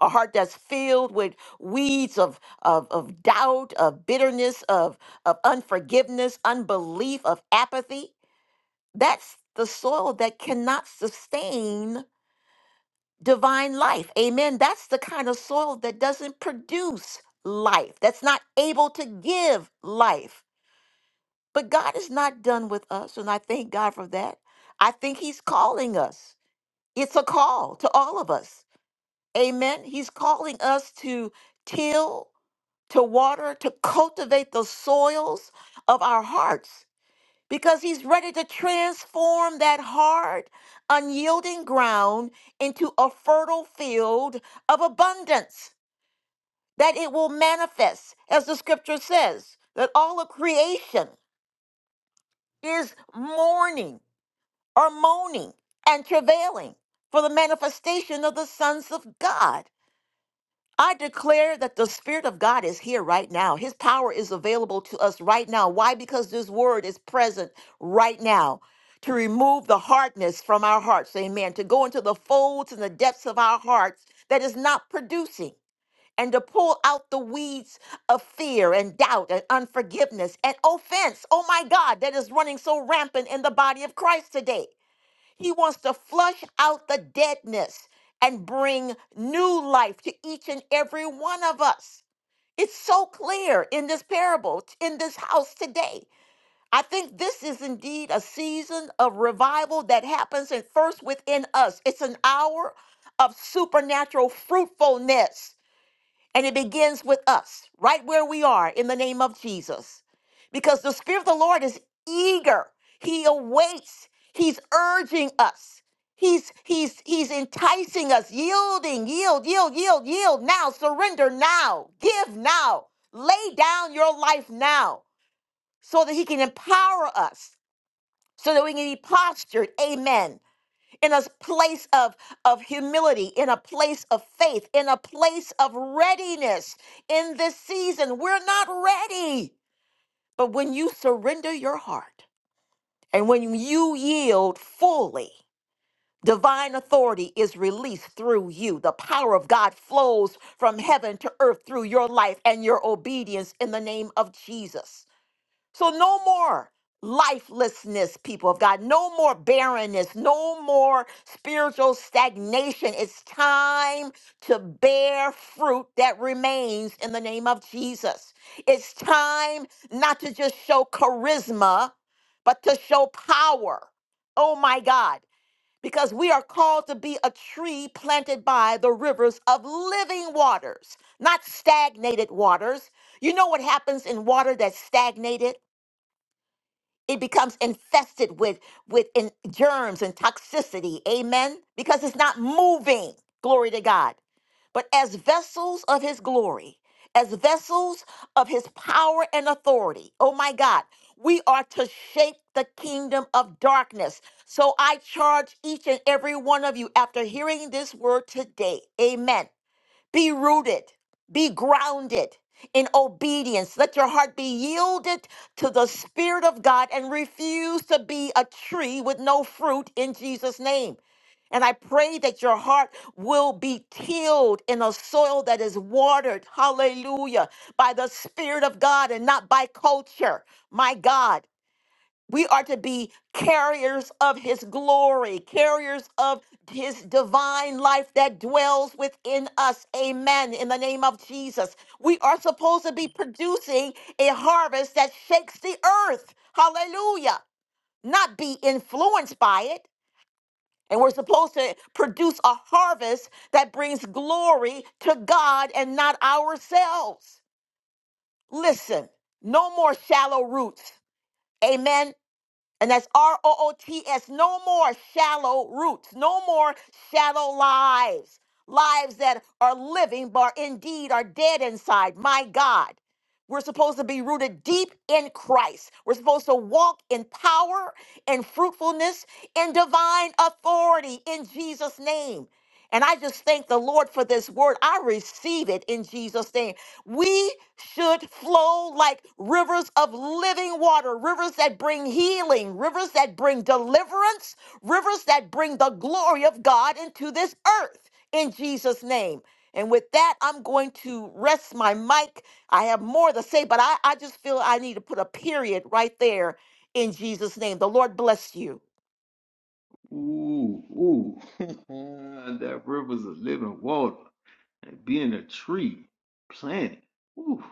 S11: a heart that's filled with weeds of of, of doubt, of bitterness, of of unforgiveness, unbelief, of apathy. That's the soil that cannot sustain divine life. Amen. That's the kind of soil that doesn't produce life, that's not able to give life. But God is not done with us, and I thank God for that. I think He's calling us. It's a call to all of us. Amen. He's calling us to till, to water, to cultivate the soils of our hearts because he's ready to transform that hard, unyielding ground into a fertile field of abundance that it will manifest, as the scripture says, that all of creation is mourning or moaning and travailing for the manifestation of the sons of God. I declare that the Spirit of God is here right now. His power is available to us right now. Why? Because this word is present right now to remove the hardness from our hearts. Amen. To go into the folds and the depths of our hearts that is not producing and to pull out the weeds of fear and doubt and unforgiveness and offense. Oh my God, that is running so rampant in the body of Christ today. He wants to flush out the deadness and bring new life to each and every one of us. It's so clear in this parable, t- in this house today. I think this is indeed a season of revival that happens at first within us. It's an hour of supernatural fruitfulness. And it begins with us, right where we are, in the name of Jesus. Because the Spirit of the Lord is eager. He awaits. He's urging us. He's he's he's enticing us, yielding, yield, yield, yield, yield now, surrender now, give now, lay down your life now, so that he can empower us, so that we can be postured, amen, in a place of, of humility, in a place of faith, in a place of readiness in this season. We're not ready. But when you surrender your heart and when you yield fully, divine authority is released through you. The power of God flows from heaven to earth through your life and your obedience in the name of Jesus. So no more lifelessness, people of God. No more barrenness. No more spiritual stagnation. It's time to bear fruit that remains in the name of Jesus. It's time not to just show charisma, but to show power. Oh my God. Because we are called to be a tree planted by the rivers of living waters, not stagnated waters. You know what happens in water that's stagnated? it becomes infested with with in, germs and toxicity amen because it's not moving glory to god but as vessels of his glory as vessels of his power and authority oh my god we are to shape the kingdom of darkness so i charge each and every one of you after hearing this word today amen be rooted, be grounded in obedience. Let your heart be yielded to the Spirit of God and refuse to be a tree with no fruit in Jesus' name. And I pray that your heart will be tilled in a soil that is watered, hallelujah, by the Spirit of God and not by culture. My God. We are to be carriers of his glory, carriers of his divine life that dwells within us. Amen. In the name of Jesus. We are supposed to be producing a harvest that shakes the earth. Hallelujah. Not be influenced by it. And we're supposed to produce a harvest that brings glory to God and not ourselves. Listen, no more shallow roots. Amen. And that's R O O T S. No more shallow roots. No more shallow lives. Lives that are living but indeed are dead inside. My God. We're supposed to be rooted deep in Christ. We're supposed to walk in power and fruitfulness and divine authority in Jesus' name. And I just thank the Lord for this word. I receive it in Jesus' name. We should flow like rivers of living water, rivers that bring healing, rivers that bring deliverance, rivers that bring the glory of God into this earth in Jesus' name. And with that, I'm going to rest my mic. I have more to say, but I, I just feel I need to put a period right there in Jesus' name. The Lord bless you.
S1: Ooh, ooh. [LAUGHS] that river's a living water and being a tree, planet. Ooh.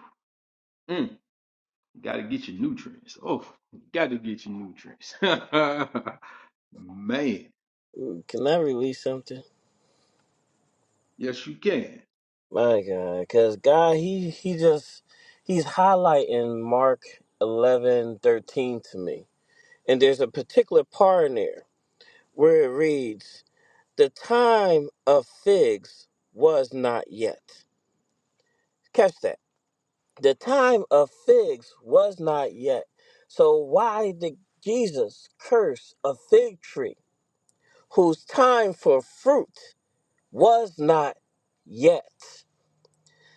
S1: Got to get your nutrients. Oh, got to get your nutrients. [LAUGHS] Man,
S8: Can I release something?
S1: yes, you can.
S8: My God, because God, he he just he's highlighting Mark eleven thirteen to me, and there's a particular part in there where it reads, "The time of figs was not yet." Catch that. The time of figs was not yet. So why did Jesus curse a fig tree whose time for fruit? was not yet.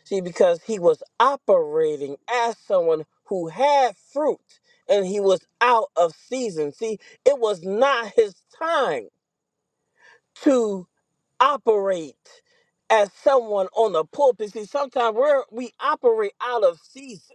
S8: See, because he was operating as someone who had fruit and he was out of season. See, it was not his time to operate as someone on the pulpit. See, sometimes we're, we operate out of season.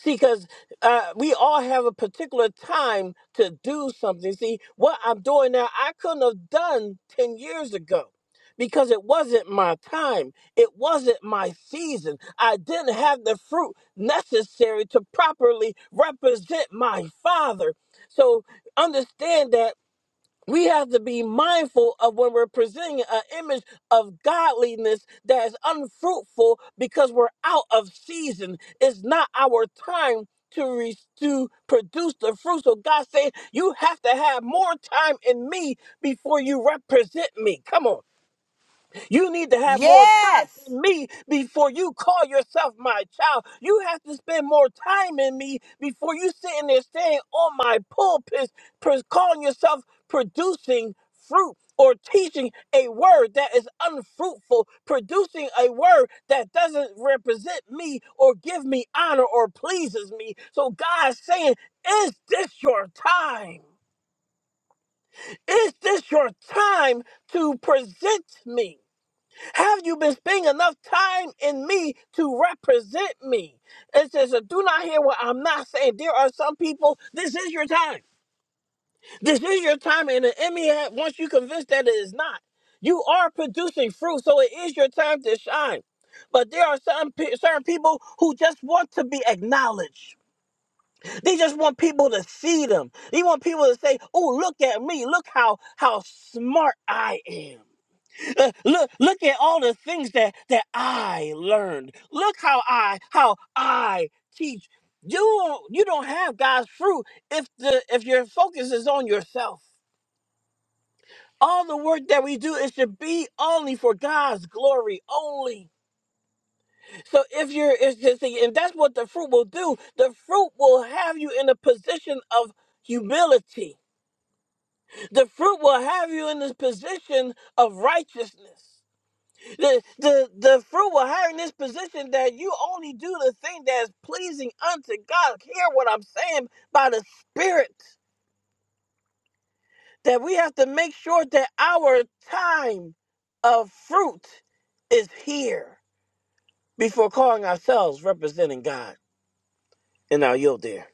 S8: See, because uh, we all have a particular time to do something. See, what I'm doing now, I couldn't have done 10 years ago because it wasn't my time. It wasn't my season. I didn't have the fruit necessary to properly represent my father. So understand that we have to be mindful of when we're presenting an image of godliness that is unfruitful because we're out of season. It's not our time to re- to produce the fruit. So God said, you have to have more time in me before you represent me. Come on. You need to have more time
S11: Yes.
S8: in me before you call yourself my child. You have to spend more time in me before you sitting there staying on my pulpit, pres- calling yourself producing fruit or teaching a word that is unfruitful, producing a word that doesn't represent me or give me honor or pleases me. So God's saying, is this your time? Is this your time to present me? Have you been spending enough time in me to represent me? It says, so do not hear what I'm not saying. There are some people, this is your time. This is your time. And the enemy, had- once you convinced that it is not, you are producing fruit. So it is your time to shine. But there are some pe- certain people who just want to be acknowledged. They just want people to see them. They want people to say, "Oh, look at me! Look how how smart I am." Uh, look look at all the things that that I learned. Look how I how I teach. You don't you don't have God's fruit if the if your focus is on yourself. All the work that we do it should be only for God's glory only. So if you're it's just and that's what the fruit will do. The fruit will have you in a position of humility. The fruit will have you in this position of righteousness. The, the the fruit will hire this position that you only do the thing that is pleasing unto God. Hear what I'm saying by the Spirit. That we have to make sure that our time of fruit is here before calling ourselves representing God. And now you'll there.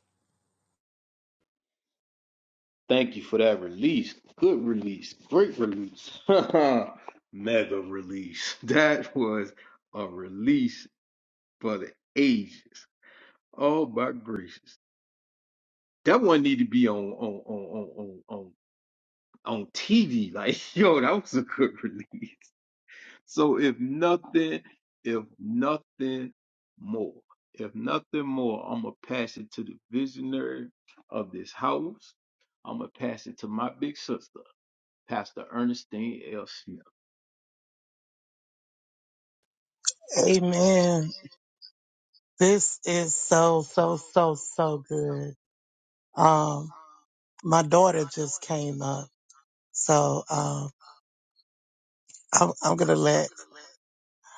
S1: Thank you for that release. Good release. Great release. [LAUGHS] Mega release. That was a release for the ages. Oh my gracious. That one need to be on on on on on on, on TV. Like, [LAUGHS] yo, that was a good [LAUGHS] release. So if nothing, if nothing more, if nothing more, I'm gonna pass it to the visionary of this house. I'm gonna pass it to my big sister, Pastor Ernestine L. Smith.
S9: Amen. This is so, so, so, so good. Um, my daughter just came up, so um, I'm, I'm gonna let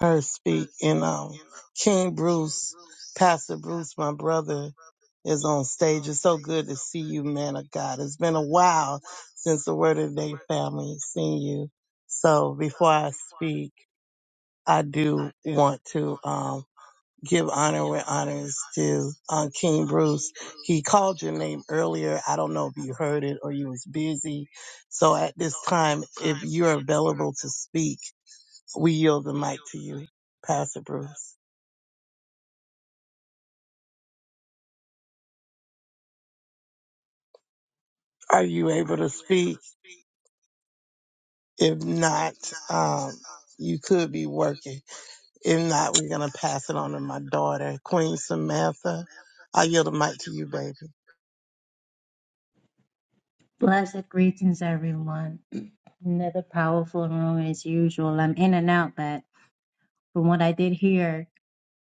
S9: her speak. And um, King Bruce, Pastor Bruce, my brother, is on stage. It's so good to see you, man of God. It's been a while since the Word of the Day family has seen you. So before I speak, I do want to. um, give honor where honor is due. Um, King Bruce, he called your name earlier. I don't know if you heard it or you was busy. So at this time, if you're available to speak, we yield the mic to you, Pastor Bruce. Are you able to speak? If not, um, you could be working. If not, we're going to pass it on to my daughter, Queen Samantha. I yield the mic to you, baby.
S12: Blessed greetings, everyone. Another powerful room as usual. I'm in and out, but from what I did hear,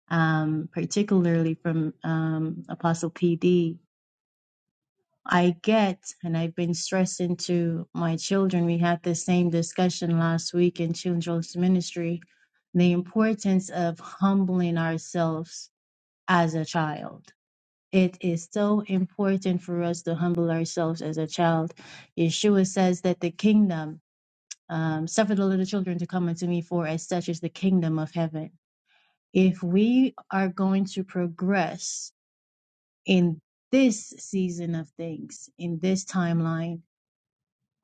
S12: um, particularly from um, Apostle PD, I get, and I've been stressing to my children, we had the same discussion last week in Children's Ministry, the importance of humbling ourselves as a child. It is so important for us to humble ourselves as a child. Yeshua says that the kingdom um, suffer the little children to come unto me, for as such is the kingdom of heaven. If we are going to progress in this season of things, in this timeline,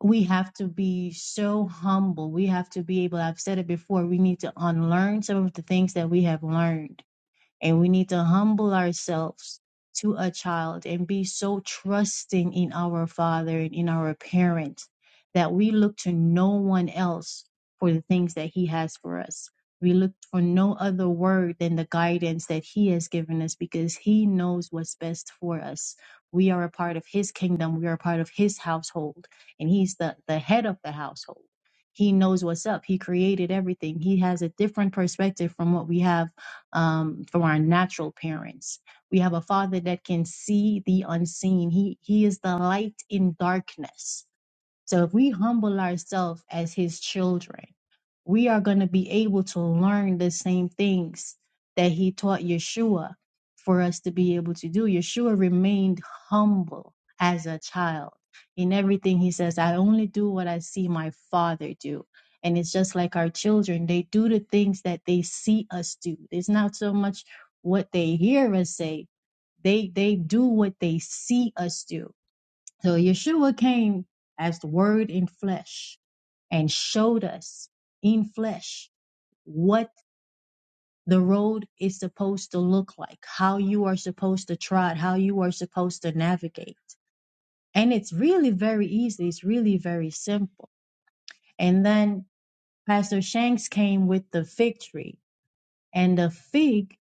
S12: we have to be so humble. We have to be able, I've said it before, we need to unlearn some of the things that we have learned and we need to humble ourselves to a child and be so trusting in our father and in our parent that we look to no one else for the things that he has for us. We look for no other word than the guidance that he has given us because he knows what's best for us. We are a part of his kingdom, we are a part of his household, and he's the, the head of the household. He knows what's up. He created everything. He has a different perspective from what we have um, from our natural parents. We have a father that can see the unseen. He, he is the light in darkness. So if we humble ourselves as his children, we are going to be able to learn the same things that he taught Yeshua for us to be able to do. Yeshua remained humble as a child. In everything he says, I only do what I see my father do. And it's just like our children, they do the things that they see us do. It's not so much what they hear us say, they they do what they see us do so Yeshua came as the word in flesh and showed us in flesh what the road is supposed to look like, how you are supposed to trot, how you are supposed to navigate. And it's really very easy, it's really very simple. And then Pastor Shanks came with the fig tree and the fig.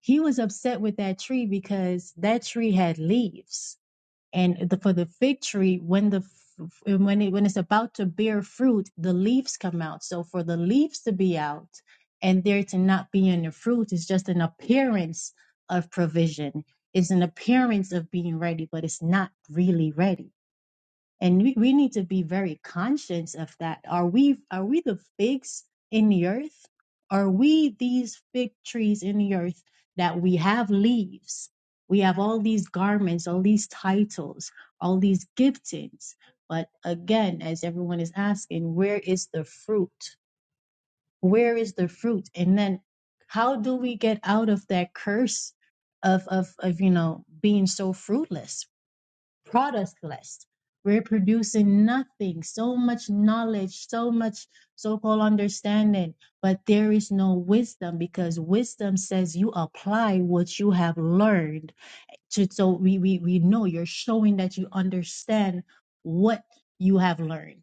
S12: He was upset with that tree because that tree had leaves and the, for the fig tree when the f- when it when it's about to bear fruit the leaves come out so for the leaves to be out and there to not be in the fruit is just an appearance of provision it's an appearance of being ready but it's not really ready and we, we need to be very conscious of that are we are we the figs in the earth are we these fig trees in the earth that we have leaves we have all these garments all these titles all these giftings but again as everyone is asking where is the fruit where is the fruit and then how do we get out of that curse of of of you know being so fruitless product list. We're producing nothing, so much knowledge, so much so called understanding, but there is no wisdom because wisdom says you apply what you have learned. To, so we, we, we know you're showing that you understand what you have learned.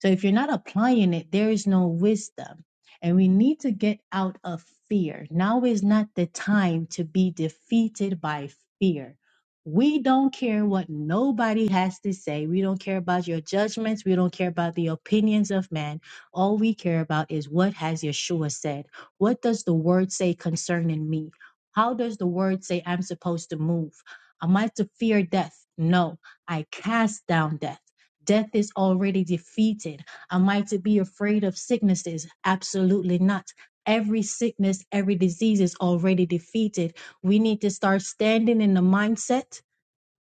S12: So if you're not applying it, there is no wisdom. And we need to get out of fear. Now is not the time to be defeated by fear. We don't care what nobody has to say. We don't care about your judgments. We don't care about the opinions of man. All we care about is what has Yeshua said? What does the word say concerning me? How does the word say I'm supposed to move? Am I to fear death? No, I cast down death. Death is already defeated. Am I to be afraid of sicknesses? Absolutely not. Every sickness, every disease is already defeated. We need to start standing in the mindset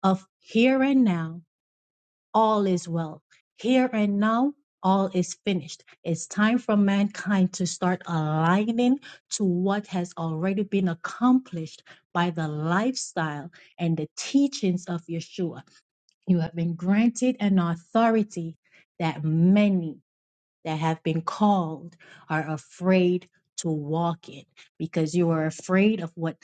S12: of here and now, all is well. Here and now, all is finished. It's time for mankind to start aligning to what has already been accomplished by the lifestyle and the teachings of Yeshua. You have been granted an authority that many that have been called are afraid to walk it because you are afraid of what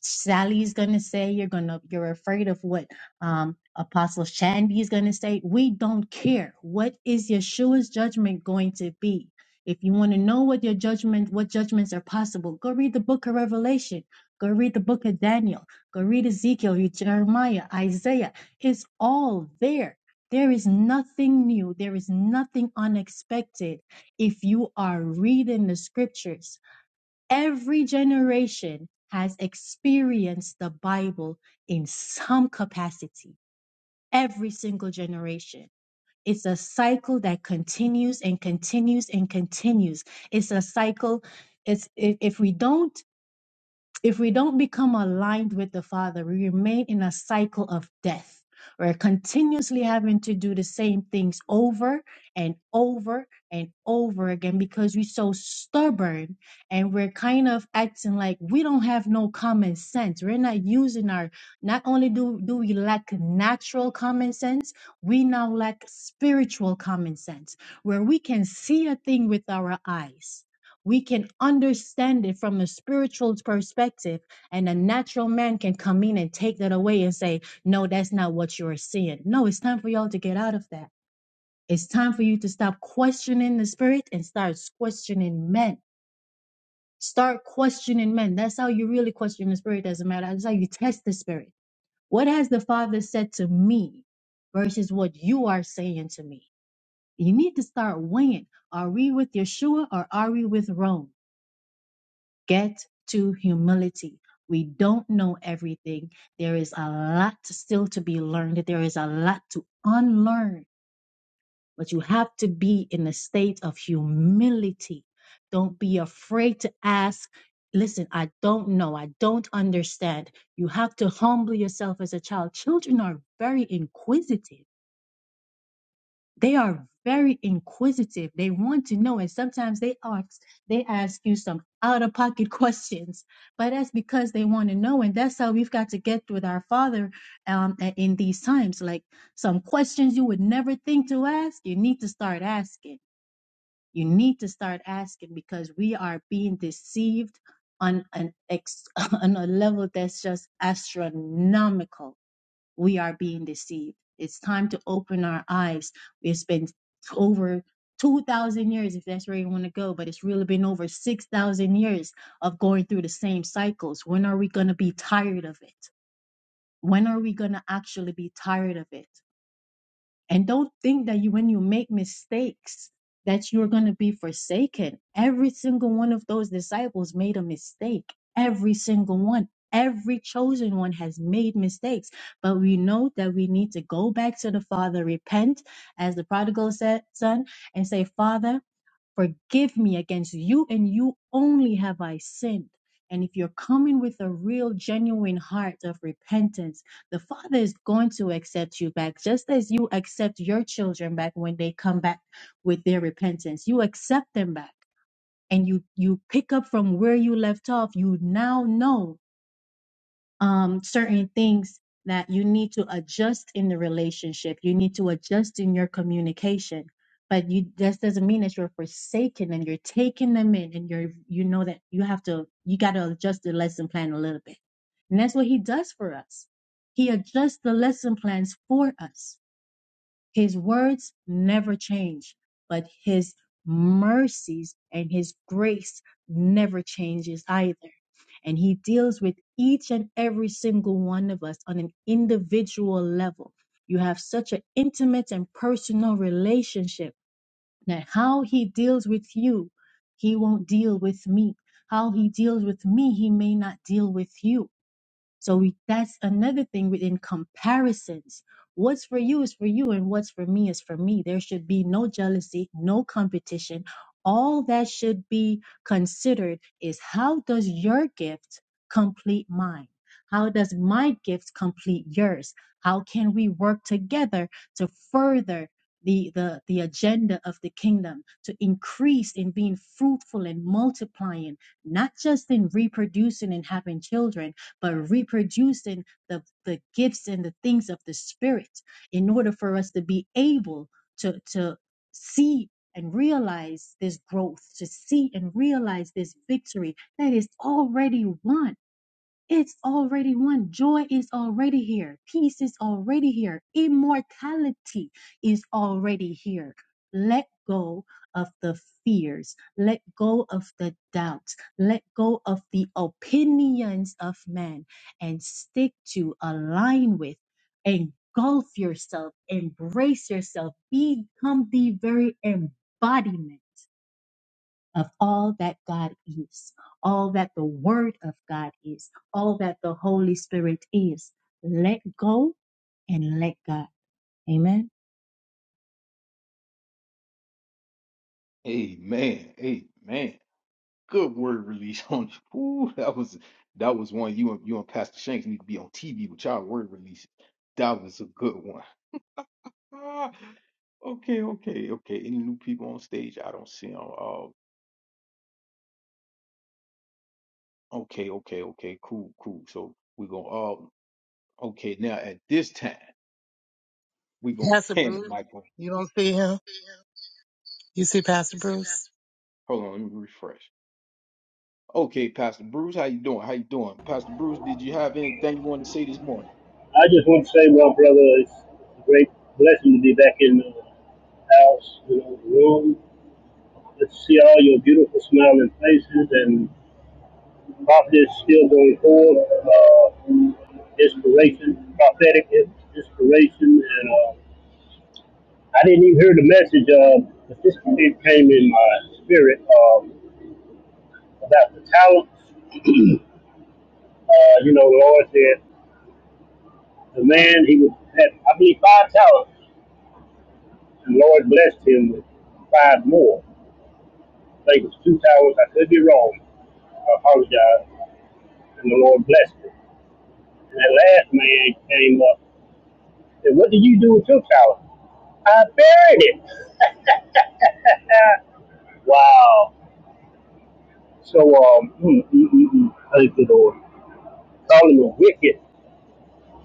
S12: Sally's gonna say. You're gonna you're afraid of what um, Apostle Shandy is gonna say. We don't care. What is Yeshua's judgment going to be? If you want to know what your judgment, what judgments are possible, go read the book of Revelation. Go read the book of Daniel. Go read Ezekiel, read Jeremiah, Isaiah. It's all there there is nothing new. There is nothing unexpected if you are reading the scriptures. Every generation has experienced the Bible in some capacity, every single generation. It's a cycle that continues and continues and continues. It's a cycle. It's if, if we don't if we don't become aligned with the Father, we remain in a cycle of death. We're continuously having to do the same things over and over and over again because we're so stubborn and we're kind of acting like we don't have no common sense. We're not using our, not only do, do we lack natural common sense, we now lack spiritual common sense where we can see a thing with our eyes we can understand it from a spiritual perspective and a natural man can come in and take that away and say no that's not what you're seeing no it's time for y'all to get out of that it's time for you to stop questioning the spirit and start questioning men start questioning men that's how you really question the spirit doesn't matter that's how you test the spirit what has the father said to me versus what you are saying to me you need to start weighing are we with yeshua or are we with rome get to humility. We don't know everything. There is a lot still to be learned. There is a lot to unlearn, but you have to be in a state of humility. Don't be afraid to ask. Listen, I don't know. I don't understand. You have to humble yourself as a child. Children are very inquisitive they are very inquisitive they want to know and sometimes they ask they ask you some out of pocket [LAUGHS] questions but that's because they want to know and that's how we've got to get with our father um, a- in these times like some questions you would never think to ask you need to start asking you need to start asking because we are being deceived on an ex- [LAUGHS] on a level that's just astronomical we are being deceived. It's time to open our eyes. It's been over 2,000 years, if that's where you want to go, but it's really been over 6,000 years of going through the same cycles. When are we going to be tired of it? When are we going to actually be tired of it? And don't think that you, when you make mistakes, that you're going to be forsaken. Every single one of those disciples made a mistake. Every single one. Every chosen one has made mistakes. But we know that we need to go back to the Father, repent, as the prodigal said, son, and say, Father, Forgive me against you and you only have I sinned. And if you're coming with a real, genuine heart of repentance, the Father is going to accept you back, just as you accept your children back when they come back with their repentance. You accept them back and you, you pick up from where you left off. You now know um, certain things that you need to adjust in the relationship. You need to adjust in your communication. But you that doesn't mean that you're forsaken and you're taking them in and you're you know that you have to you gotta adjust the lesson plan a little bit. And that's what he does for us. He adjusts the lesson plans for us his words never change, but his mercies and his grace never changes either. And he deals with each and every single one of us on an individual level. You have such an intimate and personal relationship that how he deals with you, he won't deal with me. How he deals with me, he may not deal with you so we, that's another thing within comparisons. What's for you is for you, and what's for me is for me. There should be no jealousy, no competition. All that should be considered is how does your gift complete mine? How does my gift complete yours? How can we work together to further the, the, the agenda of the kingdom, to increase in being fruitful and multiplying, not just in reproducing and having children? but reproducing the, the gifts and the things of the Spirit in order for us to be able to, to see and realize this growth, to see and realize this victory that is already won it's already won. Joy is already here. Peace is already here. Immortality is already here. Let go of the fears. Let go of the doubts. Let go of the opinions of man, and stick to, align with, engulf yourself, embrace yourself, become the very embodiment of all that God is, all that the Word of God is, all that the Holy Spirit is. Let go and let God. Amen.
S1: Amen. Amen. Good word release [LAUGHS] on you. Ooh, that was that was one you and you and Pastor Shanks need to be on TV with y'all word releases. That was a good one. Ah, okay, okay, okay. Any new people on stage? I don't see them. Okay, okay, okay, cool, cool. So we're gonna all okay now at this time we're gonna
S9: Pastor
S1: [LAUGHS] hand it
S9: Bruce,
S1: Michael.
S9: you don't see him? You see Pastor Bruce?
S1: Hold on, let me refresh. Okay, Pastor Bruce, how you doing? How you doing? Pastor Bruce, did you have anything you wanted to say this morning?
S13: I just want to say, well, brother, it's a great blessing to be back in the house, you know, the room. Let's see all your beautiful smiling faces and prophet is still going forward. Uh, inspiration, prophetic inspiration, and uh, I didn't even hear the message. Uh, but this it came in my spirit um, about the talents. Uh, you know, the Lord said the man he was had I believe five talents, and the Lord blessed him with five more. I think it was two towers. I could be wrong. I apologize. And the Lord blessed me. And that last man came up. and Said, what did you do with your tower? I buried it. [LAUGHS] Wow. So, um, mm, mm, mm, mm. thank the Lord. Calling him a wicked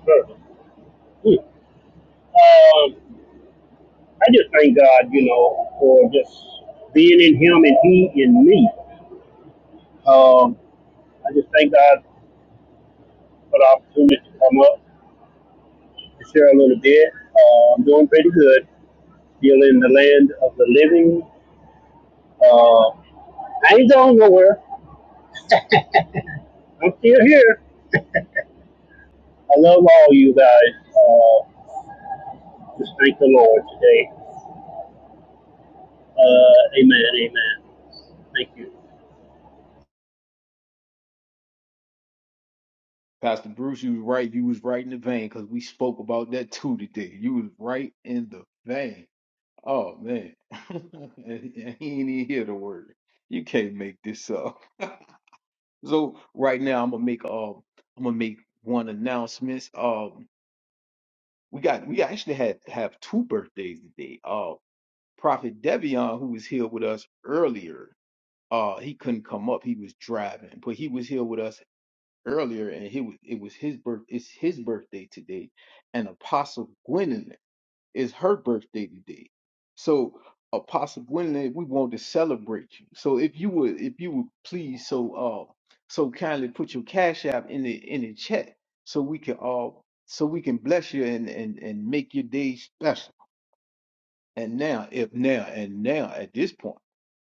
S13: servant. Mm. Um, I just thank God, you know, for just being in him and he in me. Um, I just thank God for the opportunity to come up. share a little bit. Uh, I'm doing pretty good. Still in the land of the living. Uh, I ain't going nowhere. I'm still here. I love all you guys. Uh, just thank the Lord today. Uh, amen. Amen. Thank you.
S1: Pastor Bruce, you was right, you was right in the vein because we spoke about that too today. You was right in the vein. Oh man. [LAUGHS] And he ain't even hear the word. You can't make this up. So right now I'm gonna make um I'm gonna make one announcements. Um We got we actually had have two birthdays today. Uh Prophet Devion, who was here with us earlier, uh he couldn't come up. He was driving, but he was here with us earlier and he was it was his birth it's his birthday today. And Apostle Gwendolyn. Is her birthday today. So Apostle Gwendolyn, we want to celebrate you. So if you would if you would please so uh so kindly put your cash app in the in the chat so we can all so we can bless you and and, and make your day special. And now if now and now at this point,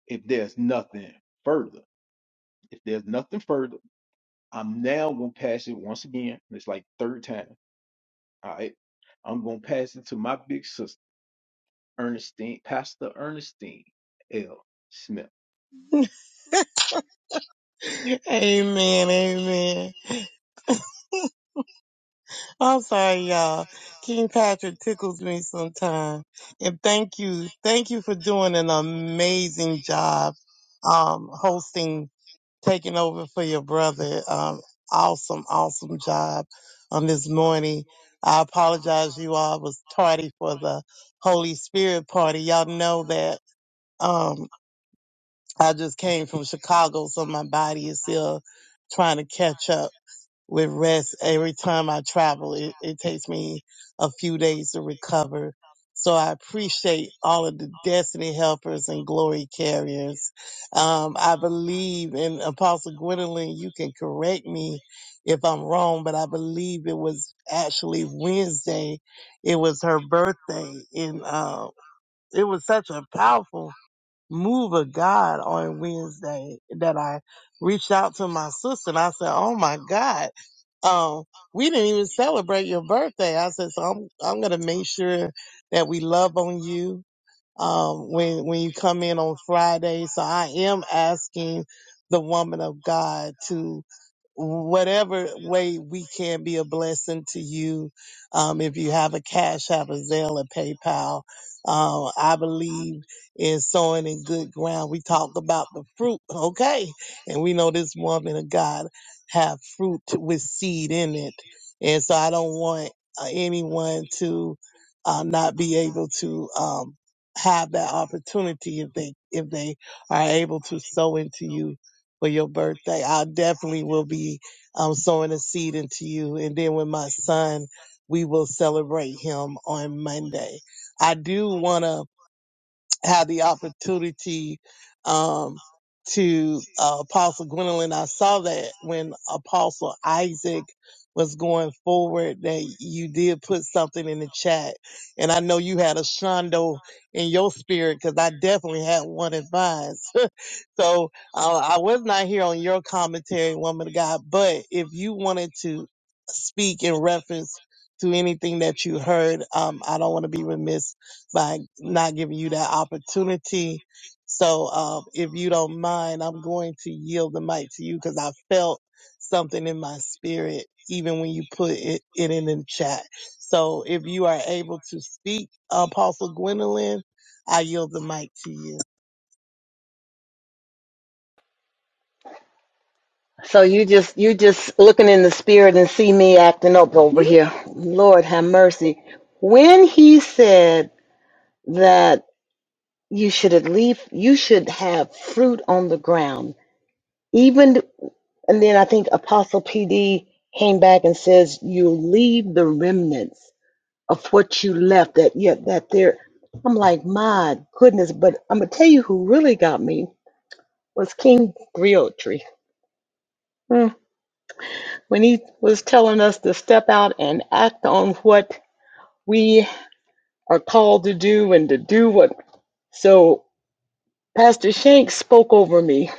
S1: if there's nothing further, if there's nothing further, I'm now gonna pass it once again. It's like third time. All right. I'm gonna pass it to my big sister. Ernestine, Pastor Ernestine L. Smith.
S9: Amen, amen. I'm sorry, y'all. King Patrick tickles me sometimes. And thank you, thank you for doing an amazing job, um, hosting, taking over for your brother. Um, awesome, awesome job on this morning. I apologize, you all. I was tardy for the Holy Spirit party. Y'all know that, um, I just came from Chicago, so my body is still trying to catch up. with rest. Every time I travel, it, it takes me a few days to recover. So I appreciate all of the destiny helpers and glory carriers. Um, I believe, and Apostle Gwendolyn, you can correct me if I'm wrong, but I believe it was actually Wednesday. It was her birthday, and uh, it was such a powerful move of God on Wednesday that I reached out to my sister and I said, "Oh my God, um, we didn't even celebrate your birthday." I said, "So I'm I'm gonna make sure that we love on you um, when when you come in on Friday. So I am asking the woman of God to whatever way we can be a blessing to you. Um, if you have a cash, have a Zelle or PayPal. Um, I believe in sowing in good ground. We talk about the fruit, okay? And we know this woman of God have fruit with seed in it. And so I don't want uh, anyone to uh, not be able to um, have that opportunity if they if they are able to sow into you for your birthday. I definitely will be um sowing a seed into you and then with my son we will celebrate him on Monday. I do wanna had the opportunity um, to uh, Apostle Gwendolyn. I saw that when Apostle Isaac was going forward that you did put something in the chat. And I know you had a shondo in your spirit because I definitely had one advice. So uh, I was not here on your commentary, woman of God. But if you wanted to speak in reference to anything that you heard, um, I don't want to be remiss by not giving you that opportunity. So uh, if you don't mind, I'm going to yield the mic to you because I felt something in my spirit even when you put it, it in the chat. So if you are able to speak, Apostle Gwendolyn, I yield the mic to you.
S4: So you just you just looking in the spirit and see me acting up over here. Lord have mercy. When he said that you should at least you should have fruit on the ground, even and then I think Apostle PD came back and says you leave the remnants of what you left that yet that there. I'm like my goodness, but I'm gonna tell you who really got me was King Griotry. when he was telling us to step out and act on what we are called to do and to do what. So, Pastor Shank spoke over me.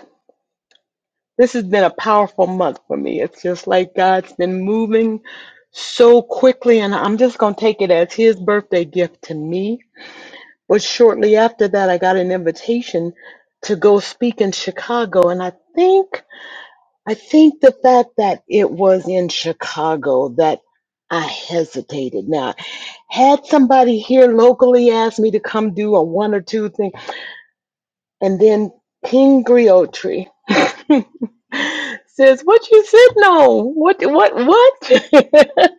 S4: This has been a powerful month for me. It's just like God's been moving so quickly, and I'm just going to take it as his birthday gift to me. But shortly after that, I got an invitation to go speak in Chicago, and I think. I think the fact that it was in Chicago that I hesitated. Now, had somebody here locally asked me to come do a one or two thing, and then King Griotri [LAUGHS] says, "What you sitting on? What? What? What?" [LAUGHS]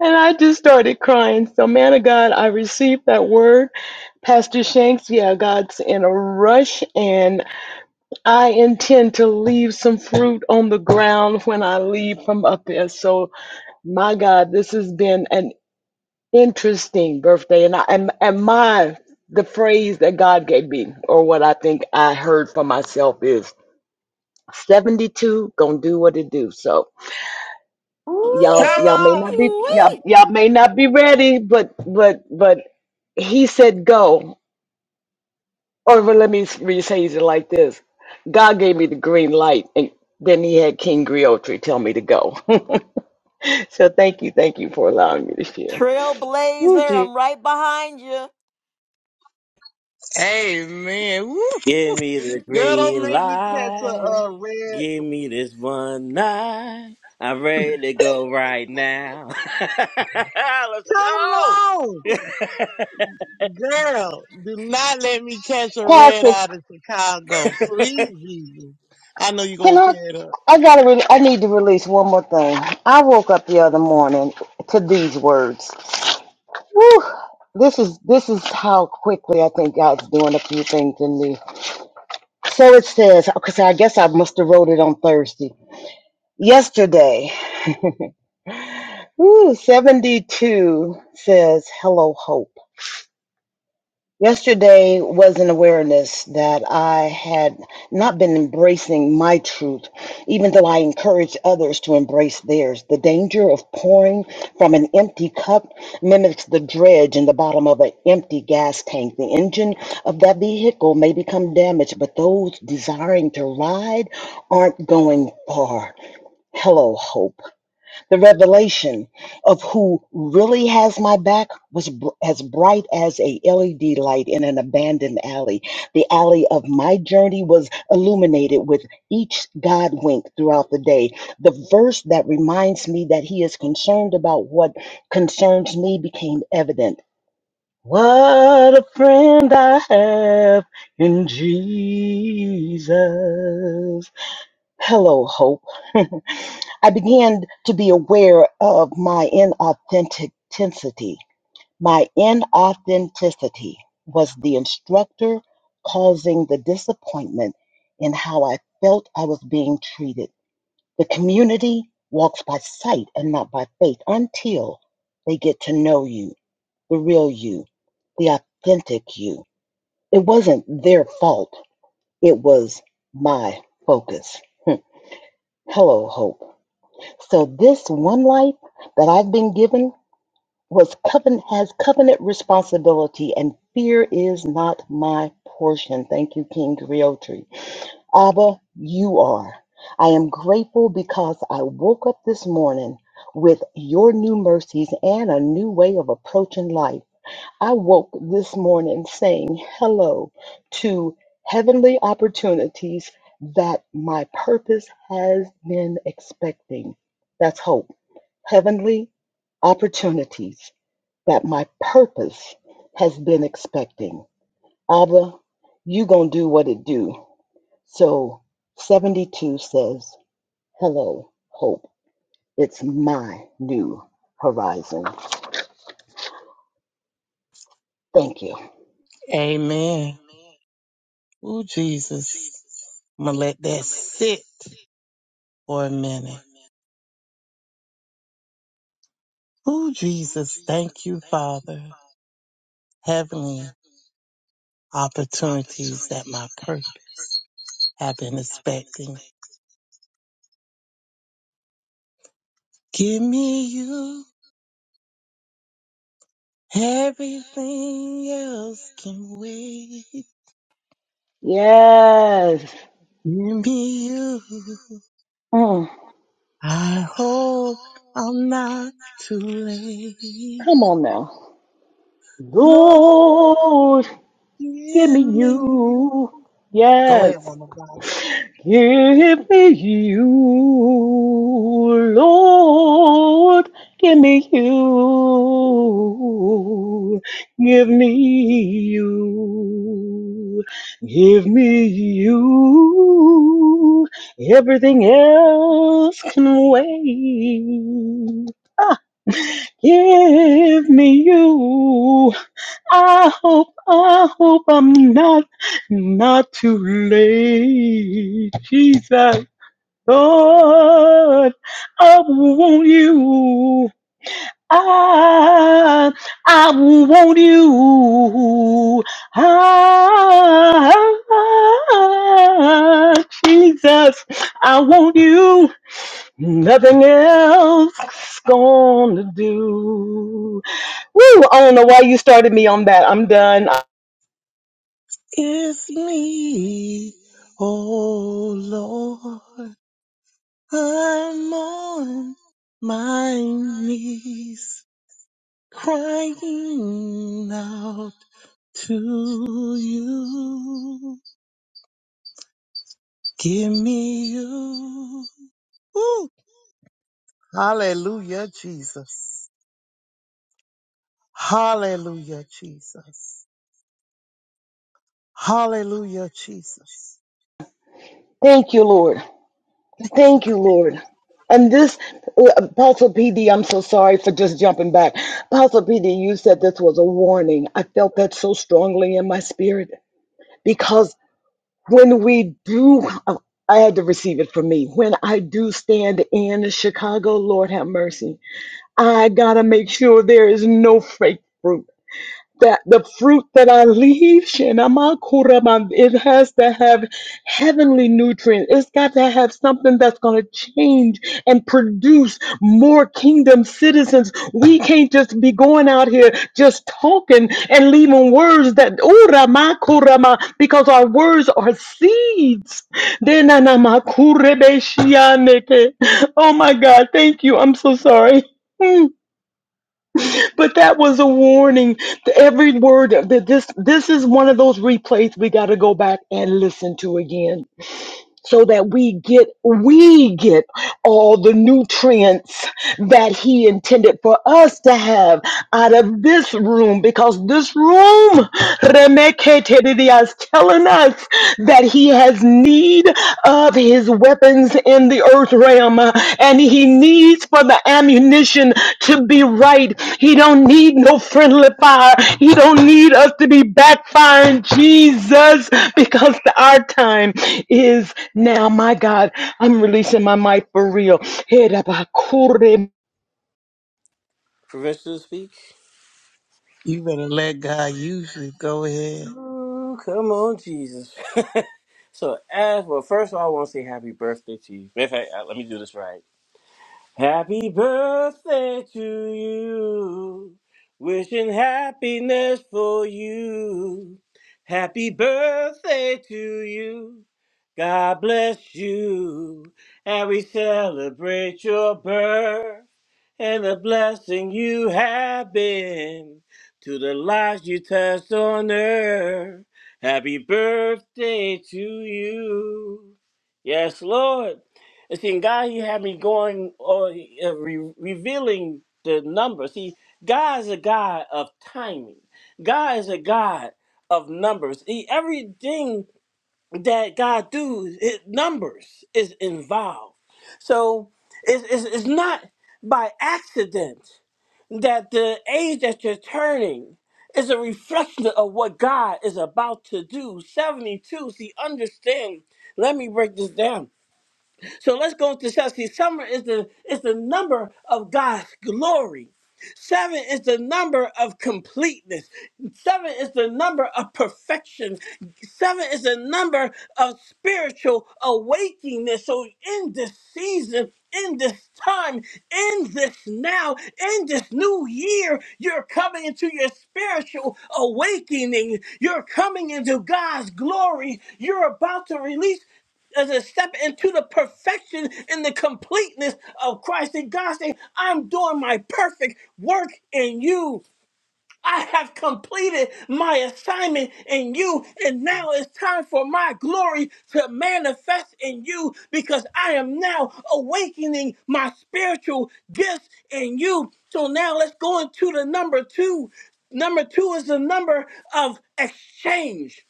S4: and I just started crying. So, man of God, I received that word, Pastor Shanks. Yeah, God's in a rush, and I intend to leave some fruit on the ground when I leave from up here. So, my God, this has been an interesting birthday, and I and, and my the phrase that God gave me, or what I think I heard for myself, is seventy-two gonna do what it do. So, y'all y'all may not be y'all
S11: Ooh-wee.
S4: y'all may not be ready, but but but He said go, Or well, let me rephrase it like this: God gave me the green light, and then He had King Griotri tell me to go. [LAUGHS] so thank you, thank you for allowing me to share. Woo,
S11: Trailblazer,
S4: gee.
S11: I'm right behind you.
S9: Amen. Woo.
S8: Give me the
S9: Girl, don't
S8: green
S9: make me catch a
S8: light.
S9: uh, red.
S8: Give me this one night. I'm ready to go right now. [LAUGHS] Let's
S9: Come on,
S8: go. [LAUGHS]
S9: girl. Do not let me catch a red
S4: Pastor,
S9: out of Chicago. Please, Jesus. I know you're
S4: can
S9: going to
S4: I?
S9: tear it up.
S4: I gotta. Re- I need to release one more thing. I woke up the other morning to these words. Whew, this is this is how quickly I think God's doing a few things in me. So it says, because I guess I must have wrote it on Thursday. Yesterday, [LAUGHS] Woo, 72 says, Hello, Hope. Yesterday was an awareness that I had not been embracing my truth, even though I encouraged others to embrace theirs. The danger of pouring from an empty cup mimics the dredge in the bottom of an empty gas tank. The engine of that vehicle may become damaged, but those desiring to ride aren't going far. Hello, Hope. The revelation of who really has my back was br- as bright as a LED light in an abandoned alley. The alley of my journey was illuminated with each God wink throughout the day. The verse that reminds me that he is concerned about what concerns me became evident. What a friend I have in Jesus. Hello, hope. [LAUGHS] I began to be aware of my inauthenticity. My inauthenticity was the instructor causing the disappointment in how I felt I was being treated. The community walks by sight and not by faith until they get to know you, the real you, the authentic you. It wasn't their fault, it was my focus. Hello, Hope. So this one life that I've been given was covenant has covenant responsibility, and fear is not my portion. Thank you, King Griotri. Abba, you are. I am grateful because I woke up this morning with your new mercies and a new way of approaching life. I woke this morning saying hello to heavenly opportunities that my purpose has been expecting. That's hope heavenly opportunities that my purpose has been expecting. Abba, you gonna do what it do. So 72 says, hello, hope. It's my new horizon. Thank you.
S9: Amen. Ooh, Jesus. I'm going to let that sit for a minute. Ooh, Jesus. Thank you, Father. Heavenly opportunities that my purpose have been expecting. Give me you. Everything else can wait.
S4: Yes.
S9: Give me you.
S4: Mm,
S9: I hope I'm not too late.
S4: come on now.
S9: Lord,
S4: Lord, give me
S9: give me you.
S4: you.
S9: Go ahead,
S4: Yes.
S9: woman. of God.
S4: Give me you, Lord. Give me you. Give me you. Give me you. Everything else can wait. Ah, give me you. I hope, I hope I'm not, not too late. Jesus, Lord, I want you. I, I want you. I, Jesus, I want you. Nothing else is gonna do. Woo! I don't know why you started me on that. I'm done.
S9: It's me. Oh Lord, I'm on my knees crying out to you. Give me you. Ooh! Hallelujah, Jesus. Hallelujah, Jesus. Hallelujah, Jesus.
S4: Thank you, Lord.
S9: Thank you.
S4: Thank
S9: God.
S4: you, Lord. And this, Apostle PD, I'm so sorry for just jumping back. Apostle PD, you said this was a warning. I felt that so strongly in my spirit because when we do, I had to receive it for me. When I do stand in Chicago, Lord have mercy, I got to make sure there is no fake fruit that the fruit that I leave, shenanigans, it has to have heavenly nutrients. It's got to have something that's going to change and produce more kingdom citizens. We can't just be going out here just talking and leaving words that, uramakurama, because our words are seeds. Denanamakurebeshianeke. Oh my God, thank you. I'm so sorry. [LAUGHS] but that was a warning. The- Every word that this this is one of those replays we got to go back and listen to again so that we get we get all the nutrients that he intended for us to have out of this room because this room Remeketedidia, is telling us that he has need of his weapons in the earth realm uh, and he needs for the ammunition to be right he don't need no friendly fire he don't need us to be backfiring jesus [LAUGHS] because our time is now. My God, I'm releasing my mic for real.
S8: Permission to speak?
S9: You better let God use you. Go ahead.
S8: Ooh, come on, Jesus. [LAUGHS] so, as well, first of all, I want to say happy birthday to you. Matter of fact, uh, let me do this right. Happy birthday to you. Wishing happiness for you. Happy birthday to you. God bless you. And we celebrate your birth and the blessing you have been to the lives you touched on earth. Happy birthday to you. Yes, Lord. And see, and God, He had me going or uh, re- revealing the numbers. See, God is a God of timing. God is a God of numbers. He, everything that God do, it, numbers is involved. So it's, it's, it's not by accident that the age that you're turning is a reflection of what God is about to do. 72. See, understand. Let me break this down so let's go to seven. See, summer is the is the number of God's glory. Seven is the number of completeness. Seven is the number of perfection. Seven is the number of spiritual awakeness. So in this season, in this time, in this now, in this new year, you're coming into your spiritual awakening. You're coming into God's glory. You're about to release as a step into the perfection and the completeness of Christ. And God saying, I'm doing my perfect work in you. I have completed my assignment in you, and now it's time for my glory to manifest in you because I am now awakening my spiritual gifts in you. So now let's go into the number two. Number two is the number of exchange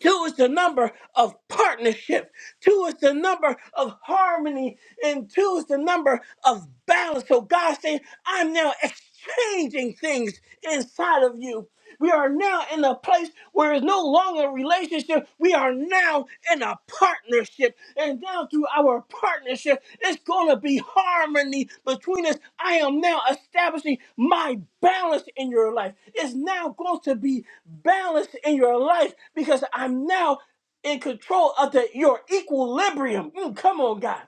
S8: Two is the number of partnership. Two is the number of harmony. And two is the number of balance. So God's saying, I'm now exchanging things inside of you. We are now in a place where it's no longer a relationship. We are now in a partnership partnership. And down through our partnership, it's going to be harmony between us. I am now establishing my balance in your life. It's now going to be balanced in your life because I'm now in control of the, your equilibrium. Mm, come on, God.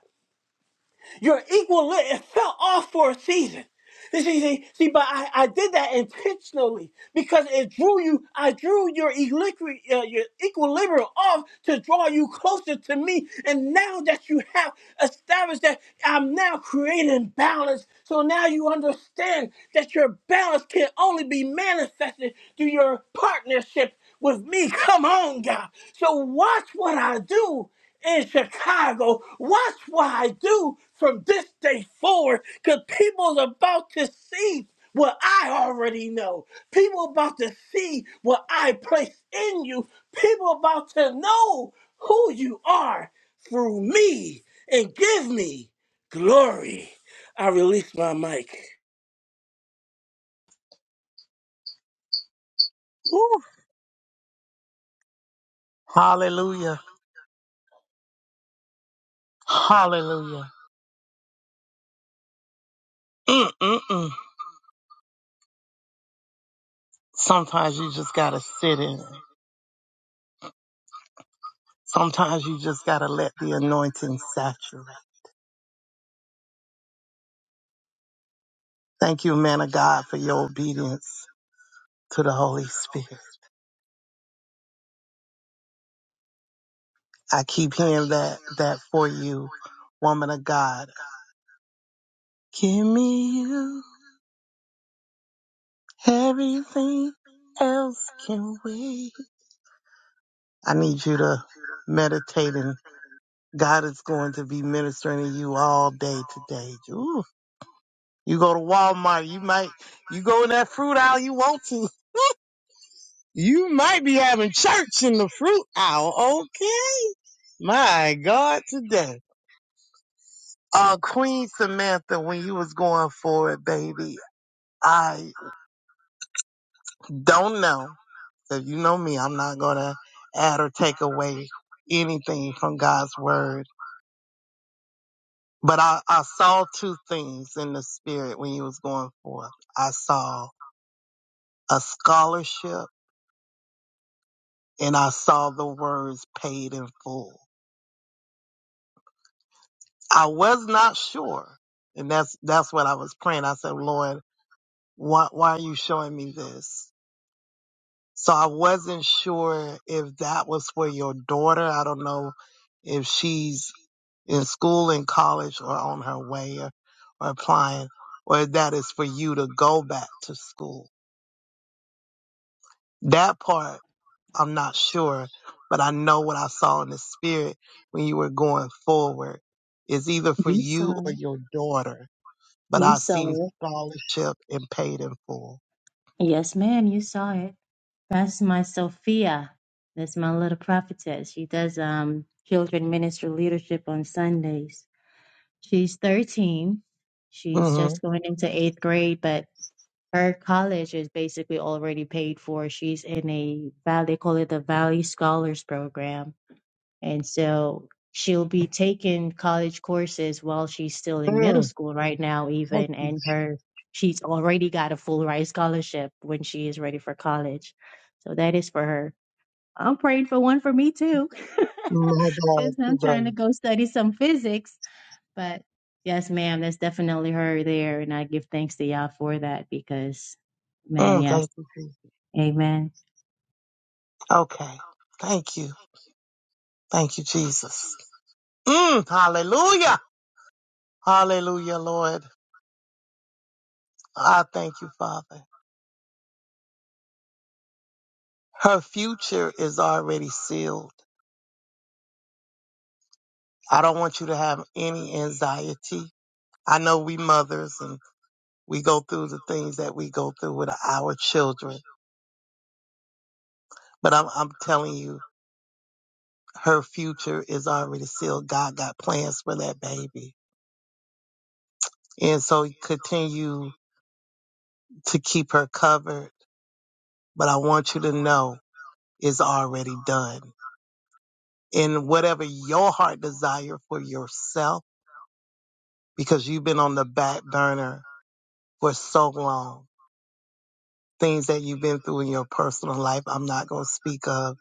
S8: Your equilibrium it fell off for a season. You See, see, see, but I, I did that intentionally because it drew you. I drew your, equilibri- uh, your equilibrium off to draw you closer to me. And now that you have established that, I'm now creating balance. So now you understand that your balance can only be manifested through your partnership with me. Come on, God. So watch what I do in Chicago. Watch what I do from this day forward because people's about to see what I already know. People about to see what I place in you. People about to know who you are through me and give me glory. I release my mic.
S9: Ooh! Hallelujah. Hallelujah. Mm-mm-mm. Sometimes you just gotta sit in it. Sometimes you just gotta let the anointing saturate. Thank you, man of God, for your obedience to the Holy Spirit. I keep hearing that that for you, woman of God. Give me you. Everything else can wait. I need you to meditate and God is going to be ministering to you all day today. Ooh, you go to Walmart, you might you go in that fruit aisle you want to. You might be having church in the fruit aisle, okay? My God today. Uh Queen Samantha, when you was going for it, baby, I. Don't know. Because you know me, I'm not going to add or take away anything from God's word. But I, I saw two things in the spirit when you was going forth. I saw a scholarship and I saw the words paid in full. I was not sure. And that's, that's what I was praying. I said, Lord, why, why are you showing me this? So I wasn't sure if that was for your daughter. I don't know if she's in school and college or on her way or, or applying, or that is for you to go back to school. That part, I'm not sure, but I know what I saw in the spirit when you were going forward is either for
S12: You
S9: you or
S12: saw it.
S9: your daughter. But
S12: You
S9: I seen
S12: saw it.
S9: scholarship and paid in full.
S12: Yes, ma'am, you saw it. That's my Sophia. That's my little prophetess. She does um children ministry leadership on Sundays. She's 13. She's
S9: mm hmm
S12: just going into eighth grade, but her college is basically already paid for. She's in a valley, they call it the Valley Scholars Program. And so she'll be taking college courses while she's still in middle
S9: Mm,
S12: school right now,
S9: thank
S12: even.
S9: you.
S12: And her, she's already got a full ride scholarship when she is ready for college. So that is for her. I'm praying for one for me too,
S9: My
S12: [LAUGHS]
S9: God,
S12: because I'm trying
S9: today.
S12: to go study some physics but yes, ma'am, that's definitely her there. And I give thanks to y'all for that because, man,
S9: Mm,
S12: yes.
S9: thank you, Jesus.
S12: Amen.
S9: Okay. Thank you. Thank you, Jesus. Mm, hallelujah. Hallelujah, Lord. I thank you, Father. Her future is already sealed. I don't want you to have any anxiety. I know we mothers and we go through the things that we go through with our children, but I'm, I'm telling you, her future is already sealed. God got plans for that baby. And so continue to keep her covered, but I want you to know it's already done. And whatever your heart desire for yourself, because you've been on the back burner for so long. Things that you've been through in your personal life, I'm not going to speak of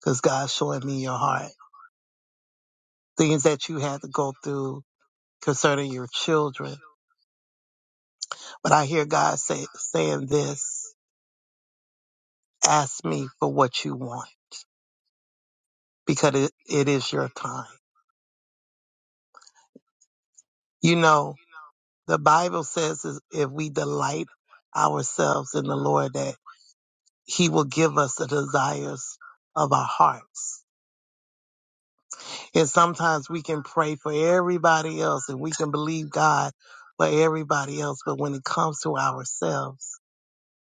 S9: because God's showing me your heart. Things that you had to go through concerning your children. But I hear God say, saying this, ask me for what you want because it, it is your time. You know, the Bible says is if we delight ourselves in the Lord that he will give us the desires of our hearts. And sometimes we can pray for everybody else and we can believe God for everybody else. But when it comes to ourselves,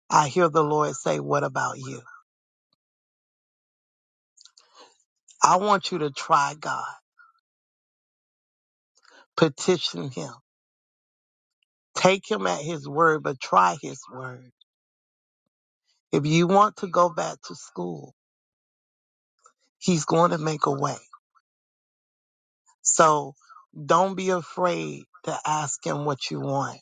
S9: I hear the Lord say, What about you? I want you to try God, petition Him, take Him at His word, but try His word. If you want to go back to school, He's going to make a way. So don't be afraid to ask Him what you want.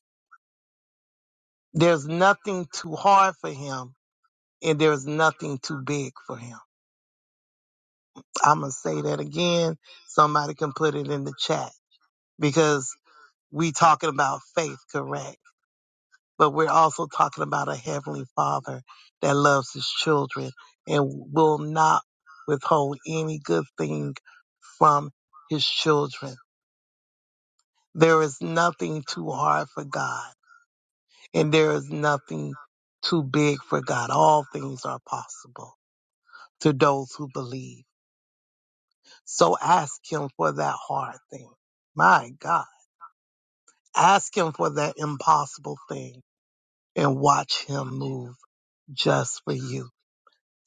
S9: There's nothing too hard for Him and there's nothing too big for Him. I'm gonna say that again. Somebody can put it in the chat because we talking about faith, correct? But we're also talking about a heavenly father that loves his children and will not withhold any good thing from his children. There is nothing too hard for God and there is nothing too big for God. All things are possible to those who believe. So ask him for that hard thing. My God. Ask him for that impossible thing and watch him move just for you.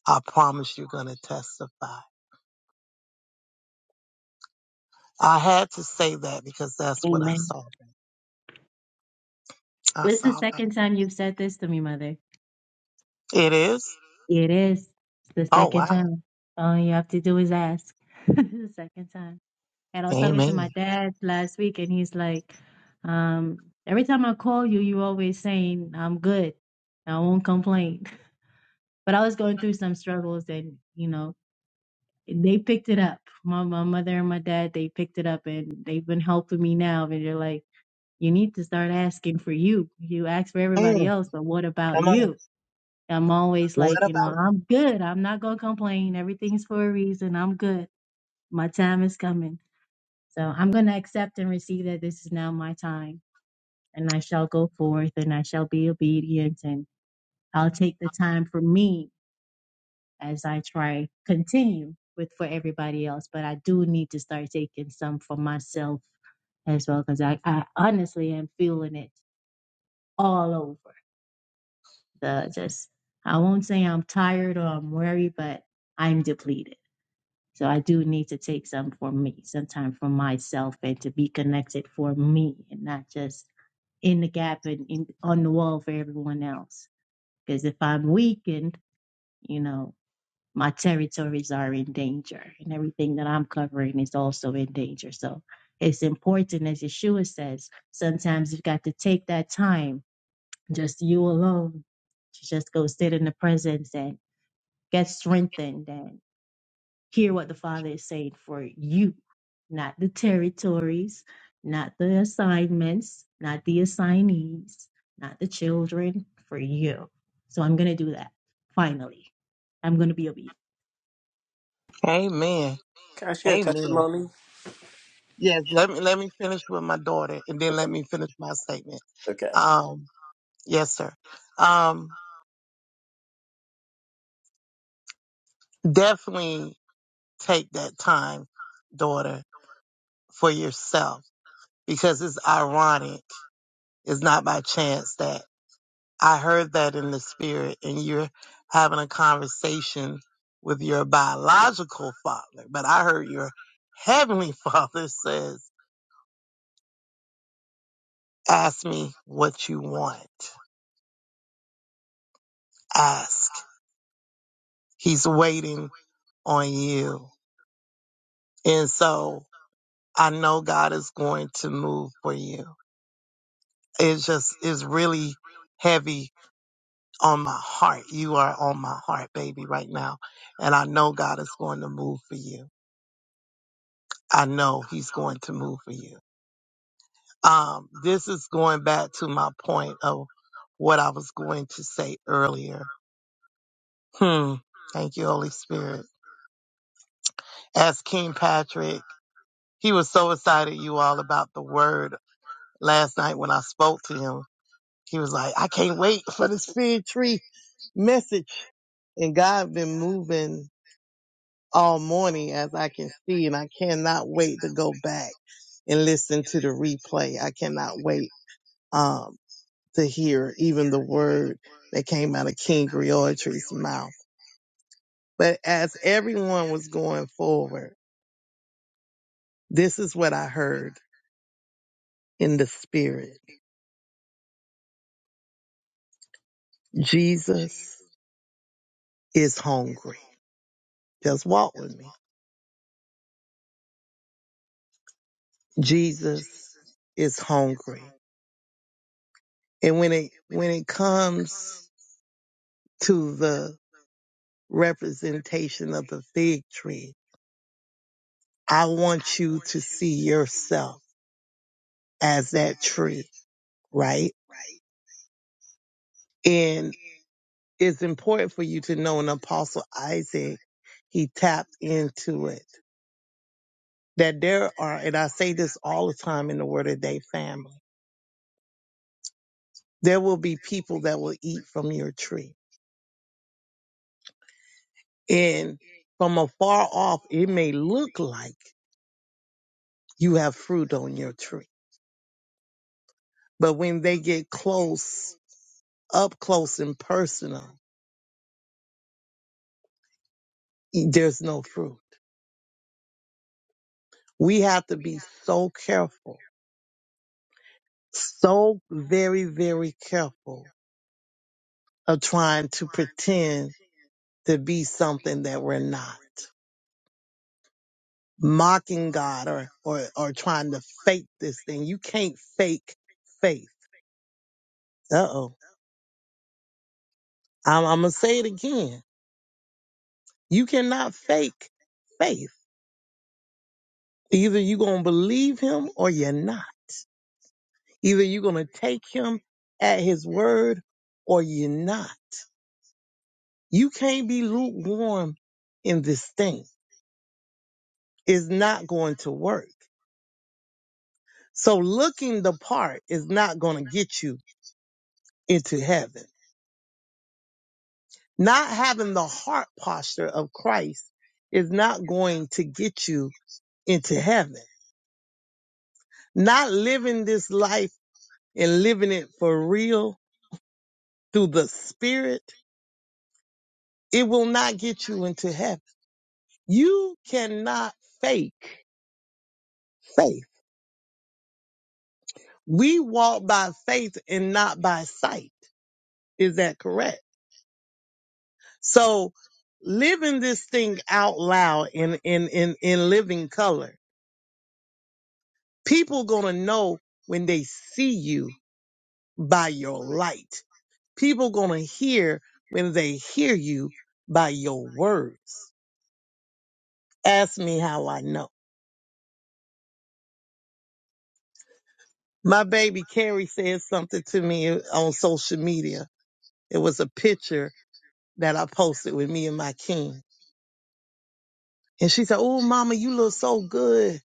S9: I promise you're going to testify. I had to say that because that's what I
S12: Amen.
S9: saw. I
S12: This is the
S9: saw that.
S12: second time you've said this to me, Mother.
S9: It is?
S12: It is. It's the
S9: Oh,
S12: second
S9: wow.
S12: time. All you have to do is ask. [LAUGHS] the second time. And I was talking to
S9: Amen.
S12: my dad last week, and he's like, um, every time I call you, you always saying, I'm good. I won't complain. [LAUGHS] But I was going through some struggles, and, you know, they picked it up. My my mother and my dad they picked it up and they've been helping me now. And they're like, you need to start asking for you. You ask for everybody
S9: Mm,
S12: else, but what about
S9: come on.
S12: you? I'm always
S9: What
S12: like, you know,
S9: about?
S12: I'm good. I'm not gonna complain. Everything's for a reason. I'm good. My time is coming. So I'm gonna accept and receive that this is now my time, and I shall go forth and I shall be obedient and I'll take the time for me as I try continue with for everybody else. But I do need to start taking some for myself as well because I, I honestly am feeling it all over. The just I won't say I'm tired or I'm weary, but I'm depleted. So I do need to take some for me, sometime for myself and to be connected for me and not just in the gap and in, on the wall for everyone else. Because if I'm weakened, you know. my territories are in danger and everything that I'm covering is also in danger. So it's important, as Yeshua says, sometimes you've got to take that time, just you alone, to just go sit in the presence and get strengthened and hear what the Father is saying for you, not the territories, not the assignments, not the assignees, not the children, for you. So I'm going to do that finally. I'm going to be obedient.
S9: Amen.
S8: Can I share a
S9: Amen.
S8: testimony?
S9: Yes, let me let me finish with my daughter and then
S8: Okay.
S9: let me finish my statement.
S8: Okay.
S9: Um, yes, sir. Um, definitely take that time, daughter, for yourself because it's ironic. It's not by chance that I heard that in the spirit and you're having a conversation with your biological father, but I heard your heavenly [LAUGHS] father says, ask me what you want. Ask. He's waiting on you. And so I know God is going to move for you. It's just, it's really heavy on my heart. You are on my heart, baby, right now. And I know God is going to move for you. I know he's going to move for you. Um, this is going back to my point of what I was going to say earlier. Hmm. Thank you, Holy Spirit. As King Patrick, he was so excited, you all, about the word last night when I spoke to him. He was like, I can't wait for the spirit tree message. And God been moving all morning as I can see, and I cannot wait to go back and listen to the replay. I cannot wait um, to hear even the word that came out of King Griotry's mouth. But as everyone was going forward, this is what I heard in the spirit. Jesus is hungry. Just walk with me. Jesus is hungry. And when it when it comes to the representation of the fig tree, I want you to see yourself as that tree, right? And it's important for you to know in Apostle Isaac, he tapped into it. That there are, and I say this all the time in the Word of Day family, there will be people that will eat from your tree. And from afar off, it may look like you have fruit on your tree. But when they get close, up close and personal, there's no fruit We have to be so careful, so very, very careful of trying to pretend to be something that we're not. Mocking God or, or, or trying to fake this thing. You can't fake faith. Uh oh. I'm, I'm going to say it again. You cannot fake faith. Either you're going to believe him or you're not. Either you're going to take him at his word or you're not. You can't be lukewarm in this thing. is not going to work. So looking the part is not going to get you into heaven. Not having the heart posture of Christ is not going to get you into heaven. Not living this life and living it for real through the spirit, it will not get you into heaven. You cannot fake faith. We walk by faith and not by sight. Is that correct? So living this thing out loud in in in in living color. People gonna know when they see you by your light. People gonna hear when they hear you by your words. Ask me how I know. My baby Carrie said something to me on social media. It was a picture that I posted with me and my king. And she said, Oh, mama, you look so good.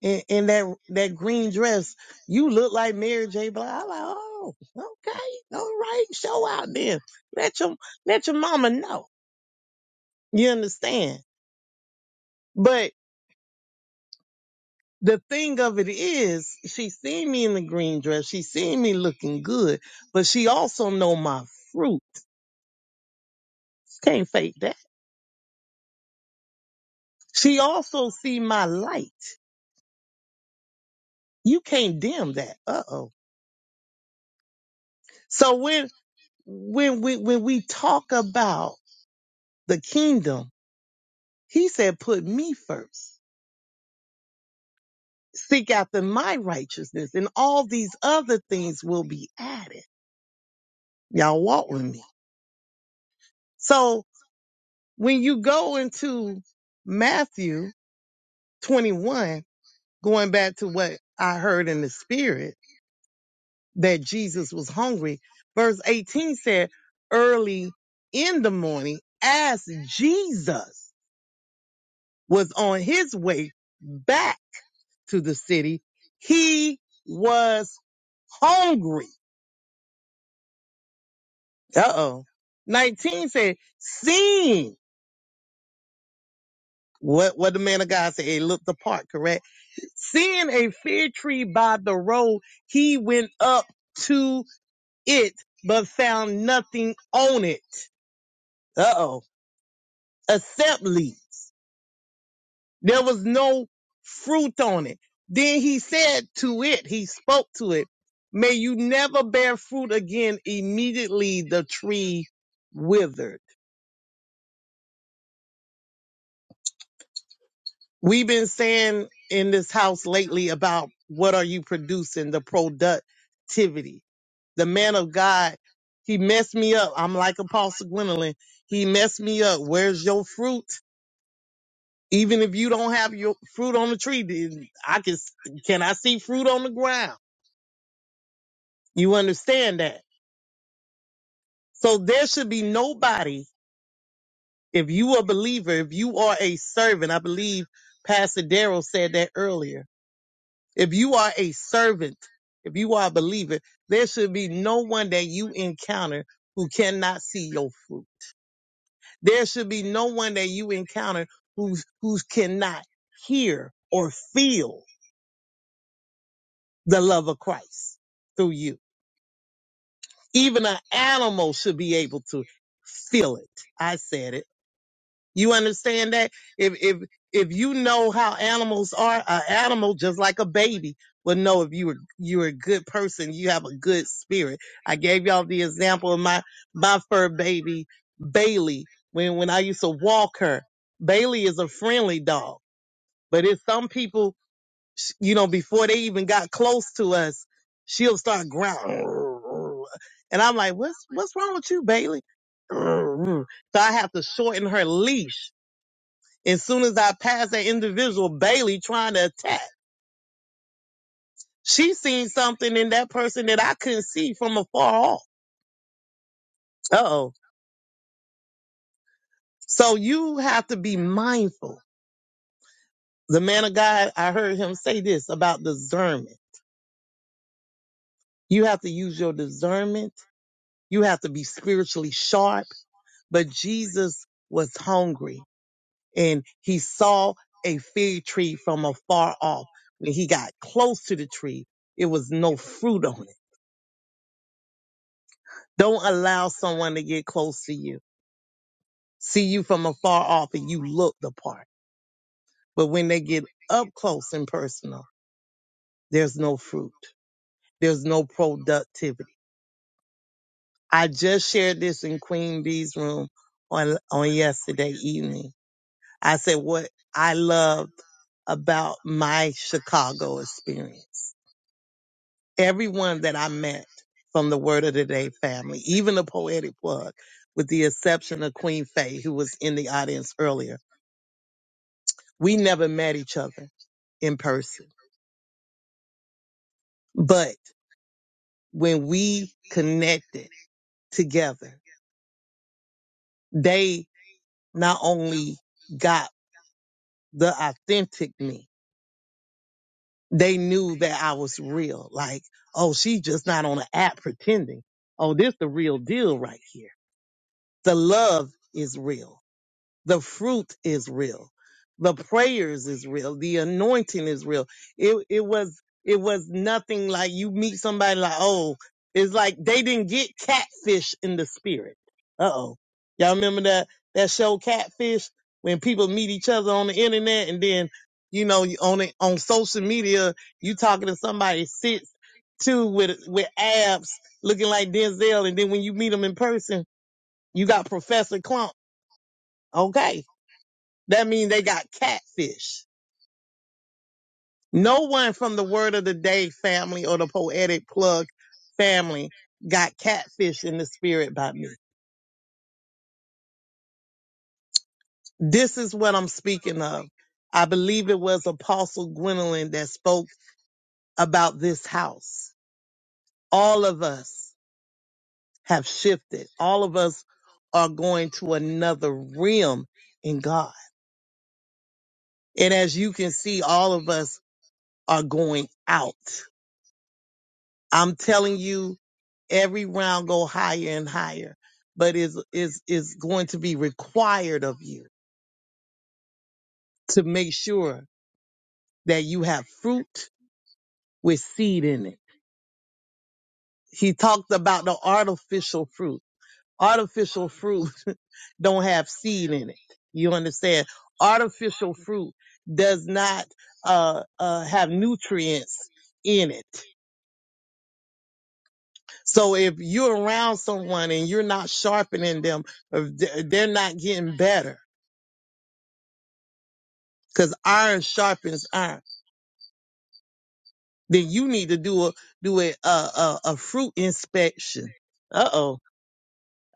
S9: in, in that that green dress. You look like Mary J. Blige. I am like, oh, okay, all right, show out then. Let your let your mama know. You understand? But the thing of it is, she seen me in the green dress. She seen me looking good, but she also know my fruit. Can't fake that. She also see my light. You can't dim that. Uh oh. So when when we when we talk about the kingdom He said, put me first. Seek after my righteousness and all these other things will be added. Y'all walk with me. So when you go into Matthew 21, going back to what I heard in the spirit that Jesus was hungry, verse 18 said, early in the morning, as Jesus was on his way back to the city, he was hungry. Uh-oh. 19 said, seeing what, what the man of God said, it looked the part correct? Seeing a fig tree by the road, he went up to it, but found nothing on it. Uh-oh. Except leaves. There was no fruit on it. Then he said to it, he spoke to it, may you never bear fruit again. Immediately the tree withered. We've been saying in this house lately about what are you producing, the productivity. The man of God, he messed me up. I'm like Apostle Gwendolyn. He messed me up. Where's your fruit? Even if you don't have your fruit on the tree, then I can can I see fruit on the ground? You understand that? So there should be nobody, if you a believer, if you are a servant, I believe Pastor Darrell said that earlier If you are a servant, if you are a believer, there should be no one that you encounter who cannot see your fruit. There should be no one that you encounter who's, who cannot hear or feel the love of Christ through you. Even an animal should be able to feel it. I said it. You understand that? If if if you know how animals are, an animal just like a baby will know if you were you're a good person, you have a good spirit. I gave y'all the example of my my fur baby Bailey when when I used to walk her. Bailey is a friendly dog, but if some people, sh- you know, before they even got close to us, she'll start growling, and I'm like, what's what's wrong with you, Bailey? So I have to shorten her leash as soon as I passed that individual, Bailey trying to attack, she seen something in that person that I couldn't see from afar off. Uh-oh. So you have to be mindful. The man of God, I heard him say this about discernment. You have to use your discernment. You have to be spiritually sharp but Jesus was hungry and he saw a fig tree from afar off. When he got close to the tree, it was no fruit on it. Don't allow someone to get close to you, see you from afar off and you look the part. But when they get up close and personal, there's no fruit. There's no productivity. I just shared this in Queen Bee's room on, on yesterday evening. I said what I loved about my Chicago experience. Everyone that I met from the Word of the Day family, even the poetic plug, with the exception of Queen Faye, who was in the audience earlier We never met each other in person, but when we connected together, they not only got the authentic me, they knew that I was real. Like, oh, she's just not on an app pretending. Oh, this the real deal right here. The love is real. The fruit is real. The prayers is real. The anointing is real. It it was it was nothing like you meet somebody like, oh, it's like they didn't get catfish in the spirit. Uh oh. Y'all remember that that show Catfish when people meet each other on the internet and then you know you- on it on social media you talking to somebody sits two with with abs looking like Denzel and then when you meet them in person you got Professor Clump. Okay that means they got catfish. No one from the Word of the Day family or the Poetic Plug family got catfish in the spirit by me. This is what I'm speaking of. I believe it was Apostle Gwendolyn that spoke about this house. All of us have shifted. All of us are going to another realm in God. And as you can see, all of us are going out. I'm telling you, every round go higher and higher, but is is is going to be required of you to make sure that you have fruit with seed in it. He talked about the artificial fruit. Artificial fruit [LAUGHS] don't have seed in it. You understand? Artificial fruit does not uh, uh, have nutrients in it. So if you're around someone and you're not sharpening them, if they're not getting better because iron sharpens iron. Then you need to do a do a a, a, a fruit inspection. Uh oh.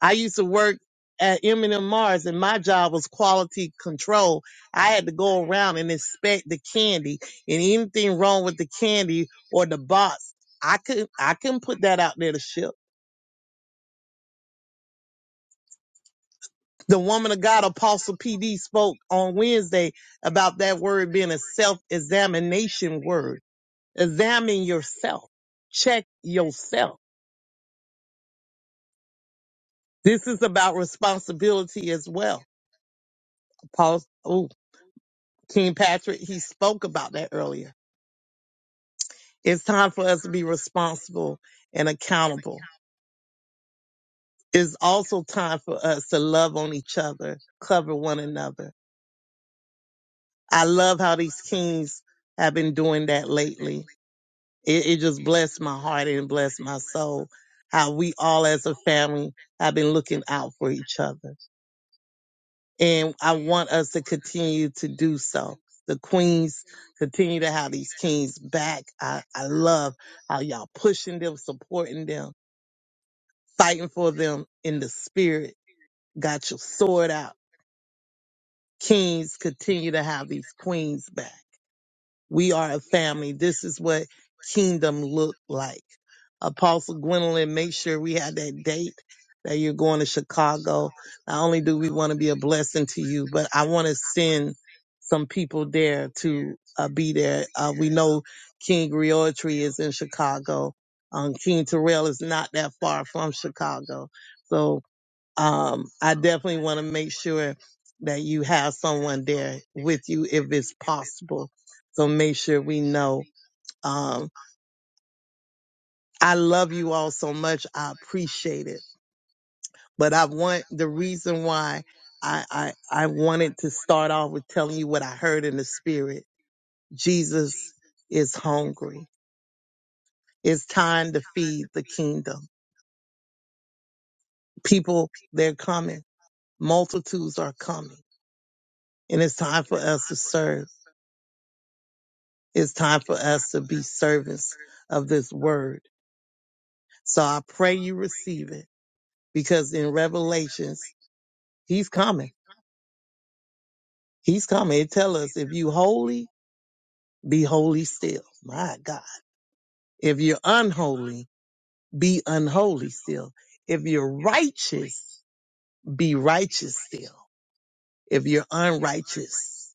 S9: I used to work at M&M Mars, and my job was quality control. I had to go around and inspect the candy, and anything wrong with the candy or the box, I couldn't I couldn't put that out there to ship. The woman of God, Apostle PD, spoke on Wednesday about that word being a self-examination word. Examine yourself. Check yourself This is about responsibility as well. Paul, oh, King Patrick, he spoke about that earlier. It's time for us to be responsible and accountable. It's also time for us to love on each other, cover one another. I love how these kings have been doing that lately. It, it just blessed my heart and blessed my soul how we all as a family have been looking out for each other. and I want us to continue to do so. The queens continue to have these kings back. I, I love how y'all pushing them, supporting them, fighting for them in the spirit. Got your sword out. Kings continue to have these queens back. We are a family. This is what kingdom look like. Apostle Gwendolyn, make sure we have that date that you're going to Chicago. Not only do we want to be a blessing to you, but I want to send some people there to uh, be there. Uh, we know King Griotry is in Chicago. Um, King Terrell is not that far from Chicago. So um, I definitely want to make sure that you have someone there with you if it's possible. So make sure we know. Um, I love you all so much. I appreciate it. But I want the reason why I, I I wanted to start off with telling you what I heard in the spirit. Jesus is hungry. It's time to feed the kingdom. People, they're coming. Multitudes are coming. And it's time for us to serve. It's time for us to be servants of this word. So I pray you receive it because in Revelations, he's coming. He's coming. It tell us if you holy, be holy still. My God. If you're unholy, be unholy still. If you're righteous, be righteous still. If you're unrighteous,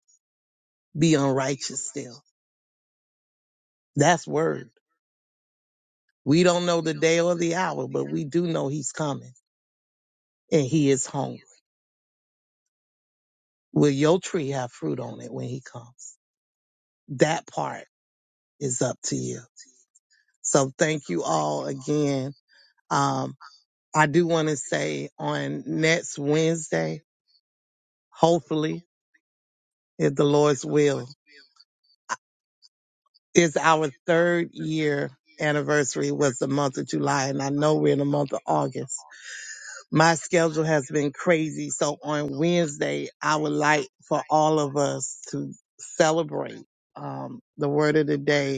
S9: be unrighteous still. That's word. We don't know the day or the hour, but we do know he's coming and he is home. Will your tree have fruit on it when he comes? That part is up to you. So thank you all again. Um, I do want to say on next Wednesday, hopefully, if the Lord's will, is our third year anniversary was the month of July, and I know we're in the month of August. My schedule has been crazy, so on Wednesday I would like for all of us to celebrate um, the word of the day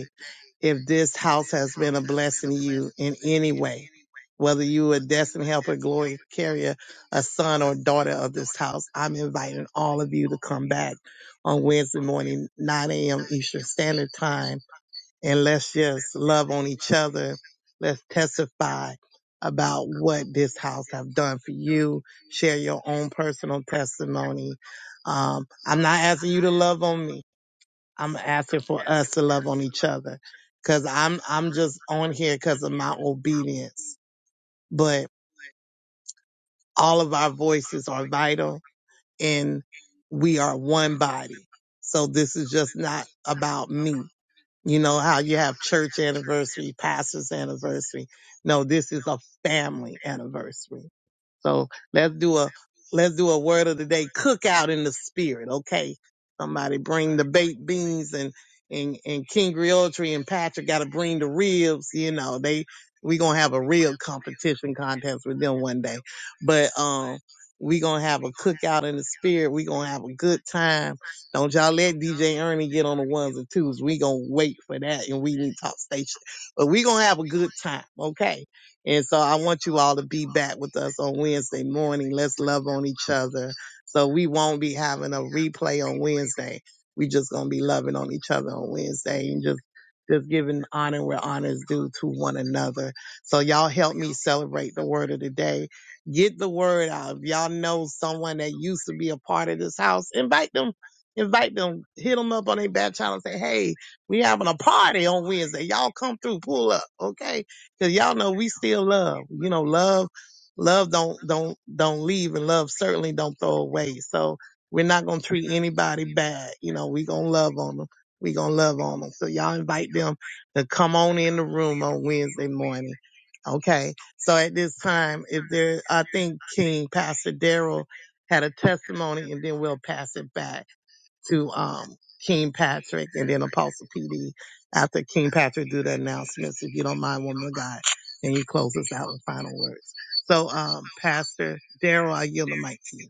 S9: if this house has been a blessing to you in any way, whether you are a destined helper, glory carrier, a son or daughter of this house, I'm inviting all of you to come back on Wednesday morning, 9 a.m. Eastern Standard Time, and let's just love on each other. Let's testify about what this house have done for you. Share your own personal testimony. Um, I'm not asking you to love on me. I'm asking for us to love on each other because I'm I'm just on here because of my obedience. But all of our voices are vital and we are one body. So this is just not about me. You know how you have church anniversary, pastor's anniversary. No, this is a family anniversary. So let's do a let's do a word of the day cookout in the spirit, okay? Somebody bring the baked beans and and and King Griotry and Patrick got to bring the ribs. You know they we gonna have a real competition contest with them one day, but um. We gonna have a cookout in the spirit. We gonna have a good time. Don't y'all let DJ Ernie get on the ones and twos. We gonna wait for that, and we need talk station. But we gonna have a good time, okay? And so I want you all to be back with us on Wednesday morning. Let's love on each other. So we won't be having a replay on Wednesday. We just gonna be loving on each other on Wednesday and just just giving honor where honor is due to one another. So y'all help me celebrate the word of the day. Get the word out. If y'all know someone that used to be a part of this house, invite them. Invite them. Hit them up on their back channel and say, hey, we having a party on Wednesday. Y'all come through, pull up, okay? Cause y'all know we still love. You know, love, love don't, don't, don't leave and love certainly don't throw away. So we're not going to treat anybody bad. You know, we going to love on them. We going to love on them. So y'all invite them to come on in the room on Wednesday morning. Okay. So at this time, if there, I think King Pastor Daryl had a testimony and then we'll pass it back to um, King Patrick and then Apostle PD after King Patrick do the announcements, if you don't mind, woman of God, and you close us out with final words. So, um, Pastor Daryl, I yield the mic to you.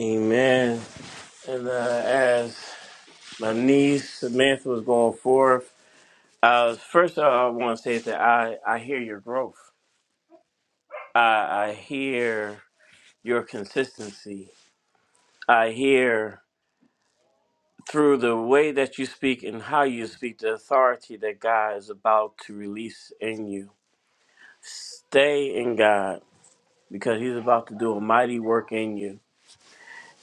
S8: Amen. And uh, as my niece Samantha was going forth. Uh, first of all, I want to say that I, I hear your growth. I, I hear your consistency. I hear through the way that you speak and how you speak the authority that God is about to release in you. Stay in God because He's about to do a mighty work in you.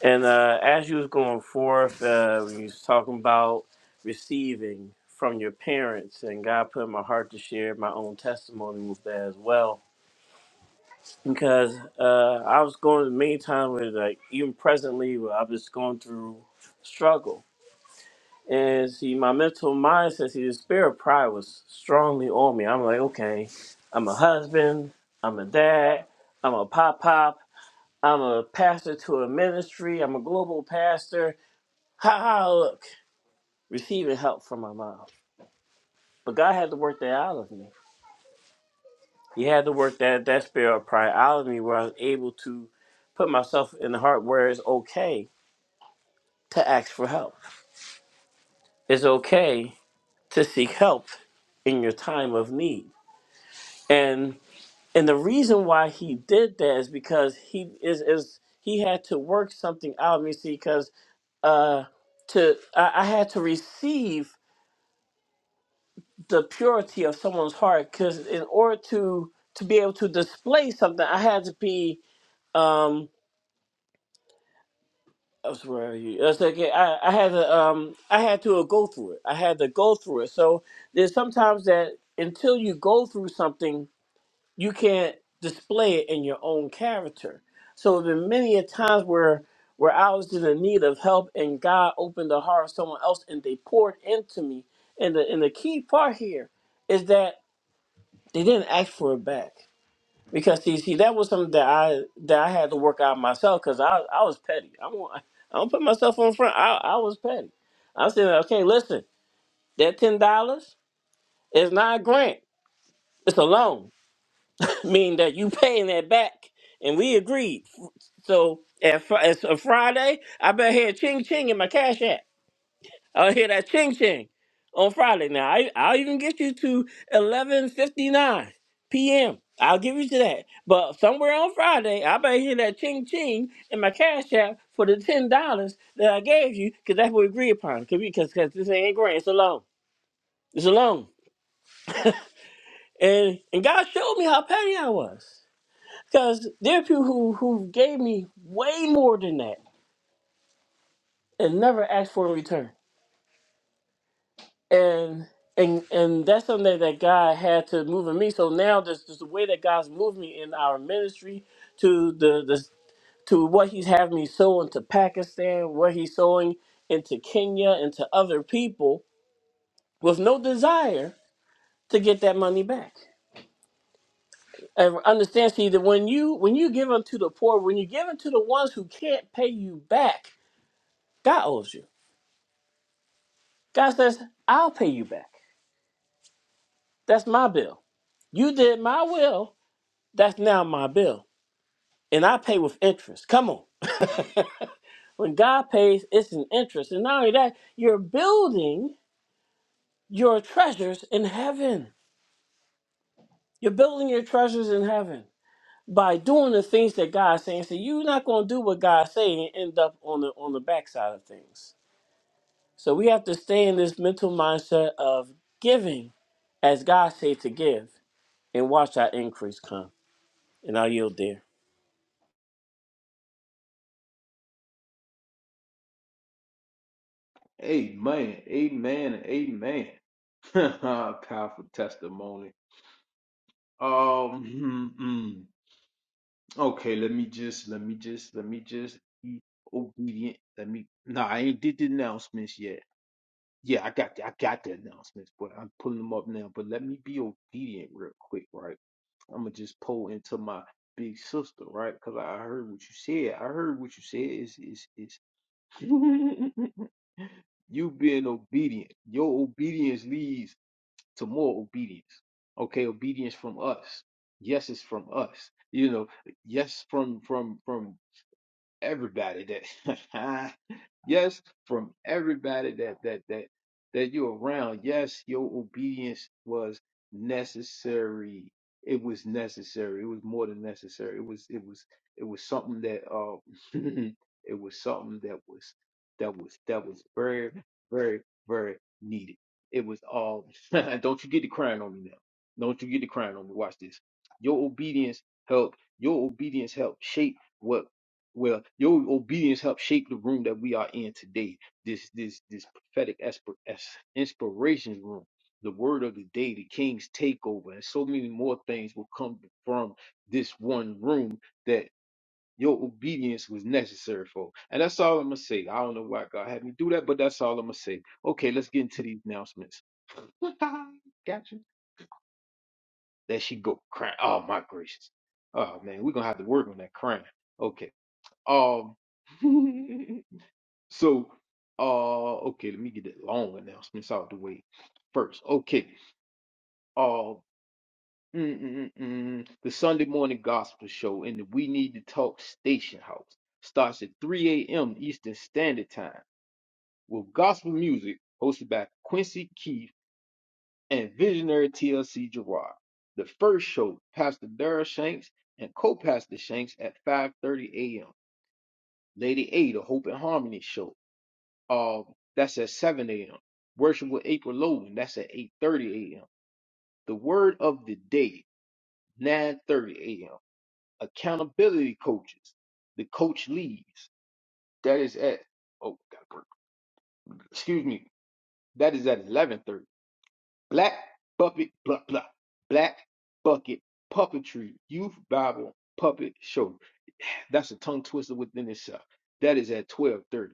S8: And uh, as you was going forth, uh, when you was talking about receiving from your parents, and God put in my heart to share my own testimony with that as well because uh, I was going the meantime with like even presently where I was going through struggle. And see, my mental mindset, see, the spirit of pride was strongly on me. I'm like, okay, I'm a husband, I'm a dad, I'm a pop pop, I'm a pastor to a ministry, I'm a global pastor. Ha ha! Look, receiving help from my mom, but God had to work that out of me. He had to work that that spirit of pride out of me, where I was able to put myself in the heart where it's okay to ask for help. It's okay to seek help in your time of need. And and the reason why he did that is because he is is he had to work something out of me. See, because uh, to I, I had to receive the purity of someone's heart. Because in order to to be able to display something, I had to be. Um, I swear to you. That's okay. I, I had to um I had to uh, go through it. I had to go through it. So there's sometimes that until you go through something, you can't display it in your own character. So there been many a times where where I was in the need of help and God opened the heart of someone else and they poured into me. And the and the key part here is that they didn't ask for it back. Because see, see, that was something that I that I had to work out myself because I I was petty. I won't I don't put myself on front. I I was petty. I said, okay, listen, that ten dollars is not a grant. It's a loan, [LAUGHS] meaning that you paying that back, and we agreed. So at Fri- it's a Friday, I better hear ching ching in my cash app. I'll hear that ching ching on Friday. Now I I'll even get you to eleven fifty nine p.m. I'll give you to that. But somewhere on Friday, I better hear that ching ching in my cash app for the ten dollars that I gave you, because that's what we agree upon. Cause because this ain't grant, it's a loan. It's a loan. And and God showed me how petty I was. Cause there are people who who gave me way more than that and never asked for a return. and and and that's something that God had to move in me. So now there's just the way that God's moved me in our ministry to the the to what He's having me sow into Pakistan, where He's sowing into Kenya, and to other people with no desire to get that money back. And understand, see that when you when you give unto the poor, when you give unto the ones who can't pay you back, God owes you. God says, "I'll pay you back. That's my bill. You did my will. That's now my bill." and I pay with interest. Come on. When God pays, it's an interest. And not only that, you're building your treasures in heaven. You're building your treasures in heaven by doing the things that God's saying. So you're not gonna do what God's saying and end up on the on the backside of things. So we have to stay in this mental mindset of giving as God said to give and watch our increase come. And I'll yield there.
S1: Amen. Amen. Amen. [LAUGHS] Powerful testimony. Um. mm, mm. Okay. Let me just. Let me just. Let me just be obedient. Let me. Nah, I ain't did the announcements yet. Yeah, I got. The, I got the announcements, but I'm pulling them up now. But let me be obedient real quick, right? I'm gonna just pull into my big sister, right? Because I I heard what you said. I heard what you said. Is is is. [LAUGHS] You being obedient. Your obedience leads to more obedience. Okay, obedience from us. Yes, it's from us. You know, yes, from from from everybody that [LAUGHS] yes from everybody that that that that you're around yes your obedience was necessary it was necessary it was more than necessary it was it was it was something that uh [LAUGHS] it was something that was that was that was very very very needed it was all [LAUGHS] don't you get the crying on me now don't you get the crying on me watch this your obedience helped your obedience helped shape what well, your obedience helped shape the room that we are in today. This this this prophetic esper- es- inspiration room, the word of the day, the king's takeover, and so many more things will come from this one room that your obedience was necessary for. And that's all I'm gonna say. I don't know why God had me do that, but that's all I'm gonna say. Okay, let's get into these announcements. [LAUGHS] gotcha. There she go crying. Oh my gracious. Oh man, we're gonna have to work on that crying. Okay. Um [LAUGHS] So, uh, okay, let me get that long announcements out the way first. Okay, uh, mm, mm, mm, mm, the Sunday morning gospel show in the We Need to Talk Station House starts at 3 a.m. Eastern Standard Time with gospel music hosted by Quincy Keith and visionary TLC Gerard. The first show, Pastor Dara Shanks and co-pastor Shanks at 5:30 a.m. Lady A, the Hope and Harmony show Uh, that's at 7 a.m. Worship with April Logan. That's at 8:30 a.m. The word of the day, 9:30 a.m. Accountability coaches. The coach leaves. That is at oh gotta work. excuse me. That is at 11:30. Black Bucket blah blah. Black Bucket Puppetry Youth Bible Puppet Show. That's a tongue twister within itself. That is at 12:30.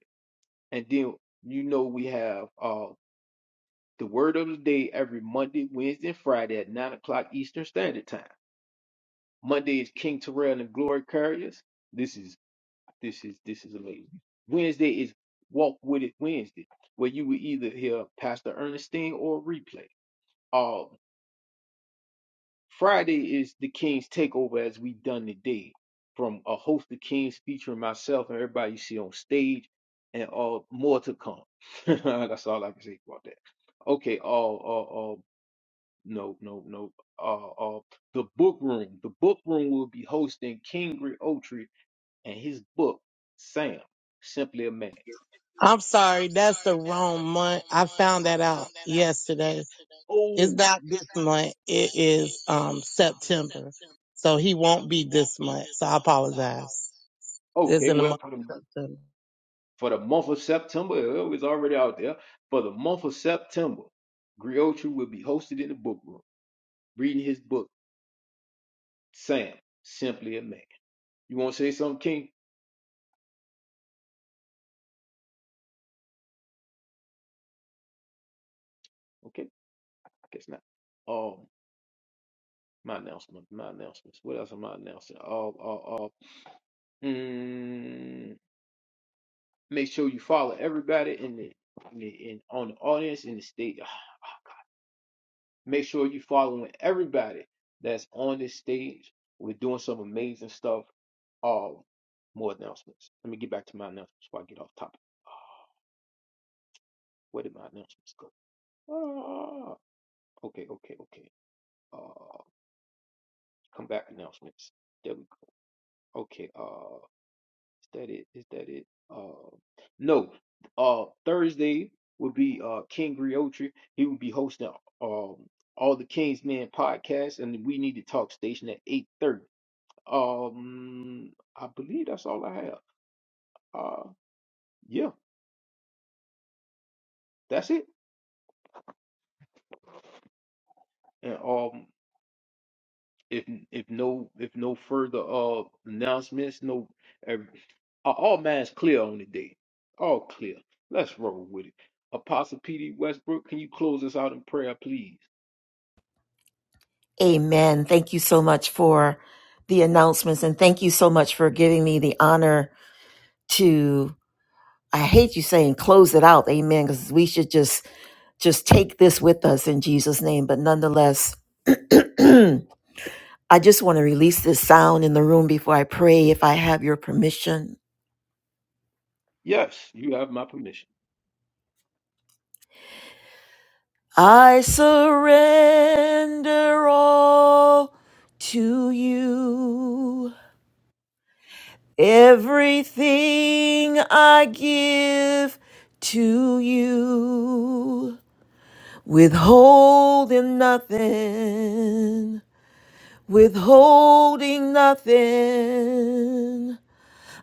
S1: And then you know we have uh The word of the day every Monday, Wednesday, and Friday at 9 o'clock Eastern Standard Time. Monday is King Terrell and the Glory Carriers. This is this is this is amazing. Wednesday is Walk With It Wednesday, where you will either hear Pastor Ernestine or a replay. Um, Friday is the King's Takeover as we done today from a host of kings featuring myself and everybody you see on stage and uh more to come. [LAUGHS] That's all I can say about that. Okay, uh, uh, uh no, no, no. Uh, uh, the book room. The book room will be hosting Kingry Oatry and his book, Sam, Simply a Man.
S9: I'm sorry, that's the wrong month. I found that out yesterday. It's
S1: Oh,
S9: not this month. It is um, September. So he won't be this month. So I apologize. It's
S1: okay.
S9: in the
S1: Well,
S9: month
S1: for the,
S9: of September.
S1: for the month of September, uh, it was already out there. For the month of September, Griotri will be hosted in the book room, reading his book, Sam, Simply a Man. You want to say something, King? Okay, I guess not. Um, my announcement, my announcements. What else am I announcing? Oh, oh, oh. Make sure you follow everybody in the in, the, in on the audience in the stage. [SIGHS] Make sure you following everybody that's on this stage. We're doing some amazing stuff. All more announcements. Let me get back to my announcements before I get off topic. Ah, Where did my announcements go? Ah, okay, okay, okay. Uh, come back announcements. There we go. Okay. Uh. Is that it? Is that it? Uh, no. Uh, Thursday would be uh King Griotri. He will be hosting um all the King's Men podcast, and we need to talk station at eight thirty. Um, I believe that's all I have. Uh, yeah, that's it. And um, if if no if no further uh announcements, no, ev- uh, all minds clear on the day. All clear. Let's roll with it. Apostle P.D. Westbrook, can you close us out in prayer, please?
S11: Amen. Thank you so much for the announcements and thank you so much for giving me the honor to I hate you saying close it out. Amen because we should just just take this with us in Jesus name, but nonetheless [CLEARS THROAT] I just want to release this sound in the room before I pray if I have your permission.
S1: Yes, you have my permission.
S11: I surrender all to you. Everything I give to you, withholding nothing, withholding nothing.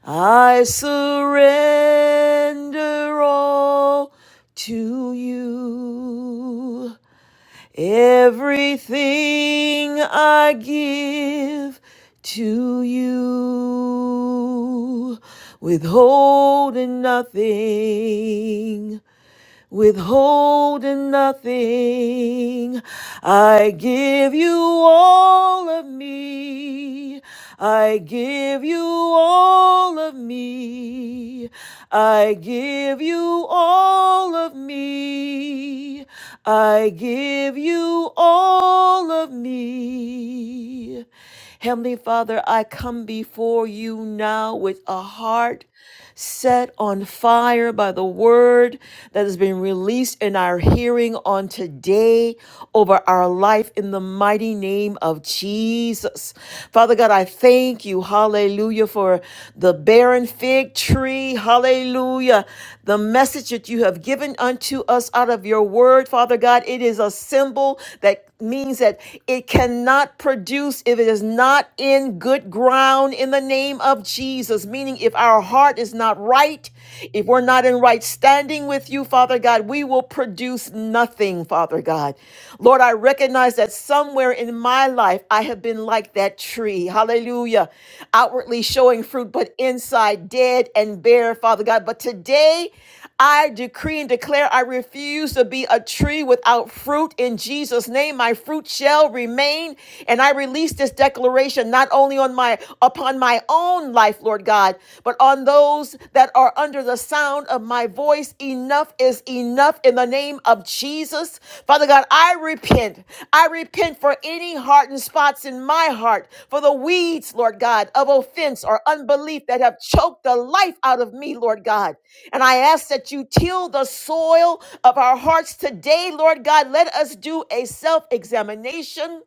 S11: I surrender all to you. Everything I give to you, withholding nothing withholding nothing. I give you all of me. I give you all of me. I give you all of me. I give you all of me. Heavenly Father, I come before you now with a heart set on fire by the word that has been released in our hearing on today over our life in the mighty name of Jesus. Father God, I thank you, hallelujah, for the barren fig tree, hallelujah, the message that you have given unto us out of your word, Father God. It is a symbol that means that it cannot produce if it is not in good ground in the name of Jesus. Meaning, if our heart is not right, if we're not in right standing with you, Father God, we will produce nothing, Father God. Lord, I recognize that somewhere in my life I have been like that tree. Hallelujah. Outwardly showing fruit, but inside dead and bare, Father God. But today, I decree and declare I refuse to be a tree without fruit in Jesus' name. My fruit shall remain. And I release this declaration not only on my upon my own life, Lord God, but on those that are under the sound of my voice. Enough is enough in the name of Jesus. Jesus. Father God, I repent. I repent for any hardened spots in my heart, for the weeds, Lord God, of offense or unbelief that have choked the life out of me, Lord God. And I ask that you till the soil of our hearts today, Lord God. Let us do a self examination.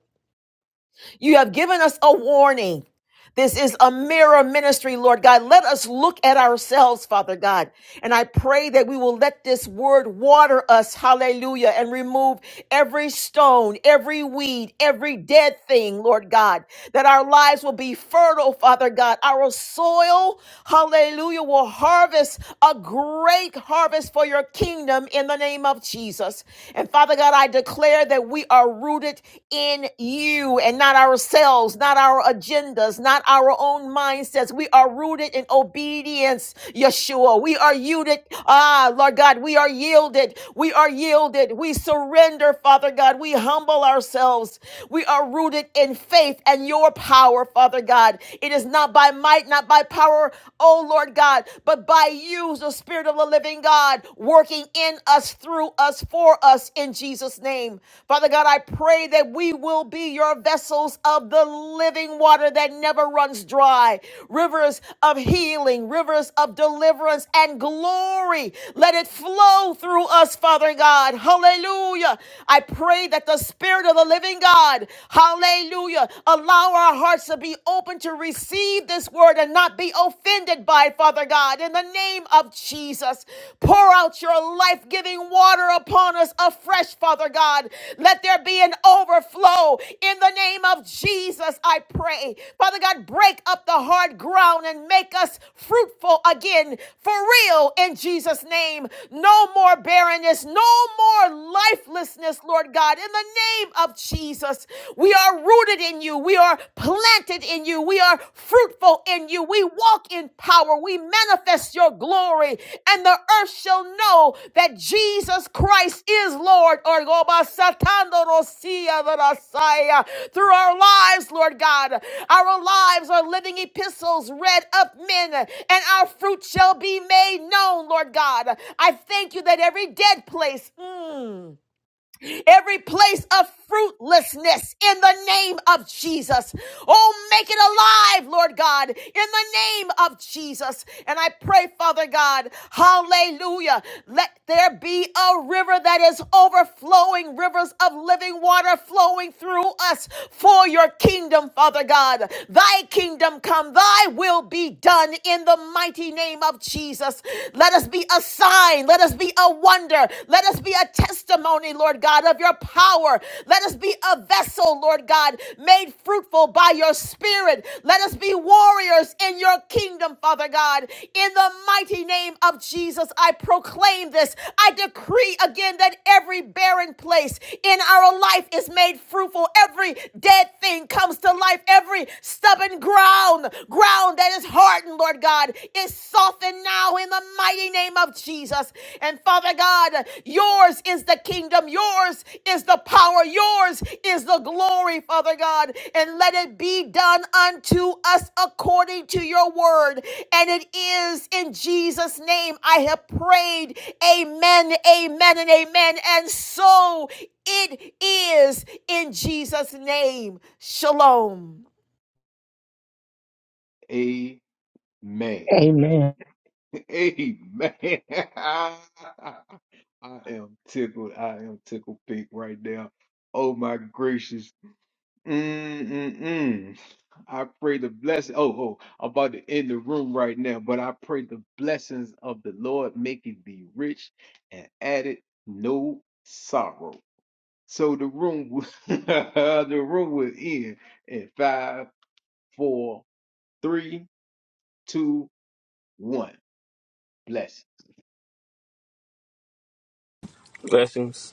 S11: You have given us a warning. This is a mirror ministry, Lord God. Let us look at ourselves, Father God. And I pray that we will let this word water us, hallelujah, and remove every stone, every weed, every dead thing, Lord God. That our lives will be fertile, Father God. Our soil, hallelujah, will harvest a great harvest for your kingdom in the name of Jesus. And Father God, I declare that we are rooted rooted in you and not ourselves, not our agendas, not our own mindsets. We are rooted in obedience, Yeshua. We are yielded. Ah, Lord God, we are yielded. We are yielded. We surrender, Father God. We humble ourselves. We are rooted in faith and your power, Father God. It is not by might, not by power, oh Lord God, but by you, the Spirit of the living God, working working in us, through us, for us in Jesus' name. Father God, I pray that we will be your vessels of the living water that never runs dry, rivers of healing, rivers of deliverance and glory. Let it flow through us, Father God. Hallelujah. I pray that the Spirit of the living God, hallelujah, allow our hearts to be open to receive this word and not be offended offended by, Father God, in the name of Jesus. Pour out your life giving water upon us afresh, Father God. Let there be an overflow in the name of Jesus, I pray. Father God, break up the hard ground and make us fruitful again for real in Jesus' name. No more barrenness, no more lifelessness, Lord God, in the name of Jesus. We are rooted rooted in you. We are planted in you. We are fruitful in you. We walk in power. We manifest your glory. And the earth shall know that Jesus Christ is Lord. Or go by the Messiah. Through our lives, Lord God, our lives are living epistles read of men, and our fruit shall be made known, Lord God. I thank you that every dead place. mm, every place of fruitlessness in the name of Jesus. Oh, make it alive, Lord God, in the name of Jesus. And I pray, Father God, hallelujah, let there be a river that is overflowing, rivers of living water flowing through us for your kingdom, Father God. Thy kingdom come, thy will be done in the mighty name of Jesus. Let us be a sign slain. Let us be a wonder. Let us be a testimony, Lord God, of your power. Let us be a vessel, Lord God, made fruitful by your spirit. Let us be warriors in your kingdom, Father God. In the mighty name of Jesus, I proclaim this. I decree again that every barren place in our life is made fruitful. Every dead thing comes to life. Every stubborn ground, ground that is hardened, Lord God. Lord God, is softened now in the mighty name of Jesus. And Father God, yours is the kingdom, yours is the power, yours is the glory, Father God. And let it be done unto us according to your word. And it is in Jesus' name I have prayed. Amen, amen, and amen. And so it is in Jesus' name. Shalom.
S1: Amen. [LAUGHS] Amen.
S14: Amen.
S1: [LAUGHS] I am tickled. I am tickled pink right now. Oh my gracious. Mm-mm-mm. I pray the blessing. Oh, oh, I'm about to end the room right now, but I pray the blessings of the Lord make it be rich and add it no sorrow. So the room will, [LAUGHS] the room will end in five, four, three, two one. Blessings.
S8: Blessings.